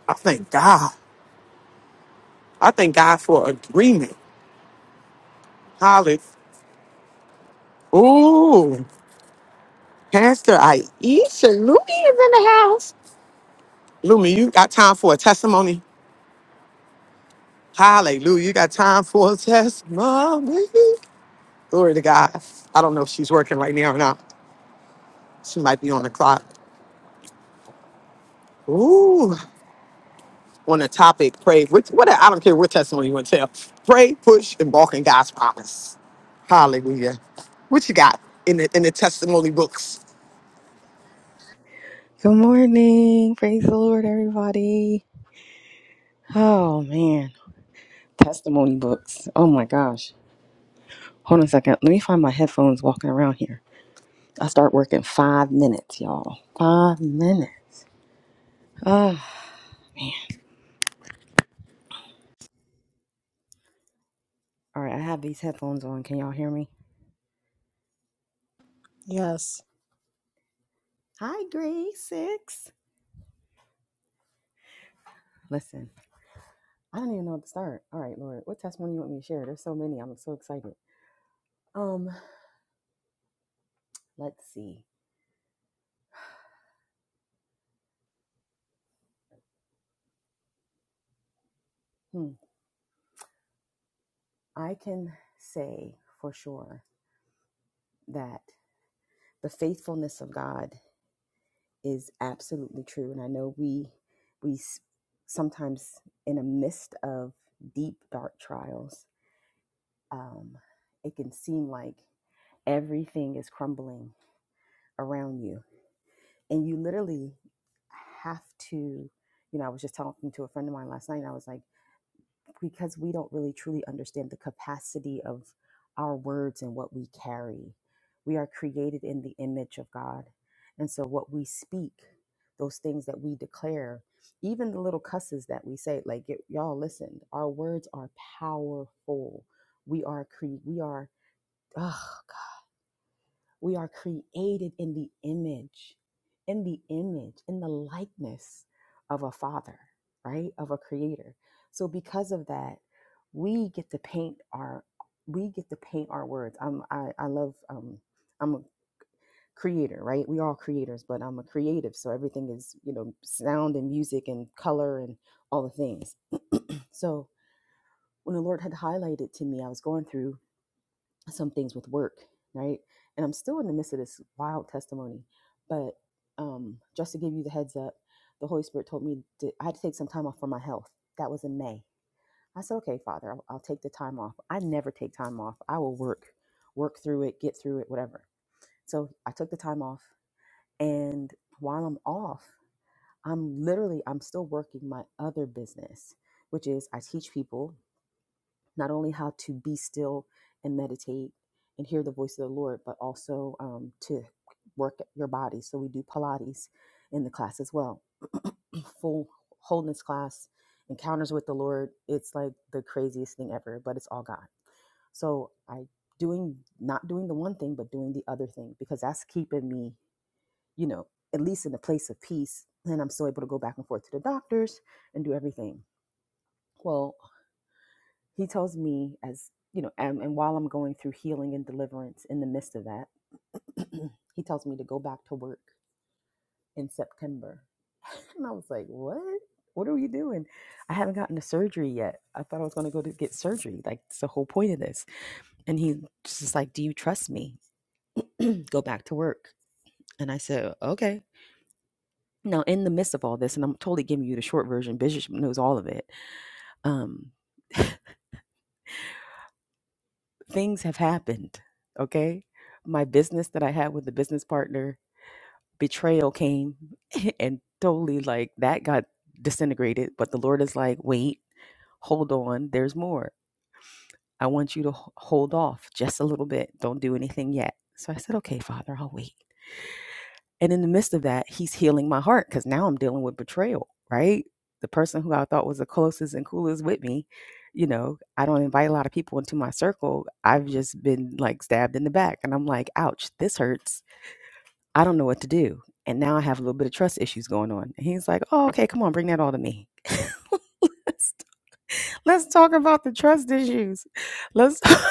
I thank God. I thank God for agreement. Hallelujah. Ooh, Pastor Aisha Lumi is in the house. Lumi, you got time for a testimony? Hallelujah. You got time for a testimony? Glory to God. I don't know if she's working right now or not. She might be on the clock. Ooh. on the topic, pray, which, whatever, I don't care what testimony you want to tell. Pray, push, and walk in God's promise. Hallelujah. What you got in the, in the testimony books?
Good morning. Praise the Lord, everybody. Oh, man. Testimony books. Oh, my gosh. Hold on a second. Let me find my headphones walking around here. I start work in five minutes, y'all. Five minutes. Ah. all right. I have these headphones on. Can y'all hear me?
Yes.
Hi, Grace Six. Listen, I don't even know what to start. All right, Lord. What testimony you want me to share? There's so many. I'm so excited. Um, let's see. Hmm. I can say for sure that the faithfulness of God is absolutely true. And I know we we sometimes, in the midst of deep dark trials, um, it can seem like everything is crumbling around you, and you literally have to. You know, I was just talking to a friend of mine last night, and I was like because we don't really truly understand the capacity of our words and what we carry. We are created in the image of God. And so what we speak, those things that we declare, even the little cusses that we say, like y- y'all listen, our words are powerful. We are cre- we are oh we are created in the image, in the image, in the likeness of a father, right? Of a creator. So because of that, we get to paint our we get to paint our words. I'm I, I love um I'm a creator, right? We all creators, but I'm a creative. So everything is, you know, sound and music and color and all the things. So when the Lord had highlighted to me, I was going through some things with work, right? And I'm still in the midst of this wild testimony, but um, just to give you the heads up, the Holy Spirit told me to, I had to take some time off for my health. That was in May. I said, okay, Father, I'll, I'll take the time off. I never take time off. I will work, work through it, get through it, whatever. So I took the time off, and while I'm off, I'm literally I'm still working my other business, which is I teach people not only how to be still and meditate and hear the voice of the Lord, but also um, to work your body. So we do Pilates in the class as well. Full wholeness class, encounters with the Lord. It's like the craziest thing ever, but it's all God. So I doing not doing the one thing, but doing the other thing because that's keeping me, you know, at least in a place of peace. And I'm still able to go back and forth to the doctors and do everything. Well, he tells me as you know and, and while i'm going through healing and deliverance in the midst of that he tells me to go back to work in september and i was like what what are we doing i haven't gotten a surgery yet i thought i was going to go to get surgery like it's the whole point of this and he's just like do you trust me go back to work and i said okay now in the midst of all this and i'm totally giving you the short version bishop knows all of it um things have happened. Okay. My business that I had with the business partner, betrayal came and totally like that got disintegrated. But the Lord is like, wait, hold on. There's more. I want you to h- hold off just a little bit. Don't do anything yet. So I said, okay, Father, I'll wait. And in the midst of that, he's healing my heart because now I'm dealing with betrayal, right? The person who I thought was the closest and coolest with me, you know, I don't invite a lot of people into my circle. I've just been like stabbed in the back. And I'm like, ouch, this hurts. I don't know what to do. And now I have a little bit of trust issues going on. And he's like, oh, okay, come on, bring that all to me. let's, let's talk about the trust issues. Let's.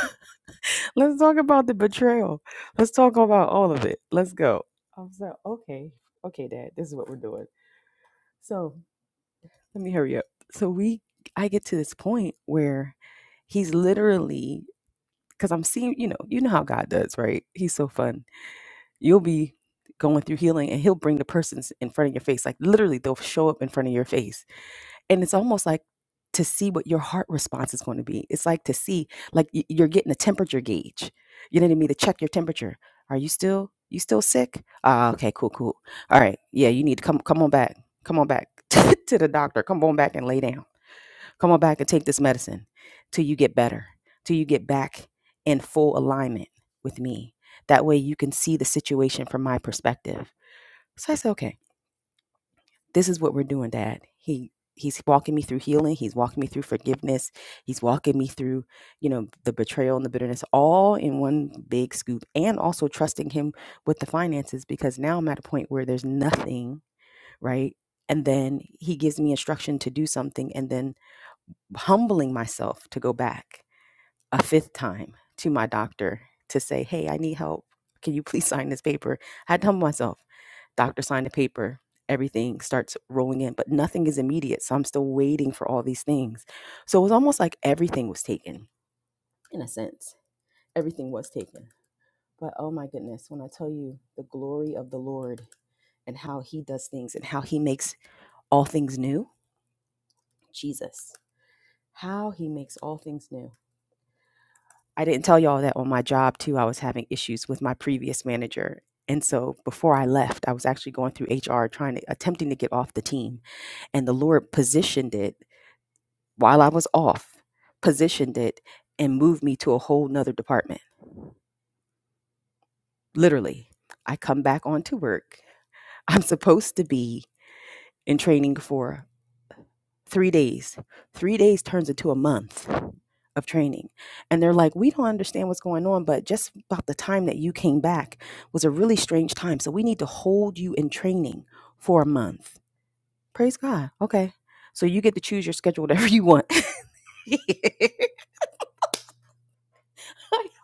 Let's talk about the betrayal. Let's talk about all of it. Let's go. I was like, okay, okay, Dad, this is what we're doing. So let me hurry up. So we, I get to this point where he's literally, because I'm seeing, you know, you know how God does, right? He's so fun. You'll be going through healing, and he'll bring the persons in front of your face. Like literally, they'll show up in front of your face and it's almost like to see what your heart response is going to be. It's like to see, like you're getting a temperature gauge. You know what I mean? To check your temperature. Are you still you still sick? Ah, okay, cool, cool. All right, yeah, you need to come come on back, come on back to the doctor. Come on back and lay down. Come on back and take this medicine till you get better, till you get back in full alignment with me. That way you can see the situation from my perspective. So I said, okay this is what we're doing, Dad. He he's walking me through healing. He's walking me through forgiveness. He's walking me through, you know, the betrayal and the bitterness, all in one big scoop, and also trusting him with the finances because now I'm at a point where there's nothing, right? And then he gives me instruction to do something, and then humbling myself to go back a fifth time to my doctor to say, Hey, I need help. Can you please sign this paper? I had to humble myself. Doctor signed the paper. Everything starts rolling in, but nothing is immediate. So I'm still waiting for all these things. So it was almost like everything was taken, in a sense. Everything was taken. But oh my goodness, when I tell you the glory of the Lord and how he does things and how he makes all things new, Jesus, how he makes all things new. I didn't tell y'all that on my job too. I was having issues with my previous manager. And so before I left, I was actually going through HR trying to attempting to get off the team. And the Lord positioned it while I was off, positioned it and moved me to a whole nother department. Literally. I come back onto work. I'm supposed to be in training for three days. Three days turns into a month of training. And they're like, we don't understand what's going on, but just about the time that you came back was a really strange time. So we need to hold you in training for a month. Praise God. Okay. So you get to choose your schedule whatever you want. I,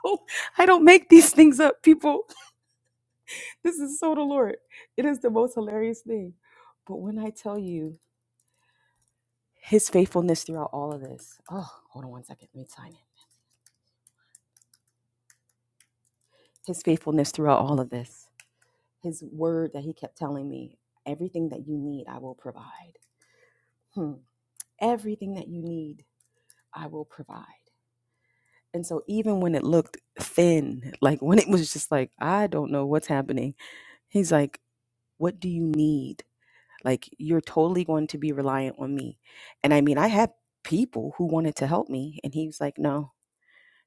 don't, I don't make these things up, people. This is so the Lord. It is the most hilarious thing. But when I tell you his faithfulness throughout all of this, oh, hold on one second. Let me sign it. His faithfulness throughout all of this. his word that he kept telling me everything that you need, I will provide. Hmm. Everything that you need, I will provide. And so, even when it looked thin, like when it was just like, I don't know what's happening, he's like, What do you need? Like, you're totally going to be reliant on me. And I mean, I had people who wanted to help me, and he was like, No,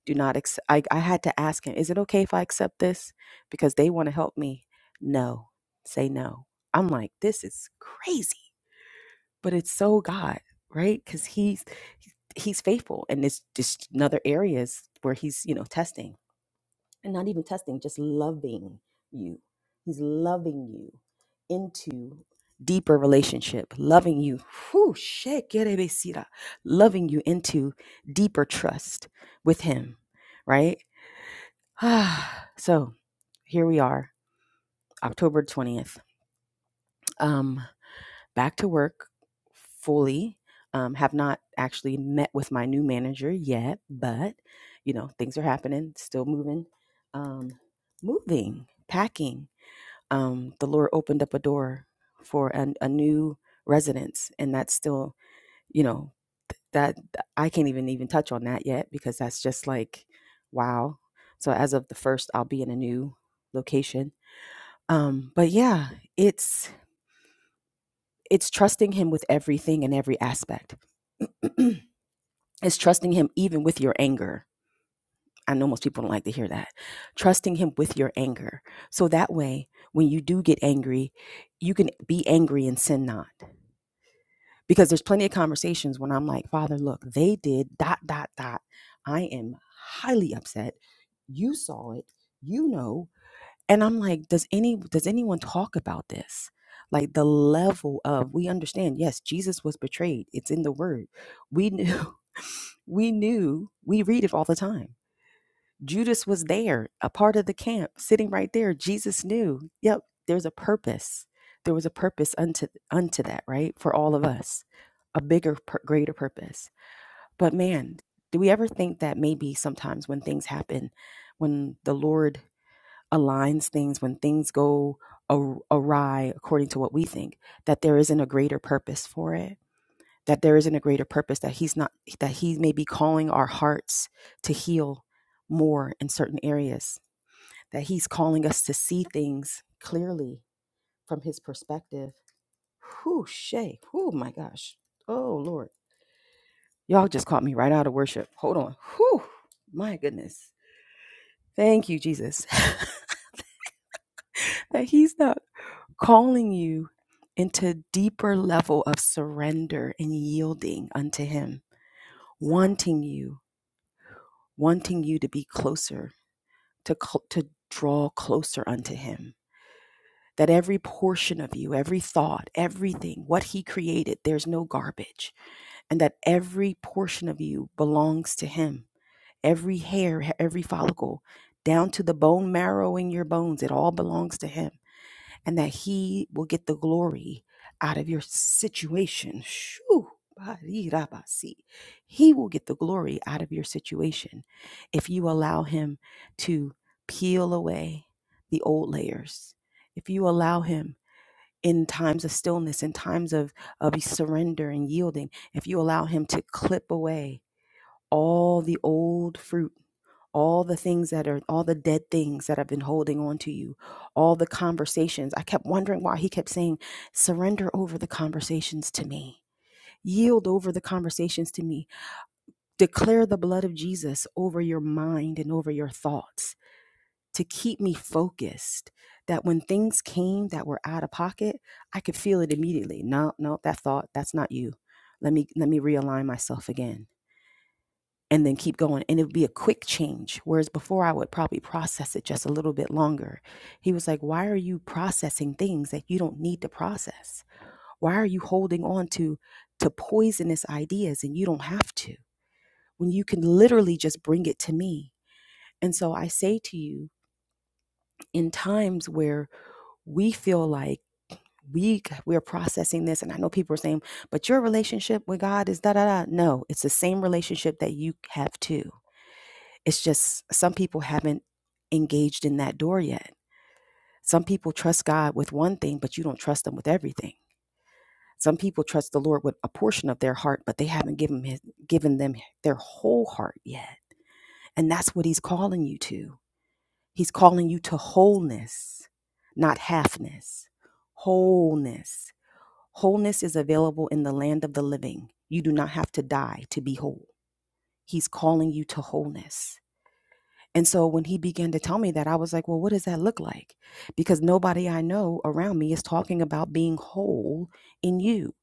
do not. Accept. I, I had to ask him, Is it okay if I accept this? Because they want to help me. No, say no. I'm like, This is crazy but it's so God, right? Because he's he's faithful, and it's just another areas where he's you know testing and not even testing, just loving you. He's loving you into deeper relationship, loving you. Whew, shit, get it, Basira. loving you into deeper trust with him, right? so here we are, October twentieth. um. back to work fully. Um, have not actually met with my new manager yet, but you know things are happening, still moving, um, moving, packing. Um, the Lord opened up a door for an, a new residence, and that's still you know that I can't even even touch on that yet because that's just like wow. So as of the first, I'll be in a new location. Um, but yeah, it's it's trusting Him with everything and every aspect is trusting him even with your anger. I know most people don't like to hear that. Trusting him with your anger. So that way, when you do get angry, you can be angry and sin not. Because there's plenty of conversations when I'm like, Father, look, they did dot, dot, dot. I am highly upset. You saw it. You know. And I'm like, does any does anyone talk about this? Like the level of we understand, yes, Jesus was betrayed. It's in the word we knew we knew we read it all the time judas was there a part of the camp sitting right there jesus knew yep there's a purpose there was a purpose unto unto that right for all of us a bigger pur- greater purpose but man do we ever think that maybe sometimes when things happen when the lord aligns things when things go a- awry according to what we think that there isn't a greater purpose for it that there isn't a greater purpose that he's not that he may be calling our hearts to heal more in certain areas that he's calling us to see things clearly from his perspective whoo shay oh my gosh oh lord y'all just caught me right out of worship hold on whoo my goodness thank you jesus that he's not calling you into deeper level of surrender and yielding unto him wanting you wanting you to be closer to, to draw closer unto Him. That every portion of you, every thought, everything, what He created, there's no garbage. And that every portion of you belongs to Him. Every hair, every follicle, down to the bone marrow in your bones, it all belongs to Him and that He will get the glory out of your situation. Shoo, ba He will get the glory out of your situation if you allow Him to peel away the old layers, if you allow Him in times of stillness, in times of, of surrender and yielding, if you allow Him to clip away all the old fruit all the things that are all the dead things that have been holding on to you all the conversations i kept wondering why he kept saying surrender over the conversations to me yield over the conversations to me declare the blood of jesus over your mind and over your thoughts to keep me focused that when things came that were out of pocket i could feel it immediately no no that thought that's not you let me let me realign myself again and then keep going. And it would be a quick change. Whereas before, I would probably process it just a little bit longer. He was like, Why are you processing things that you don't need to process? Why are you holding on to, to poisonous ideas and you don't have to when you can literally just bring it to me? And so I say to you, in times where we feel like we we're processing this, and I know people are saying, but your relationship with God is da da da. No, it's the same relationship that you have too It's just some people haven't engaged in that door yet. Some people trust God with one thing, but you don't trust them with everything. Some people trust the Lord with a portion of their heart, but they haven't given his, given them their whole heart yet. And that's what he's calling you to. He's calling you to wholeness, not halfness. Wholeness. Wholeness is available in the land of the living. You do not have to die to be whole. He's calling you to wholeness. And so when he began to tell me that, I was like, well, what does that look like? Because nobody I know around me is talking about being whole in you.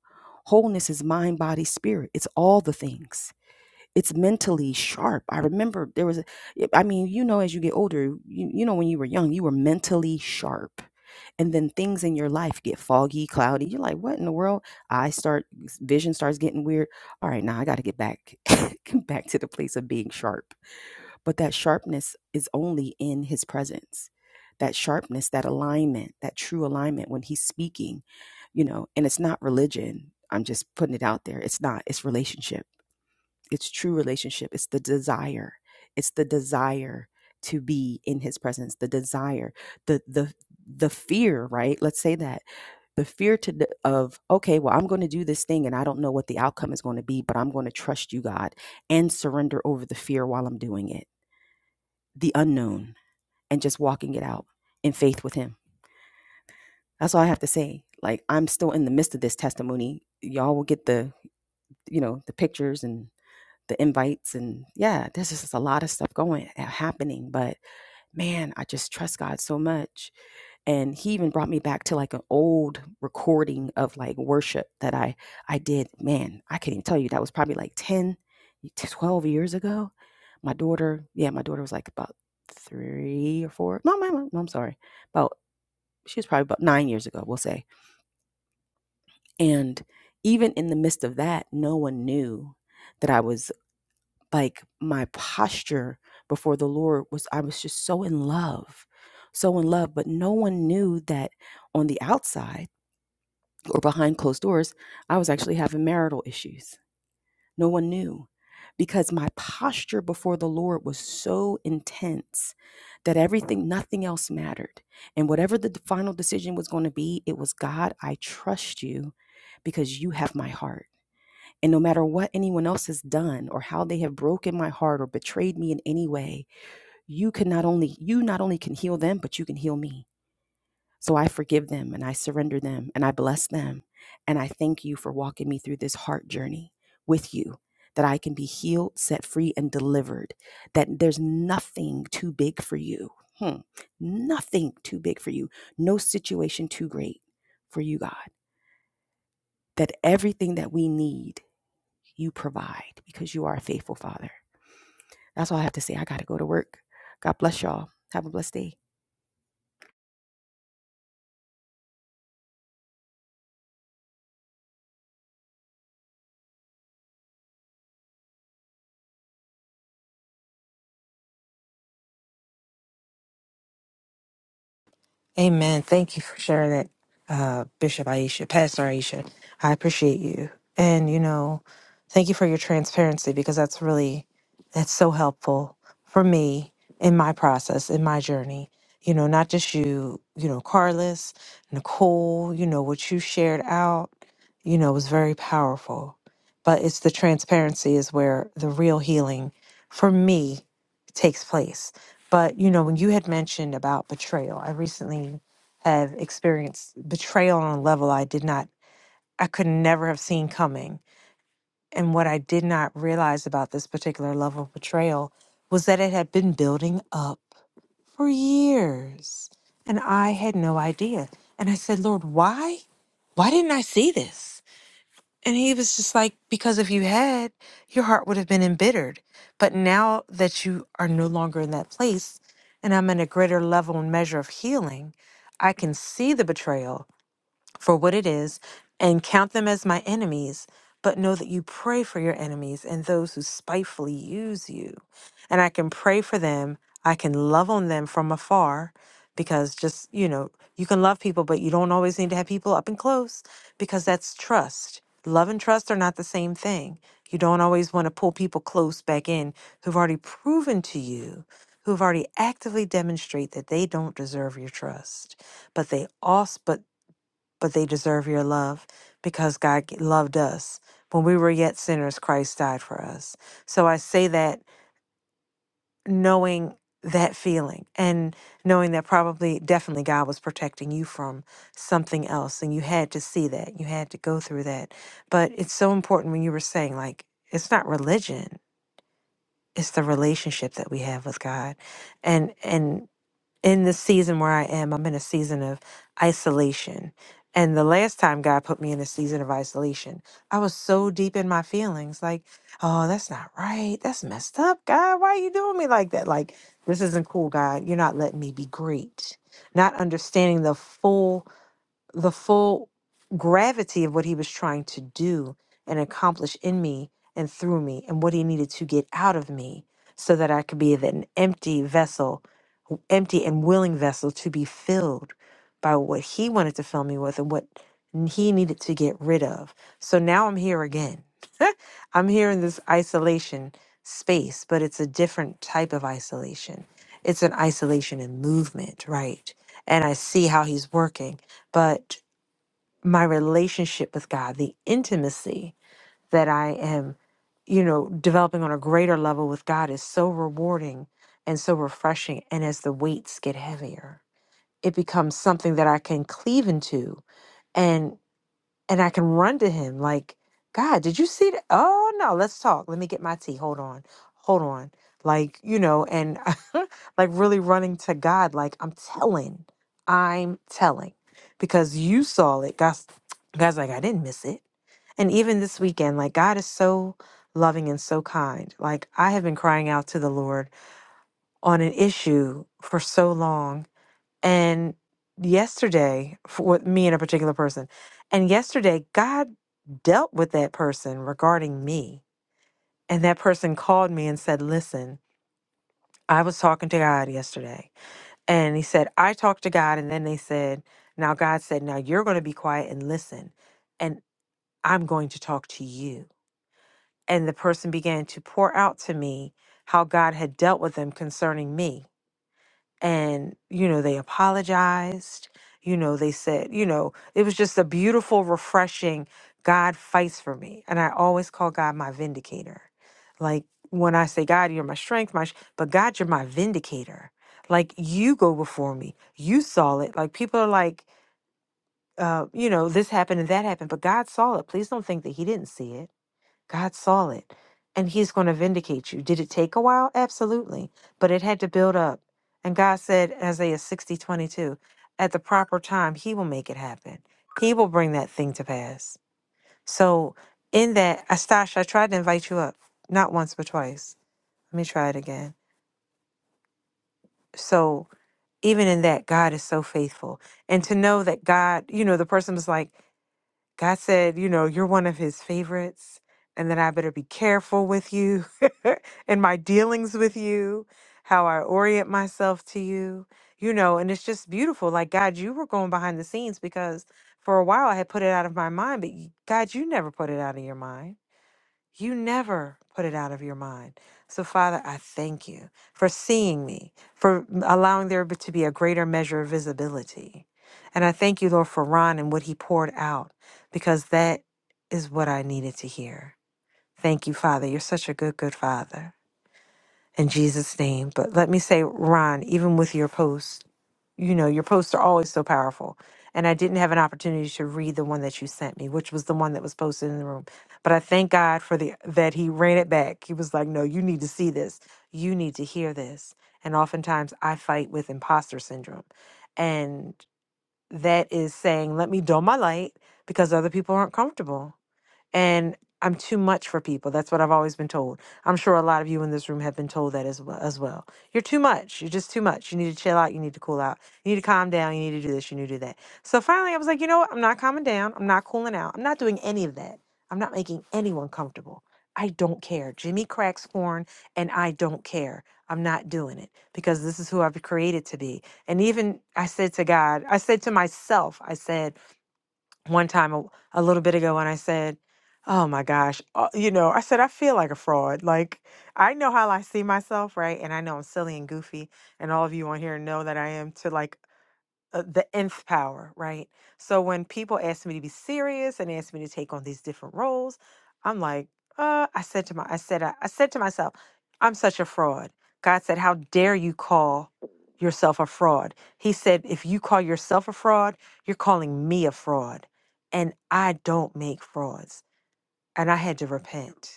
Wholeness is mind, body, spirit. It's all the things. It's mentally sharp. I remember there was, a, I mean, you know, as you get older, you, you know, when you were young, you were mentally sharp. And then things in your life get foggy, cloudy. You're like, what in the world? I start, vision starts getting weird. All right, now I got to get back, back to the place of being sharp but that sharpness is only in his presence. That sharpness, that alignment, that true alignment when he's speaking, you know, and it's not religion. I'm just putting it out there. It's not, it's relationship. It's true relationship. It's the desire. It's the desire to be in his presence, the desire, the, the, the fear, right? Let's say that the fear to the, of okay well i'm going to do this thing and i don't know what the outcome is going to be but i'm going to trust you god and surrender over the fear while i'm doing it the unknown and just walking it out in faith with him. That's all I have to say. Like I'm still in the midst of this testimony. Y'all will get the, you know, the pictures and the invites and yeah, there's just a lot of stuff going happening, but man, I just trust God so much and he even brought me back to like an old recording of like worship that i i did man i can't even tell you that was probably like 10, 12 years ago my daughter yeah my daughter was like about three or four no my mom no, i'm sorry about she was probably about nine years ago we'll say and even in the midst of that no one knew that i was like my posture before the lord was i was just so in love so in love but no one knew that on the outside or behind closed doors, I was actually having marital issues. No one knew because my posture before the Lord was so intense that everything, nothing else mattered. And whatever the final decision was going to be, it was God, I trust you because you have my heart. And no matter what anyone else has done or how they have broken my heart or betrayed me in any way, you can not only you not only can heal them, but you can heal me so I forgive them and I surrender them and I bless them. And I thank you for walking me through this heart journey with you, that I can be healed, set free, and delivered, that there's nothing too big for you. Hmm. Nothing too big for you. No situation too great for you, God. That everything that we need, you provide because you are a faithful Father. That's all I have to say. I got to go to work. God bless y'all. Have a blessed day.
Amen. Thank you for sharing that, uh, Bishop Aisha, Pastor Aisha. I appreciate you. And, you know, thank you for your transparency because that's really, that's so helpful for me in my process, in my journey. You know, not just you, you know, Carlos, Nicole, you know, what you shared out, you know, was very powerful. But it's the transparency is where the real healing for me takes place But you know, when you had mentioned about betrayal, I recently have experienced betrayal on a level I did not, I could never have seen coming. And what I did not realize about this particular level of betrayal was that it had been building up for years. And I had no idea. And I said, Lord, why? Why didn't I see this? And he was just like, because if you had, your heart would have been embittered. But now that you are no longer in that place, and I'm in a greater level and measure of healing, I can see the betrayal for what it is and count them as my enemies, but know that you pray for your enemies and those who spitefully use you. And I can pray for them, I can love on them from afar because just, you know, you can love people, but you don't always need to have people up and close because that's trust. Love and trust are not the same thing. You don't always want to pull people close back in who've already proven to you, who've already actively demonstrated that they don't deserve your trust but they also but but they deserve your love because God g- loved us. When we were yet sinners, Christ died for us. So I say that knowing that feeling and knowing that probably, definitely, God was protecting you from something else. And you had to see that, you had to go through that. But it's so important when you were saying, like, it's not religion. It's the relationship that we have with God. And and in the season where I am, I'm in a season of isolation. And the last time God put me in a season of isolation, I was so deep in my feelings like, oh, that's not right. That's messed up, God. Why are you doing me like that? Like, this isn't cool, God. You're not letting me be great. Not understanding the full the full gravity of what he was trying to do and accomplish in me and through me and what he needed to get out of me so that I could be an empty vessel, empty and willing vessel to be filled by what he wanted to fill me with and what he needed to get rid of. So now I'm here again. I'm here in this isolation space, but it's a different type of isolation. It's an isolation and movement, right? And I see how he's working but my relationship with God, the intimacy that I am, you know, developing on a greater level with God is so rewarding and so refreshing. And as the weights get heavier, it becomes something that I can cleave into. And and I can run to him like, God, did you see that? Oh no, let's talk. Let me get my tea. Hold on. Hold on. Like, you know, and like really running to God, like, I'm telling, I'm telling. Because you saw it. God's God's like, I didn't miss it. And even this weekend, like God is so loving and so kind. Like I have been crying out to the Lord on an issue for so long and yesterday, for with me and a particular person, and yesterday, God dealt with that person regarding me. And that person called me and said, Listen, I was talking to God yesterday. And he said, I talked to God. And then they said, Now God said, Now you're going to be quiet and listen. And I'm going to talk to you. And the person began to pour out to me how God had dealt with them concerning me. and you know they apologized you know they said you know it was just a beautiful refreshing god fights for me and i always call god my vindicator like when i say god you're my strength my sh-, but god you're my vindicator like you go before me you saw it like people are like uh, you know this happened and that happened but god saw it please don't think that he didn't see it God saw it, and He's going to vindicate you. Did it take a while? Absolutely. But it had to build up. And God said, Isaiah 60:22, at the proper time, He will make it happen. He will bring that thing to pass. So, in that, Astash, I tried to invite you up, not once, but twice. Let me try it again. So, even in that, God is so faithful. And to know that God, you know, the person was like, God said, you know, you're one of his favorites and that I better be careful with you in my dealings with you, how I orient myself to you, you know, and it's just beautiful. Like, God, you were going behind the scenes because for a while I had put it out of my mind, but y- God, you never put it out of your mind you never put it out of your mind. So, Father, I thank you for seeing me, for allowing there to be a greater measure of visibility. And I thank you, Lord, for Ron and what he poured out, because that is what I needed to hear. Thank you, Father. You're such a good, good Father in Jesus' name. But let me say, Ron, even with your posts, you know, your posts are always so powerful. And I didn't have an opportunity to read the one that you sent me, which was the one that was posted in the room. But I thank God for the that he ran it back. He was like, No, you need to see this. You need to hear this. And oftentimes I fight with imposter syndrome. And that is saying, Let me dull my light because other people aren't comfortable and I'm too much for people. That's what I've always been told. I'm sure a lot of you in this room have been told that as well. As well. You're too much. You're just too much. You need to chill out. You need to cool out. You need to calm down. You need to do this. You need to do that. So finally, I was like, you know what? I'm not calming down. I'm not cooling out. I'm not doing any of that. I'm not making anyone comfortable. I don't care. Jimmy cracks corn, and I don't care. I'm not doing it because this is who I've been created to be. And even I said to God, I said to myself, I said, one time a, a little bit ago and I said, "Oh my gosh, uh, you know," I said, "I feel like a fraud. Like I know how I see myself, right? And I know I'm silly and goofy, and all of you on here know that I am to like." uh, the nth power, right? So when people ask me to be serious and ask me to take on these different roles, I'm like, uh, I said to my, I said, I, I said to myself, I'm such a fraud. God said, how dare you call yourself a fraud? He said, if you call yourself a fraud, you're calling me a fraud, and I don't make frauds. And I had to repent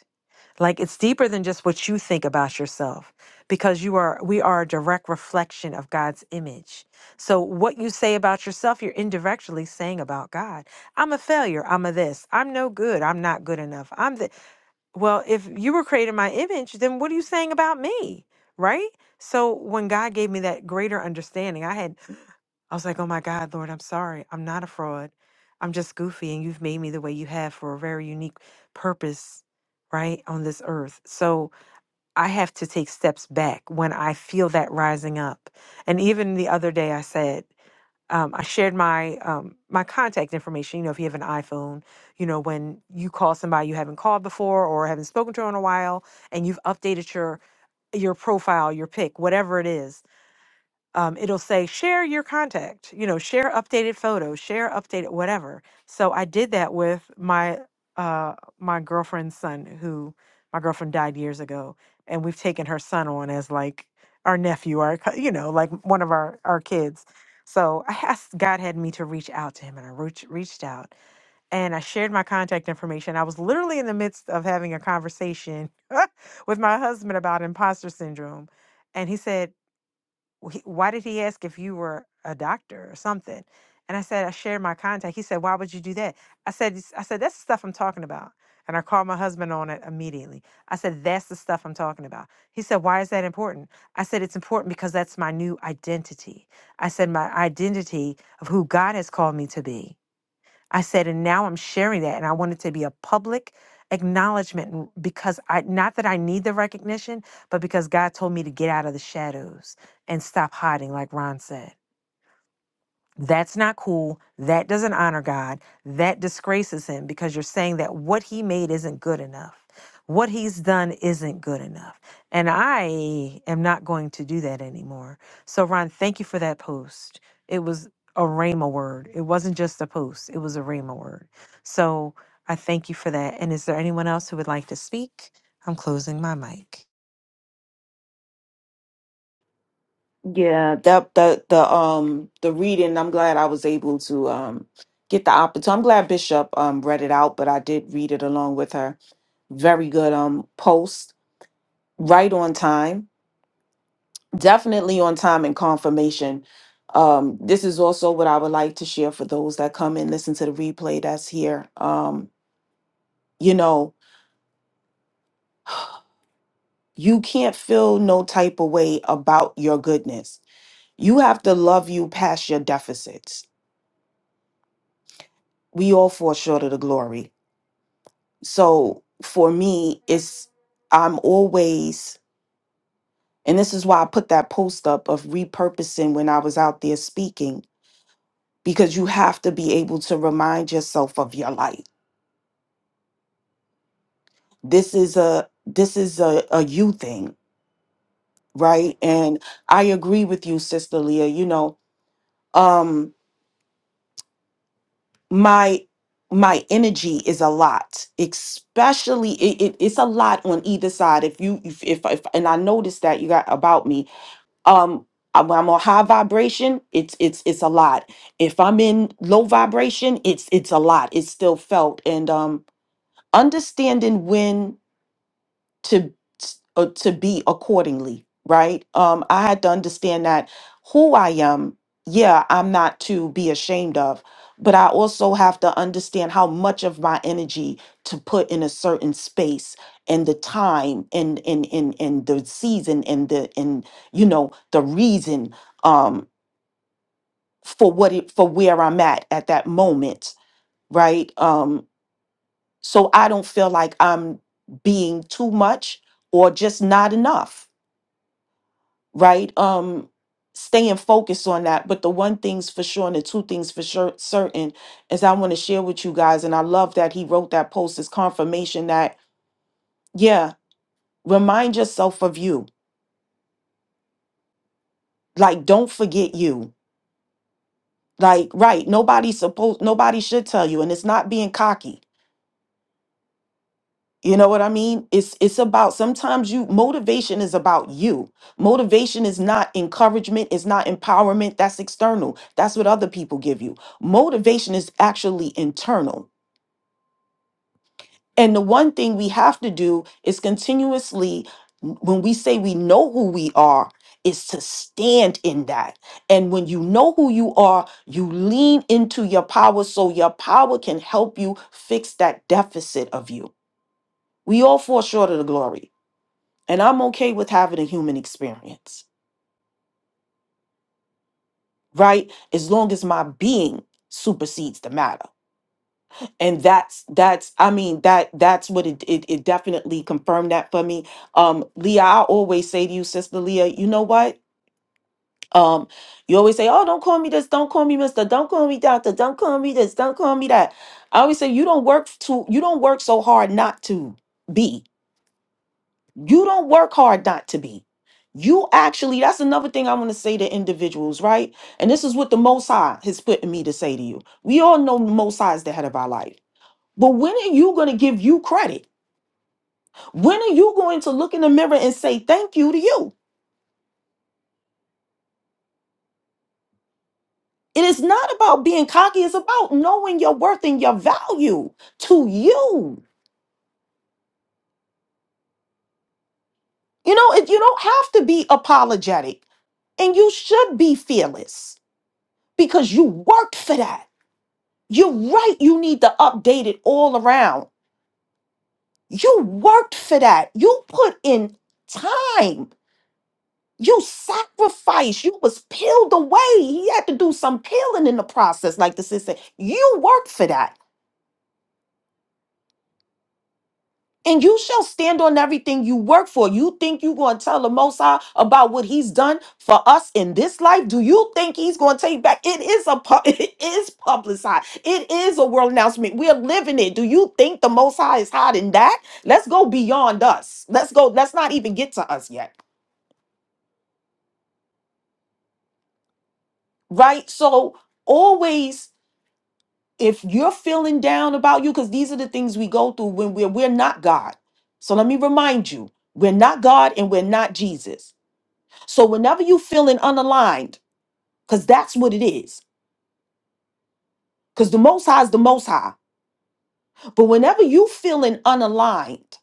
like it's deeper than just what you think about yourself because you are we are a direct reflection of God's image. So what you say about yourself you're indirectly saying about God. I'm a failure, I'm a this, I'm no good, I'm not good enough. I'm the Well, if you were created in my image, then what are you saying about me? Right? So when God gave me that greater understanding, I had I was like, oh my God, Lord, I'm sorry. I'm not a fraud. I'm just goofy, and you've made me the way you have for a very unique purpose, right, on this earth. So I have to take steps back when I feel that rising up. And even the other day, I said, um, I shared my um, my contact information. You know, if you have an iPhone, you know when you call somebody you haven't called before or haven't spoken to in a while, and you've updated your your profile, your pic, whatever it is, um, it'll say share your contact, you know, share updated photos, share updated whatever. So I did that with my uh, my girlfriend's son, who my girlfriend died years ago, and we've taken her son on as like our nephew, our co- you know, like one of our our kids. So I asked God had me to reach out to him, and I reach, reached out and I shared my contact information. I was literally in the midst of having a conversation with my husband about imposter syndrome, and he said he- why did he ask if you were a doctor or something? And I said, I shared my contact. He said, why would you do that? I said, "It's- I said, that's the stuff I'm talking about. And I called my husband on it immediately. I said, that's the stuff I'm talking about. He said, why is that important? I said, it's important because that's my new identity. I said, my identity of who God has called me to be. I said, and now I'm sharing that. And I want it to be a public acknowledgement n- because I, not that I need the recognition, but because God told me to get out of the shadows and stop hiding, like Ron said. That's not cool. That doesn't honor God. That disgraces him because you're saying that what he made isn't good enough. What he's done isn't good enough. And I am not going to do that anymore. So, Ron, thank you for that post. It was a Rhema word. It wasn't just a post, it was a Rhema word. So, I thank you for that. And is there anyone else who would like to speak? I'm closing my mic.
Yeah, that that the um the reading, I'm glad I was able to um get the opportunity. I'm glad Bishop um read it out, but I did read it along with her. Very good um post, right on time. Definitely on time and confirmation. Um this is also what I would like to share for those that come and listen to the replay that's here. Um you know, you can't feel no type of way about your goodness. You have to love you past your deficits. We all fall short of the glory So for me, it's I'm always, and this is why I put that post up of repurposing when I was out there speaking, because you have to be able to remind yourself of your light. This is a this is a, a you thing, right? And I agree with you, Sister Leah. You know, um, my my energy is a lot, especially it, it, it's a lot on either side. If you if, if if and I noticed that you got about me um I'm, I'm on high vibration it's it's it's a lot if i'm in low vibration it's it's a lot it's still felt and um understanding when to uh, to be accordingly right um i had to understand that who i am yeah i'm not to be ashamed of but i also have to understand how much of my energy to put in a certain space and the time and and and, and the season and the and you know the reason um for what it for where i'm at at that moment right um so i don't feel like i'm being too much or just not enough right? Um, staying focused on that. But the one thing's for sure, and the two things for sure certain is I want to share with you guys, and I love that he wrote that post as confirmation that, yeah, remind yourself of you. Like, don't forget you. Like, right, nobody's supposed nobody should tell you, and it's not being cocky. You know what I mean? It's it's about sometimes you motivation is about you. Motivation is not encouragement, it's not empowerment, that's external. That's what other people give you. Motivation is actually internal. And the one thing we have to do is continuously when we say we know who we are is to stand in that. And when you know who you are, you lean into your power so your power can help you fix that deficit of you. We all fall short of the glory. And I'm okay with having a human experience, right? As long as my being supersedes the matter. And that's that's I mean that that's what it it, it definitely confirmed that for me. Um Leah, I always say to you, sister Leah, you know what? Um, you always say, Oh, don't call me this, don't call me Mr. Don't call me Doctor, don't call me this, don't call me that. I always say you don't work to you don't work so hard not to be. You don't work hard not to be. You actually, that's another thing I want to say to individuals, right? And this is what the Most High has put in me to say to you. We all know the Most High is the head of our life. But when are you going to give you credit? When are you going to look in the mirror and say thank you to you? It is not about being cocky, it's about knowing your worth and your value to you. You know, if you don't have to be apologetic and you should be fearless because you worked for that. You're right. You need to update it all around. You worked for that. You put in time. You sacrificed. You was peeled away. He had to do some peeling in the process, like the sister. You worked for that. and you shall stand on everything you work for. You think you're going to tell the Most High about what He's done for us in this life? Do you think He's going to take back? It is a pu- it is publicized. It is a world announcement. We're living it. Do you think the Most High is hiding that? Let's go beyond us. Let's go. Let's not even get to us yet, right? So always, if you're feeling down about you, because these are the things we go through when we're we're not God. So let me remind you, we're not God and we're not Jesus. So whenever you feeling unaligned, because that's what it is, because the most high is the most high. But whenever you feeling unaligned,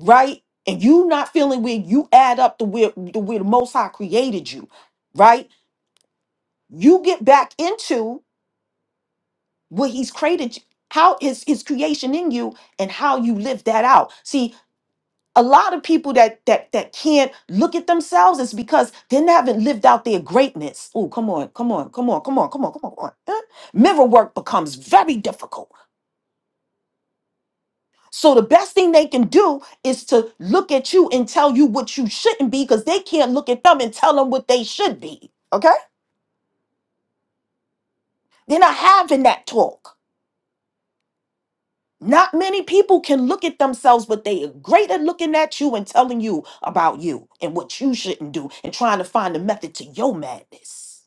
right? And you not feeling where you add up the where the where the most high created you, right? You get back into what he's created you- how is his creation in you and how you live that out. See, a lot of people that that that can't look at themselves is because they haven't lived out their greatness. Oh, come on, come on, come on, come on, come on, come on. eh? Mirror work becomes very difficult. So the best thing they can do is to look at you and tell you what you shouldn't be because they can't look at them and tell them what they should be. Okay? They're not having that talk. Not many people can look at themselves, but they are great at looking at you and telling you about you and what you shouldn't do and trying to find a method to your madness.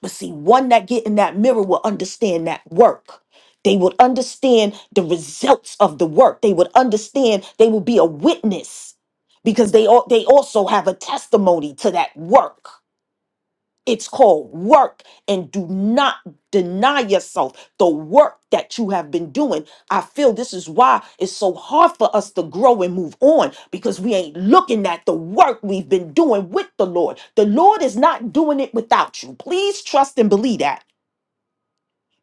But see, one that get in that mirror will understand that work. They would understand the results of the work. They would understand. They will be a witness because they all they also have a testimony to that work. It's called work, and do not deny yourself the work that you have been doing. I feel this is why it's so hard for us to grow and move on because we ain't looking at the work we've been doing with the Lord. The Lord is not doing it without you. Please trust and believe that.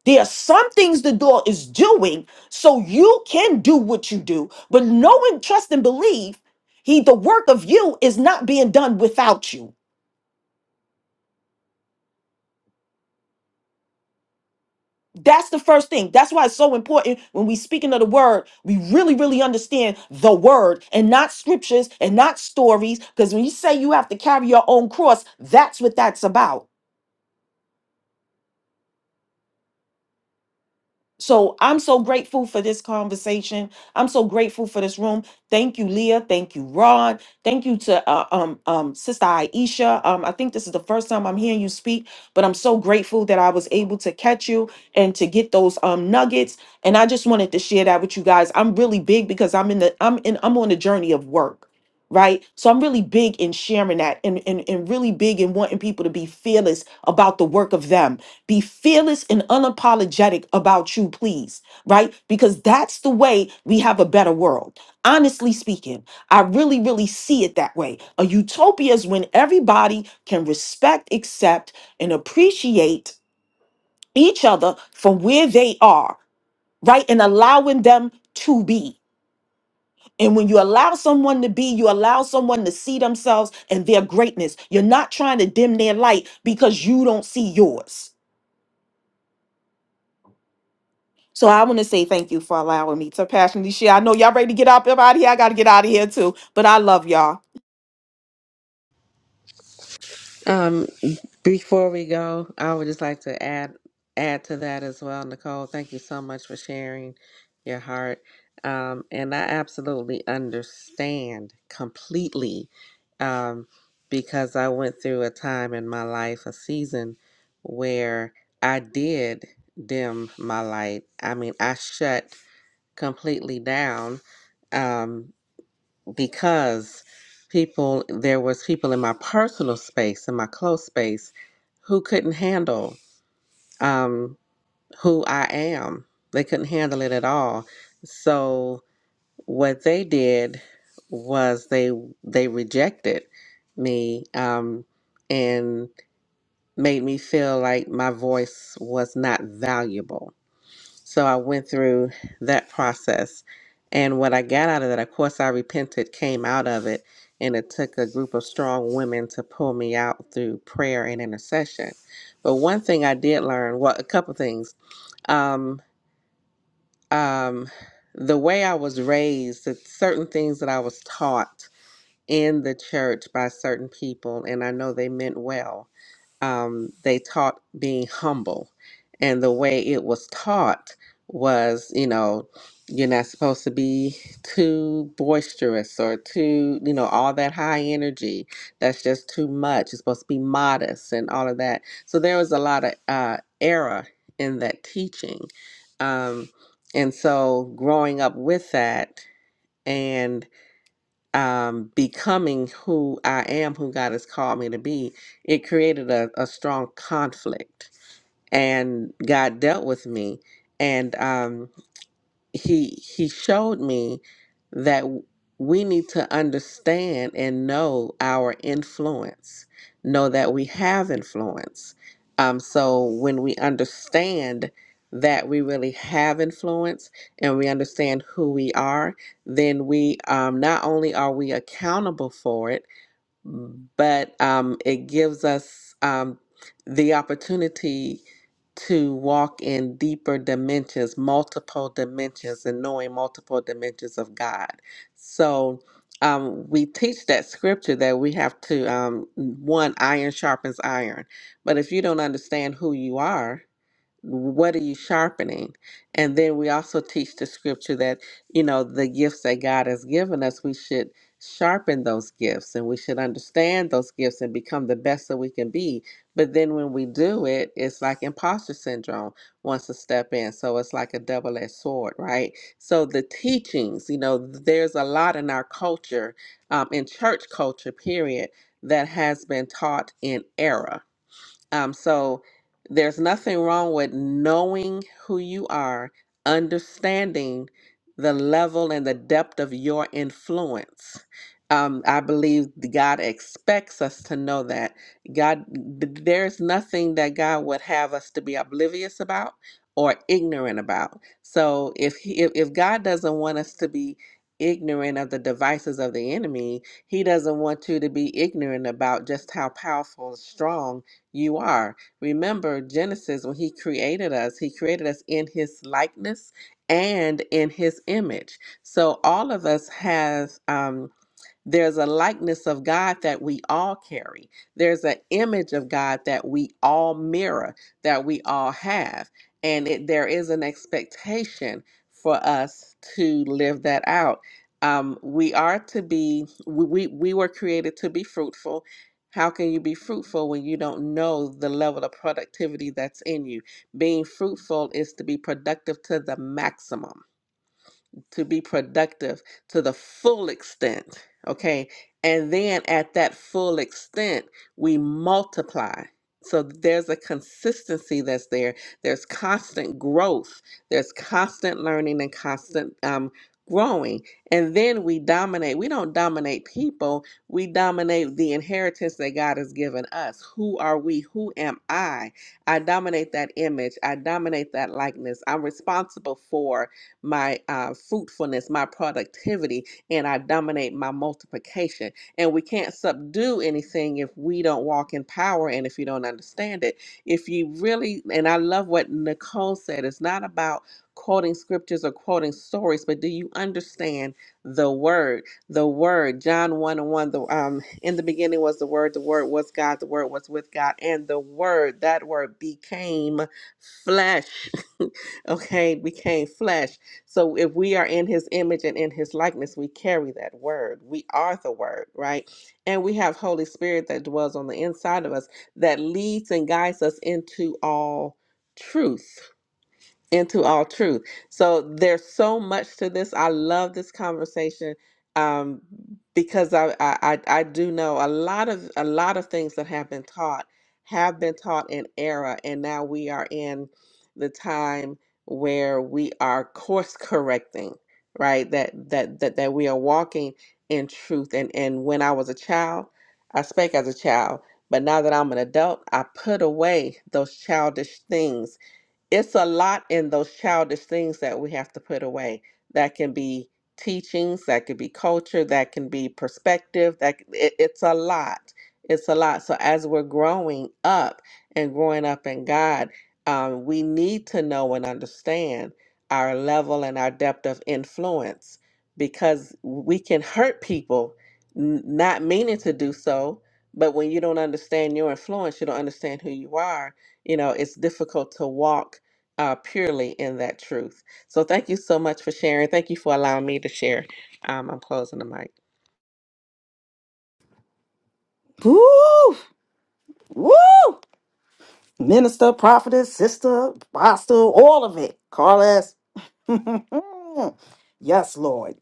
There are some things the Lord is doing so you can do what you do, but knowing, trust, and believe, He the work of you is not being done without you. That's the first thing. That's why it's so important when we speaking of the word, we really, really understand the word and not scriptures and not stories. Because when you say you have to carry your own cross, that's what that's about. So I'm so grateful for this conversation. I'm so grateful for this room. Thank you, Leah. Thank you, Ron. Thank you to uh, um um Sister Aisha. Um, I think this is the first time I'm hearing you speak, but I'm so grateful that I was able to catch you and to get those um nuggets. And I just wanted to share that with you guys. I'm really big because I'm in the I'm in I'm on the journey of work right? So I'm really big in sharing that and, and, and really big in wanting people to be fearless about the work of them. Be fearless and unapologetic about you, please, right? Because that's the way we have a better world. Honestly speaking, I really, really see it that way. A utopia is when everybody can respect, accept, and appreciate each other from where they are, right? And allowing them to be. And when you allow someone to be, you allow someone to see themselves and their greatness. You're not trying to dim their light because you don't see yours. So I want to say thank you for allowing me to passionately share. I know y'all ready to get up out of here. I got to get out of here too, but I love y'all.
Um, before we go, I would just like to add add to that as well, Nicole. Thank you so much for sharing your heart. Um, and I absolutely understand completely um, because I went through a time in my life, a season where I did dim my light. I mean, I shut completely down. Um, because people there was people in my personal space in my close space who couldn't handle um, who i am they couldn't handle it at all so what they did was they they rejected me um, and made me feel like my voice was not valuable so I went through that process. And what I got out of that, of course, I repented, came out of it. And it took a group of strong women to pull me out through prayer and intercession. But one thing I did learn, well, a couple things. Um, um, the way I was raised, that certain things that I was taught in the church by certain people, and I know they meant well um, they taught being humble, and the way it was taught was, you know, you're not supposed to be too boisterous or too, you know, all that high energy. That's just too much. You're supposed to be modest and all of that. So there was a lot of uh, error in that teaching, um, and so growing up with that. and um, becoming who I am, who God has called me to be, it created a, a strong conflict. And God dealt with me. And um, he he showed me that we need to understand and know our influence know that we have influence um so when we understand that we really have influence and we understand who we are then we um not only are we accountable for it but um, it gives us um, the opportunity to walk in deeper dimensions, multiple dimensions, and knowing multiple dimensions of God. So um, we teach that scripture that we have to, um, one, iron sharpens iron. But if you don't understand who you are, what are you sharpening and then we also teach the scripture that you know the gifts that god has given us we should sharpen those gifts and we should understand those gifts and become the best that we can be but then when we do it it's like imposter syndrome wants to step in so it's like a double-edged sword right so the teachings you know there's a lot in our culture um, in church culture period that has been taught in error um, so there's nothing wrong with knowing who you are, understanding the level and the depth of your influence. Um, I believe God expects us to know that. God, th- there's nothing that God would have us to be oblivious about or ignorant about. So if he, if if God doesn't want us to be ignorant of the devices of the enemy, He doesn't want you to be ignorant about just how powerful and strong you are. Remember Genesis, when he created us, he created us in his likeness and in his image. So all of us has. um, there's a likeness of God that we all carry. There's an image of God that we all mirror, that we all have. And it, there is an expectation for us to live that out. Um, we are to be, we, we we were created to be fruitful. How can you be fruitful when you don't know the level of productivity that's in you? Being fruitful is to be productive to the maximum to be productive to the full extent, okay? And then at that full extent, we multiply. So there's a consistency that's there. There's constant growth. There's constant learning and constant um, growing. And then we dominate. We don't dominate people. We dominate the inheritance that God has given us. Who are we? Who am I? I dominate that image. I dominate that likeness. I'm responsible for my uh, fruitfulness, my productivity, and I dominate my multiplication. And we can't subdue anything if we don't walk in power and if you don't understand it. If you really, and I love what Nicole said, it's not about quoting scriptures or quoting stories, but do you understand the word? The word, John 1 and 1, the, um, in the beginning was the word, the word was God, the word was with God, and the word, that word became flesh. okay, became flesh so if we are in his image and in his likeness, we carry that word. We are the word, right? And we have Holy Spirit that dwells on the inside of us that leads and guides us into all truth into all truth. So there's so much to this. I love this conversation um, because I, I I I do know a lot of a lot of things that have been taught have been taught in error, and now we are in the time where we are course correcting, right? That that that that we are walking in truth. And and when I was a child, I spake as a child. But now that I'm an adult, I put away those childish things it's a lot in those childish things that we have to put away. That can be teachings, that could be culture, that can be perspective. That c- it, it's a lot. It's a lot. So as we're growing up and growing up in God, um, we need to know and understand our level and our depth of influence because we can hurt people n- not meaning to do so. But when you don't understand your influence, you don't understand who you are. You know, it's difficult to walk uh, purely in that truth. So thank you so much for sharing. Thank you for allowing me to share. Um, I'm closing the mic.
Woo! Woo! Minister, prophetess, sister, apostle, all of it. Carlos. yes, Lord.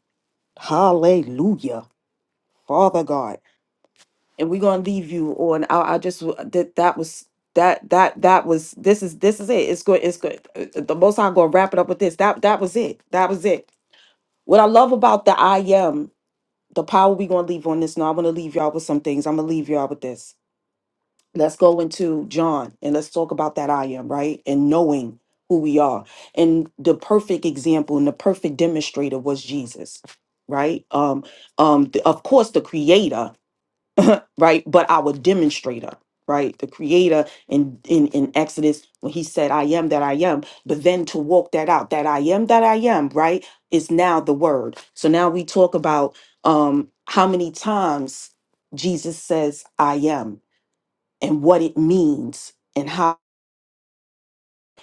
Hallelujah. Father God. and we're gonna leave you on I, I just that that was that that that was this is this is it it's good it's good Uh, uh, the most i'm gonna wrap it up with this that that was it that was it what i love about the i am the power we gonna leave on this now i want to leave y'all with some things i'm gonna leave y'all with this let's go into john and let's talk about that i am right and knowing who we are and the perfect example and the perfect demonstrator was jesus right um um th- of course the creator right? But our demonstrator, right? The creator in, in in Exodus when he said, I am that I am, but then to walk that out, that I am that I am, right? Is now the word. So now we talk about um how many times Jesus says I am and what it means and how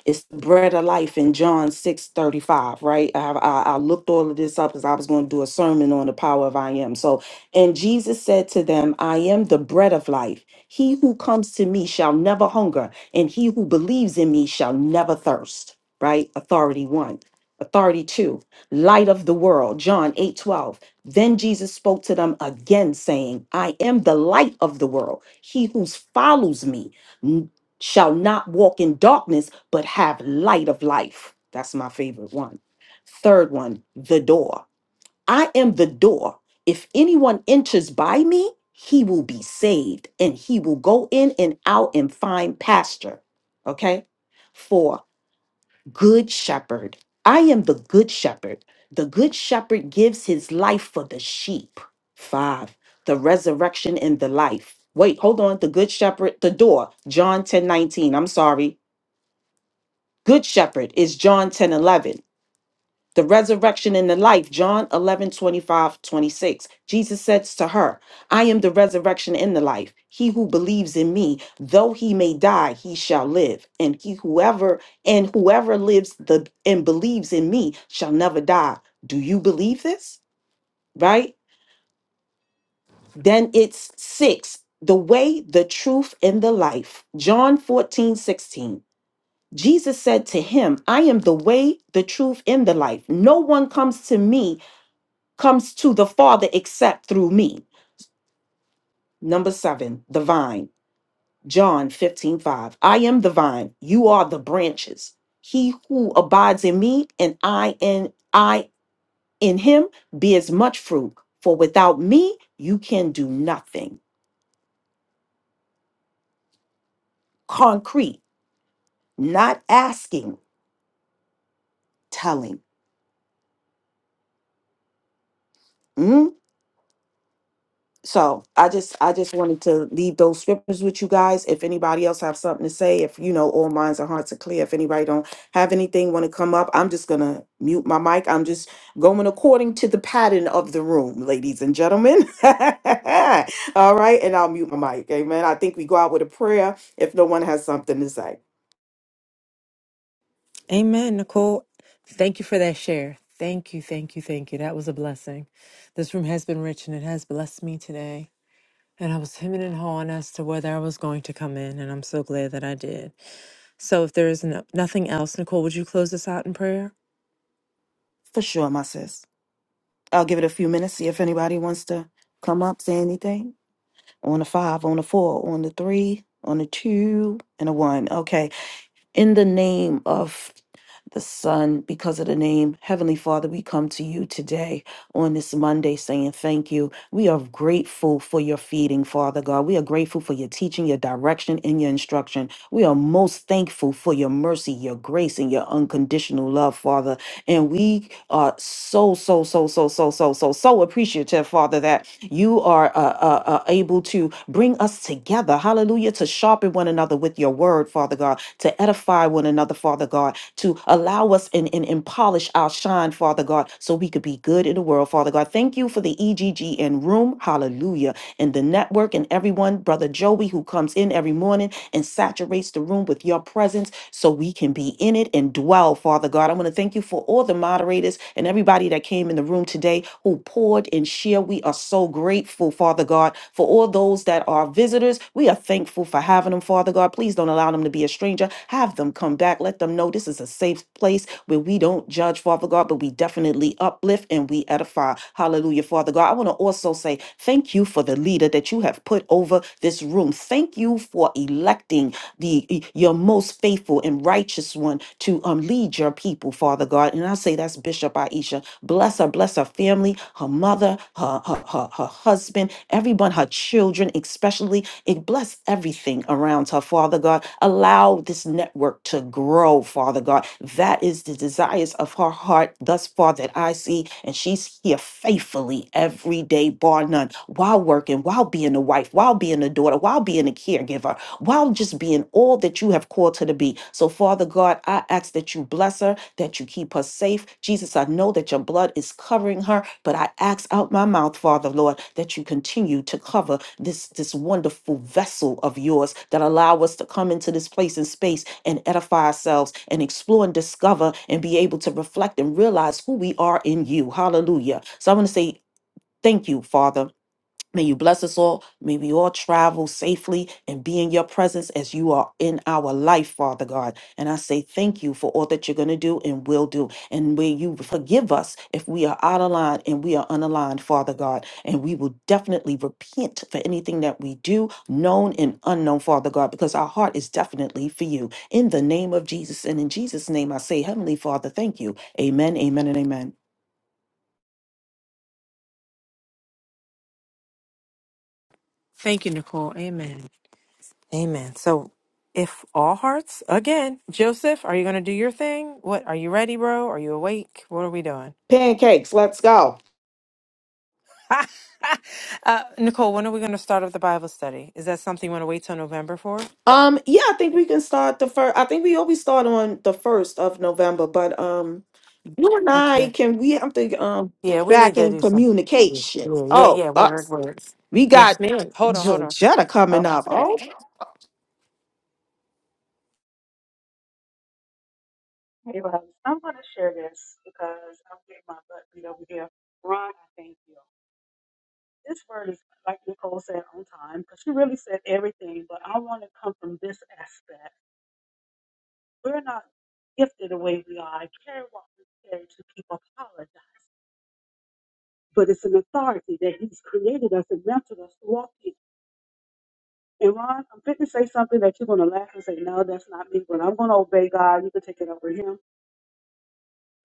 it's the bread of life in John six thirty five, right? I, I, I looked all of this up because I was going to do a sermon on the power of I am. So, and Jesus said to them, I am the bread of life. He who comes to me shall never hunger, and he who believes in me shall never thirst, right? Authority one. Authority two, light of the world, John eight twelve. Then Jesus spoke to them again, saying, I am the light of the world. He who follows me shall not walk in darkness, but have light of life. That's my favorite one. Third one, the door. I am the door. If anyone enters by me, he will be saved and he will go in and out and find pasture. Okay. Four, good shepherd. I am the good shepherd. The good shepherd gives his life for the sheep. Five, the resurrection and the life. Wait, hold on. The good shepherd, the door, John ten nineteen. I'm sorry. Good shepherd is John 10 11 the resurrection and the life john 11 25 26. jesus says to her i am the resurrection and the life he who believes in me though he may die he shall live and he whoever and whoever lives the and believes in me shall never die do you believe this right then it's six the way the truth and the life john 14 16. jesus said to him, I am the way, the truth, and the life. No one comes to me comes to the Father except through me. Number seven, the vine. John 15 5. I am the vine, you are the branches. He who abides in me and I in I in him bears much fruit. For without me you can do nothing. Concrete, not asking, telling. Mm? so i just i just wanted to leave those scriptures with you guys if anybody else have something to say if you know all minds and hearts are clear if anybody don't have anything want to come up i'm just gonna mute my mic i'm just going according to the pattern of the room ladies and gentlemen all right and i'll mute my mic amen i think we go out with a prayer if no one has something to say
Amen, Nicole. Thank you for that share. Thank you, thank you, thank you. That was a blessing. This room has been rich and it has blessed me today. And I was hemming and hawing as to whether I was going to come in, and I'm so glad that I did. So, if there is no, nothing else, Nicole, would you close us out in prayer?
for sure my sis i'll give it a few minutes see if anybody wants to come up say anything on a five on a four on the three on a two and a one okay In the name of the Son, because of the name, Heavenly Father, we come to you today on this Monday saying thank you. We are grateful for your feeding, Father God. We are grateful for your teaching, your direction, and your instruction. We are most thankful for your mercy, your grace, and your unconditional love, Father. And we are so, so, so, so, so, so, so, so appreciative, Father, that you are uh, uh, uh, able to bring us together, hallelujah, to sharpen one another with your word, Father God, to edify one another, Father God, to allow us and, and, and polish our shine, Father God, so we could be good in the world, Father God. Thank you for the EGGN room, hallelujah, and the network and everyone, Brother Joey, who comes in every morning and saturates saturate the room with your presence so we can be in it and dwell, Father God. I want to thank you for all the moderators and everybody that came in the room today who poured and shared. We are so grateful, Father God, for all those that are visitors. We are thankful for having them, Father God. Please don't allow them to be a stranger. Have them come back. Let them know this is a safe place where we don't judge, Father God, but we definitely uplift and we edify. Hallelujah, Father God. I want to also say thank you for for the leader that you have put over this room. Thank you for electing the e, your most faithful and righteous one to um, lead your people, Father God. And I say that's Bishop Aisha. Bless her, bless her family, her mother, her her, her, her husband, everyone, her children, especially. It bless everything around her, Father God. Allow this network to grow, Father God. That is the desires of her heart thus far that I see, and she's here faithfully every day, bar none, while working, while being a wife, while being a daughter, while being a caregiver, while just being all that you have called her to be. So, Father God, I ask that you bless her, that you keep her safe. Jesus, I know that your blood is covering her, but I ask out my mouth, Father Lord, that you continue to cover this, this wonderful vessel of yours that allow us to come into this place and space and edify ourselves and explore and discover and be able to reflect and realize who we are in you. Hallelujah. So I want to say, Thank you, Father May you bless us all. May we all travel safely and be in your presence as you are in our life, Father God. And I say thank you for all that you're going to do and will do. And may you forgive us if we are out of line and we are unaligned, Father God. And we will definitely repent for anything that we do, known and unknown, Father God, because our heart is definitely for you. In the name of Jesus and in Jesus' name, I say, Heavenly Father, thank you. Amen, amen, and amen.
Thank you, Nicole. Amen. Amen. So, if all hearts, again, Joseph, are you going to do your thing? What are you ready, bro? Are you awake? What are we doing?
Pancakes, let's go.
uh, Nicole, when are we going to start up the Bible study? Is that something you want to wait till November for?
Um, yeah, I think we can start the first. I think we always start on the first of November, but um, you and I
Okay.
can we have to um
Yeah,
get
we need
back
to
in
do something. Yeah,
communication.
yeah, yeah.
Oh,
yeah. Word,
us,
word.
we
Yes,
got
ma'am. Hold on, hold on.
Georgetta coming up. Oh,
Okay.
Hey, Rob, I'm going to share this because I'm getting my butt beat over here. Ron, I thank you. This word is, like Nicole said, on time because she really said everything, but I want to come from this aspect. We're not gifted the way we are. I carry what we carry to keep apologizing, but it's an authority that He's created us and mentored us to walk in. And Ron, I'm fitting to say something that you're going to laugh and say, no, that's not me, but I'm going to obey God. You can take it over Him.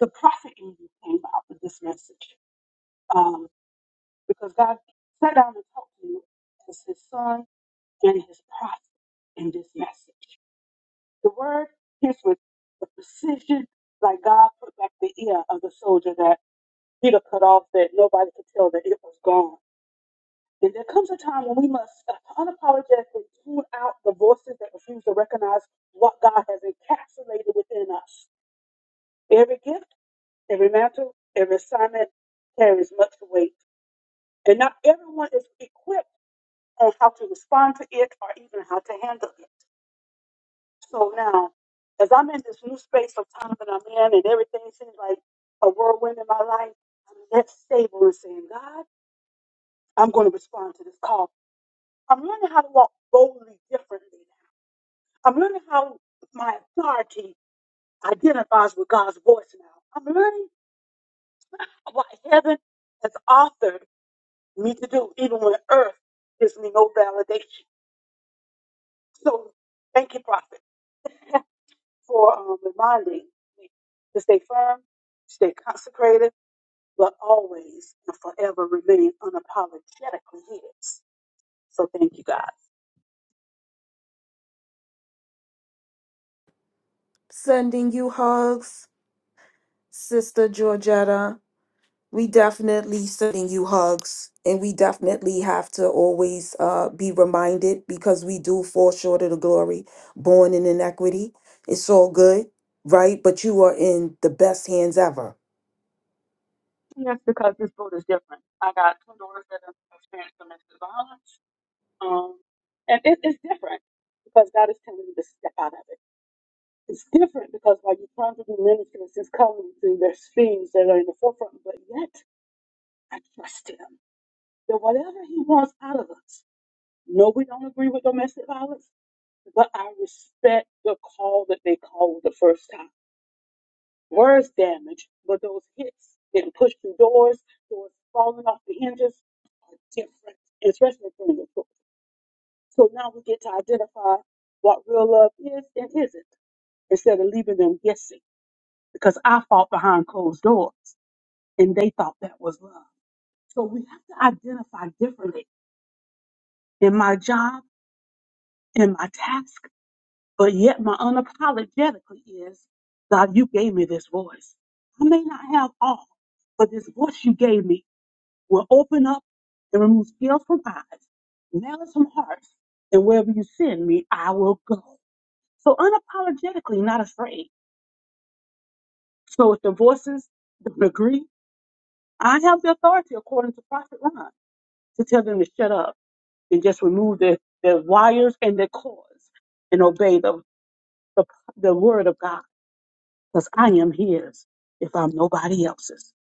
The prophet in you came out with this message. Um, because God sat down and talked to you as his son and his prophet in this message. The word hits with the precision like God put back the ear of the soldier that Peter cut off that nobody could tell that it was gone. And there comes a time when we must unapologetically tune out the voices that refuse to recognize what God has encapsulated within us. Every gift, every mantle, every assignment carries much weight. And not everyone is equipped on how to respond to it or even how to handle it. So now, as I'm in this new space of time that I'm in and everything seems like a whirlwind in my life, I'm that stable and saying, God, I'm going to respond to this call. I'm learning how to walk boldly differently. I'm learning how my authority identifies with God's voice now. I'm learning what heaven has authored me to do, even when earth gives me no validation. So thank you, prophet. for um, reminding me to stay firm, stay consecrated, but always and forever remain unapologetically His. So thank you, guys.
sending you hugs, sister Georgetta. We definitely sending you hugs, and we definitely have to always uh, be reminded because we do fall short of the glory, born in inequity. It's all good, right? But you are in the best hands ever.
And that's because this boat is different. I got two daughters that have experienced domestic violence, um, and it, it's different because God is telling me to step out of it. It's different because while you're trying to do ministry, it's just coming through there's things that are in the forefront, but yet I trust Him that whatever He wants out of us. No, we don't agree with domestic violence. but I respect the call that they called the first time. Words damage, but those hits that pushed through doors, doors falling off the hinges are different, especially from the book. So now we get to identify what real love is and isn't instead of leaving them guessing because I fought behind closed doors and they thought that was love. So we have to identify differently in my job, in my task. But yet my unapologetically is, God, you gave me this voice. I may not have all, but this voice you gave me will open up and remove scales from eyes, malice from hearts, and wherever you send me, I will go. So unapologetically, not afraid. So if the voices don't agree, I have the authority according to Prophet Ron to tell them to shut up and just remove their, their wires and their cords and obey the, the, the word of God. because I am His if I'm nobody else's,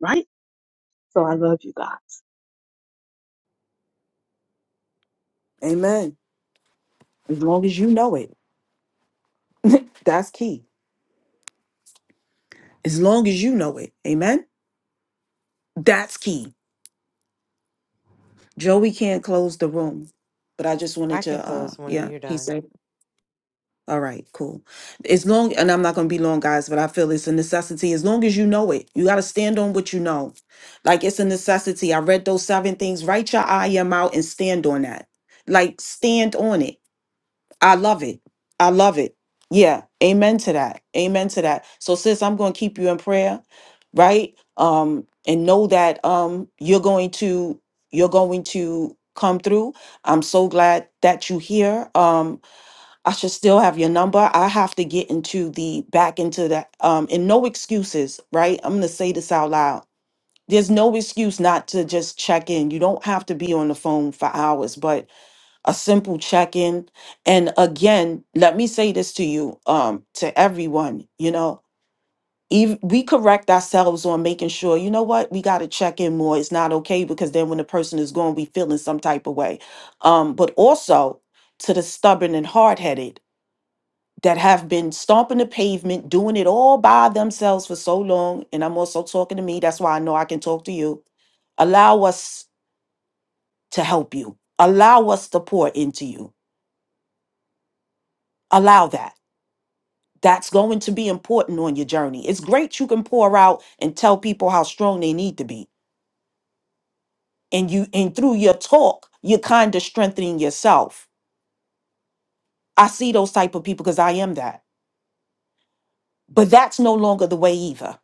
right? So I love you guys.
Amen. As long as you know it, that's key. As long as you know it, amen. That's key. Joey can't close the room, but I just
I
wanted
can
to, uh,
close when
yeah,
you're
he
done.
said. All right, cool. As long, and I'm not going to be long, guys, but I feel it's a necessity. As long as you know it, you got to stand on what you know. Like it's a necessity. I read those seven things. Write your I am out and stand on that. Like stand on it. I love it. I love it. Yeah. Amen to that. Amen to that. So, sis, I'm going to keep you in prayer, right? Um, and know that um you're going to you're going to come through. I'm so glad that you're here. Um, I should still have your number. I have to get into the back into that. Um, and no excuses, right? I'm gonna say this out loud. There's no excuse not to just check in. You don't have to be on the phone for hours, but a simple check in. And again, let me say this to you, um, to everyone, you know, even we correct ourselves on making sure, you know what, we got to check in more. It's not okay because then when the person is gone, we feel in some type of way. Um, but also to the stubborn and hard headed that have been stomping the pavement, doing it all by themselves for so long. And I'm also talking to me. That's why I know I can talk to you. Allow us to help you, allow us to pour into you. Allow that. That's going to be important on your journey. It's great you can pour out and tell people how strong they need to be. And you and through your talk, you're kind of strengthening yourself. I see those type of people because I am that. But that's no longer the way either.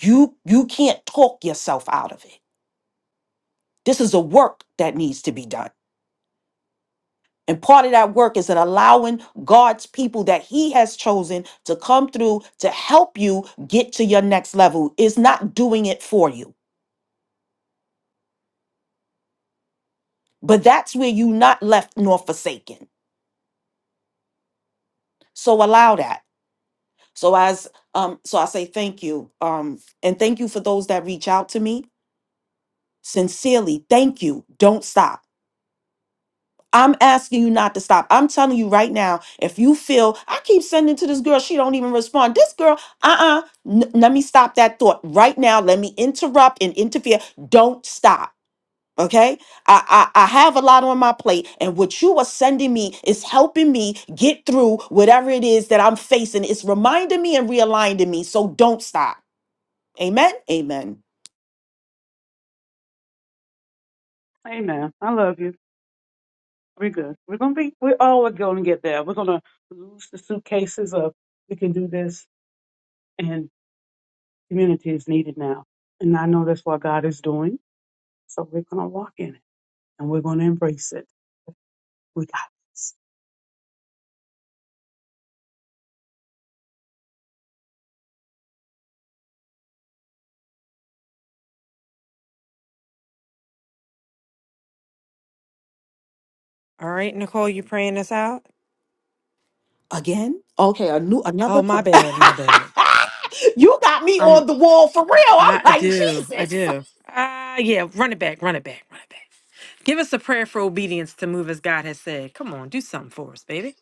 You you can't talk yourself out of it This is a work that needs to be done. And part of that work is in allowing God's people that He has chosen to come through to help you get to your next level. It's not doing it for you, but that's where you not left nor forsaken. So allow that. So as um, so I say thank you. Um, and thank you for those that reach out to me. Sincerely, thank you. Don't stop. I'm asking you not to stop. I'm telling you right now, if you feel I keep sending to this girl, she don't even respond. This girl, uh-uh. n- let me stop that thought right now. Let me interrupt and interfere. Don't stop. Okay, I, I I have a lot on my plate, and what you are sending me is helping me get through whatever it is that I'm facing. It's reminding me and realigning me. So don't stop. Amen. Amen.
Amen. I love you. We're good. We're gonna be. We're always gonna get there. We're gonna lose the suitcases of we can do this, and community is needed now. And I know that's what God is doing. So we're gonna walk in it, and we're gonna embrace it. We got
All right, Nicole, you praying us out?
Again? Okay, a new
Oh,
another
my
pr-
bad, my bad.
You got me on the wall for real. I'm
I I
like,
do. I
Jesus.
do. Ah, yeah. Run it back. Run it back. Run it back. Give us a prayer for obedience to move as God has said. Come on, do something for us, baby.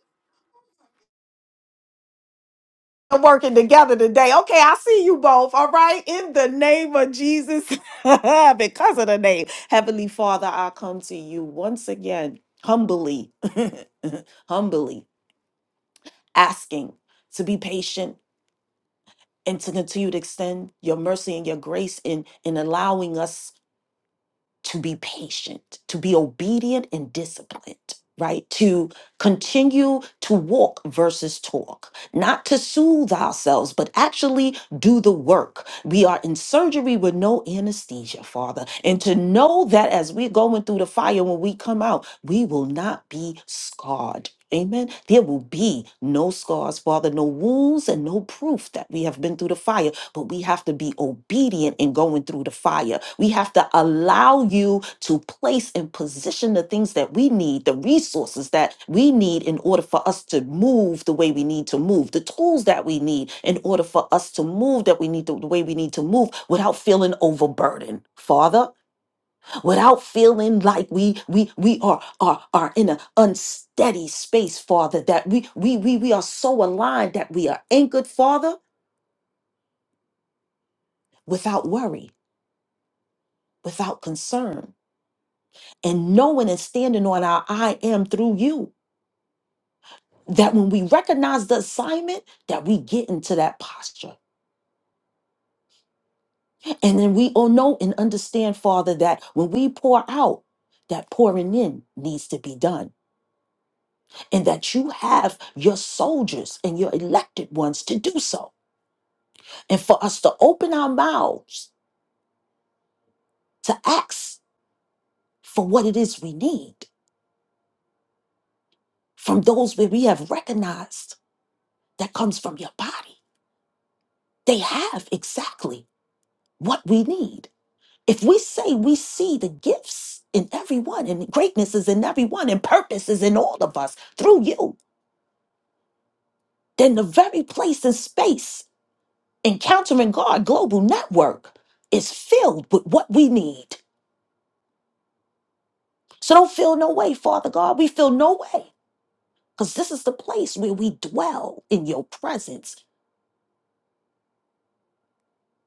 We're Working together today. Okay, I see you both. All right. In the name of Jesus, because of the name. Heavenly Father, I come to you once again, humbly, humbly asking to be patient and to continue to extend your mercy and your grace in, in allowing us to be patient, to be obedient and disciplined, right? To continue to walk versus talk, not to soothe ourselves, but actually do the work. We are in surgery with no anesthesia, Father. And to know that as we're going through the fire, when we come out, we will not be scarred. Amen. There will be no scars, Father, no wounds, and no proof that we have been through the fire but we have to be obedient in going through the fire. We have to allow you to place and position the things that we need, the resources that we need in order for us to move the way we need to move, the tools that we need in order for us to move that we need to, the way we need to move without feeling overburdened, Father, without feeling like we we we are are are in an unsteady space, Father, that we we we we are so aligned that we are anchored, Father, without worry without concern and knowing and standing on our I am through you. That when we recognize the assignment, that we get into that posture. And then we all know and understand, Father, that when we pour out, that pouring in needs to be done. And that you have your soldiers and your elected ones to do so. And for us to open our mouths to ask for what it is we need from those where we have recognized that comes from your body. They have exactly what we need. If we say we see the gifts in everyone, and greatness is in everyone, and purpose is in all of us through you, then the very place and space, Encountering God Global Network, is filled with what we need. So don't feel no way, Father God. We feel no way because this is the place where we dwell in your presence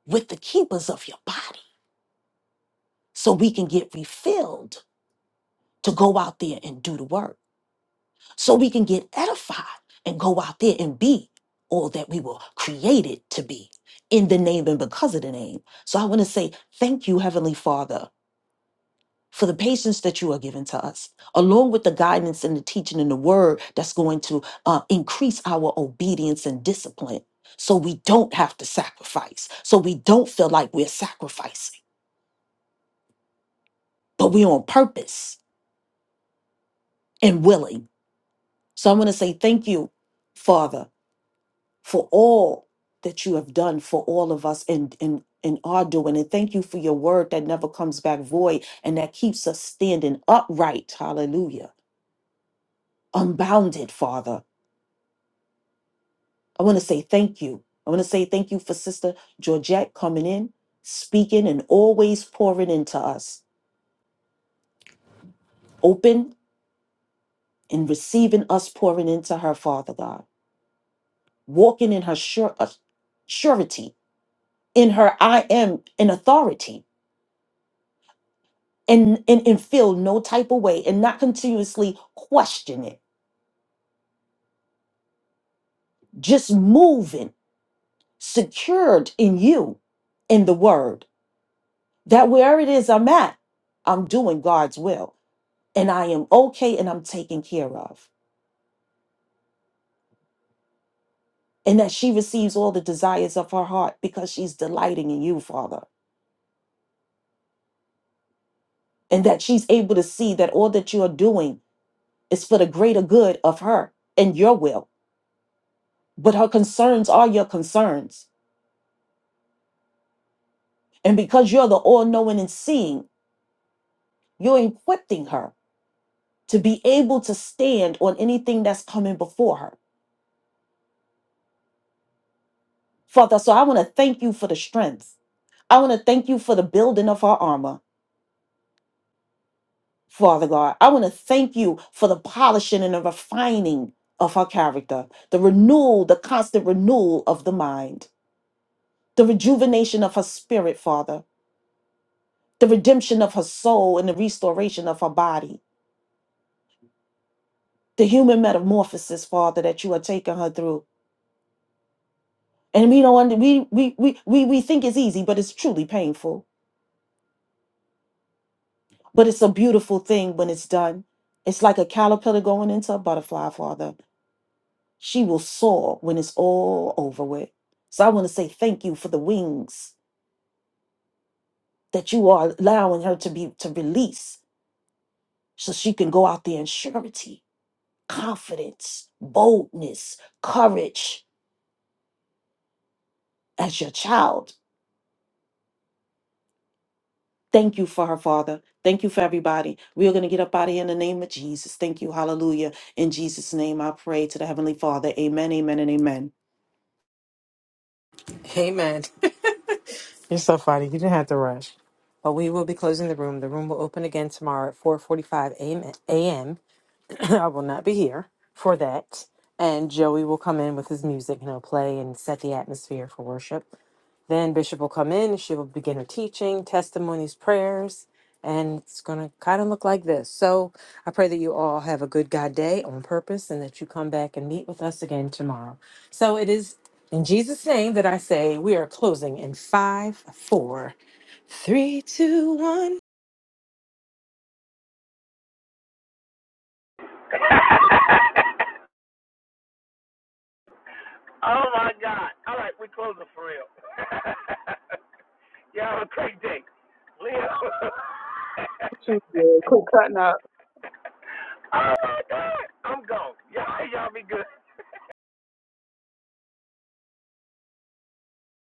with the keepers of your body so we can get refilled to go out there and do the work. so we can get edified and go out there and be all that we were created to be in the name and because of the name. So I want to say thank you, Heavenly Father, for the patience that you are giving to us, along with the guidance and the teaching and the word that's going to uh, increase our obedience and discipline so we don't have to sacrifice, so we don't feel like we're sacrificing, but we're on purpose and willing. So I want to say thank you, Father. for all that you have done for all of us and and and are doing and thank you for your word that never comes back void and that keeps us standing upright hallelujah unbounded father i want to say thank you i want to say thank you for sister georgette coming in speaking and always pouring into us open and receiving us pouring into her father god walking in her sure uh, surety in her i am in authority and and, and feel no type of way and not continuously question it just moving secured in you in the word that wherever it is i'm at i'm doing god's will and i am okay and i'm taken care of and that she receives all the desires of her heart because she's delighting in you father and that she's able to see that all that you are doing is for the greater good of her and your will but her concerns are your concerns and because you're the all knowing and seeing You're equipping her to be able to stand on anything that's coming before her. Father, so I want to thank you for the strength. I want to thank you for the building of her armor, Father God. I want to thank you for the polishing and the refining of her character, the renewal, the constant renewal of the mind, the rejuvenation of her spirit, Father, the redemption of her soul and the restoration of her body, the human metamorphosis, Father, that you are taking her through. and we don't under, we, we we we we think it's easy but it's truly painful but it's a beautiful thing when it's done it's like a caterpillar going into a butterfly father she will soar when it's all over with so i want to say thank you for the wings that you are allowing her to be to release so she can go out there in surety confidence boldness courage as your child Thank you for her, Father. Thank you for everybody. We are going to get up out of here in the name of Jesus. Thank you. Hallelujah. In Jesus' name, I pray to the Heavenly Father. Amen, amen, and amen.
Amen. You're so funny. You didn't have to rush. But we will be closing the room. The room will open again tomorrow at 4:45 a.m. a.m. I will not be here for that. And Joey will come in with his music and he'll play and set the atmosphere for worship. Then Bishop will come in, she will begin her teaching, testimonies, prayers, and it's going to kind of look like this. So I pray that you all have a good God day on purpose and that you come back and meet with us again tomorrow. So it is in Jesus' name that I say we are closing in five, four, three, two, one.
this.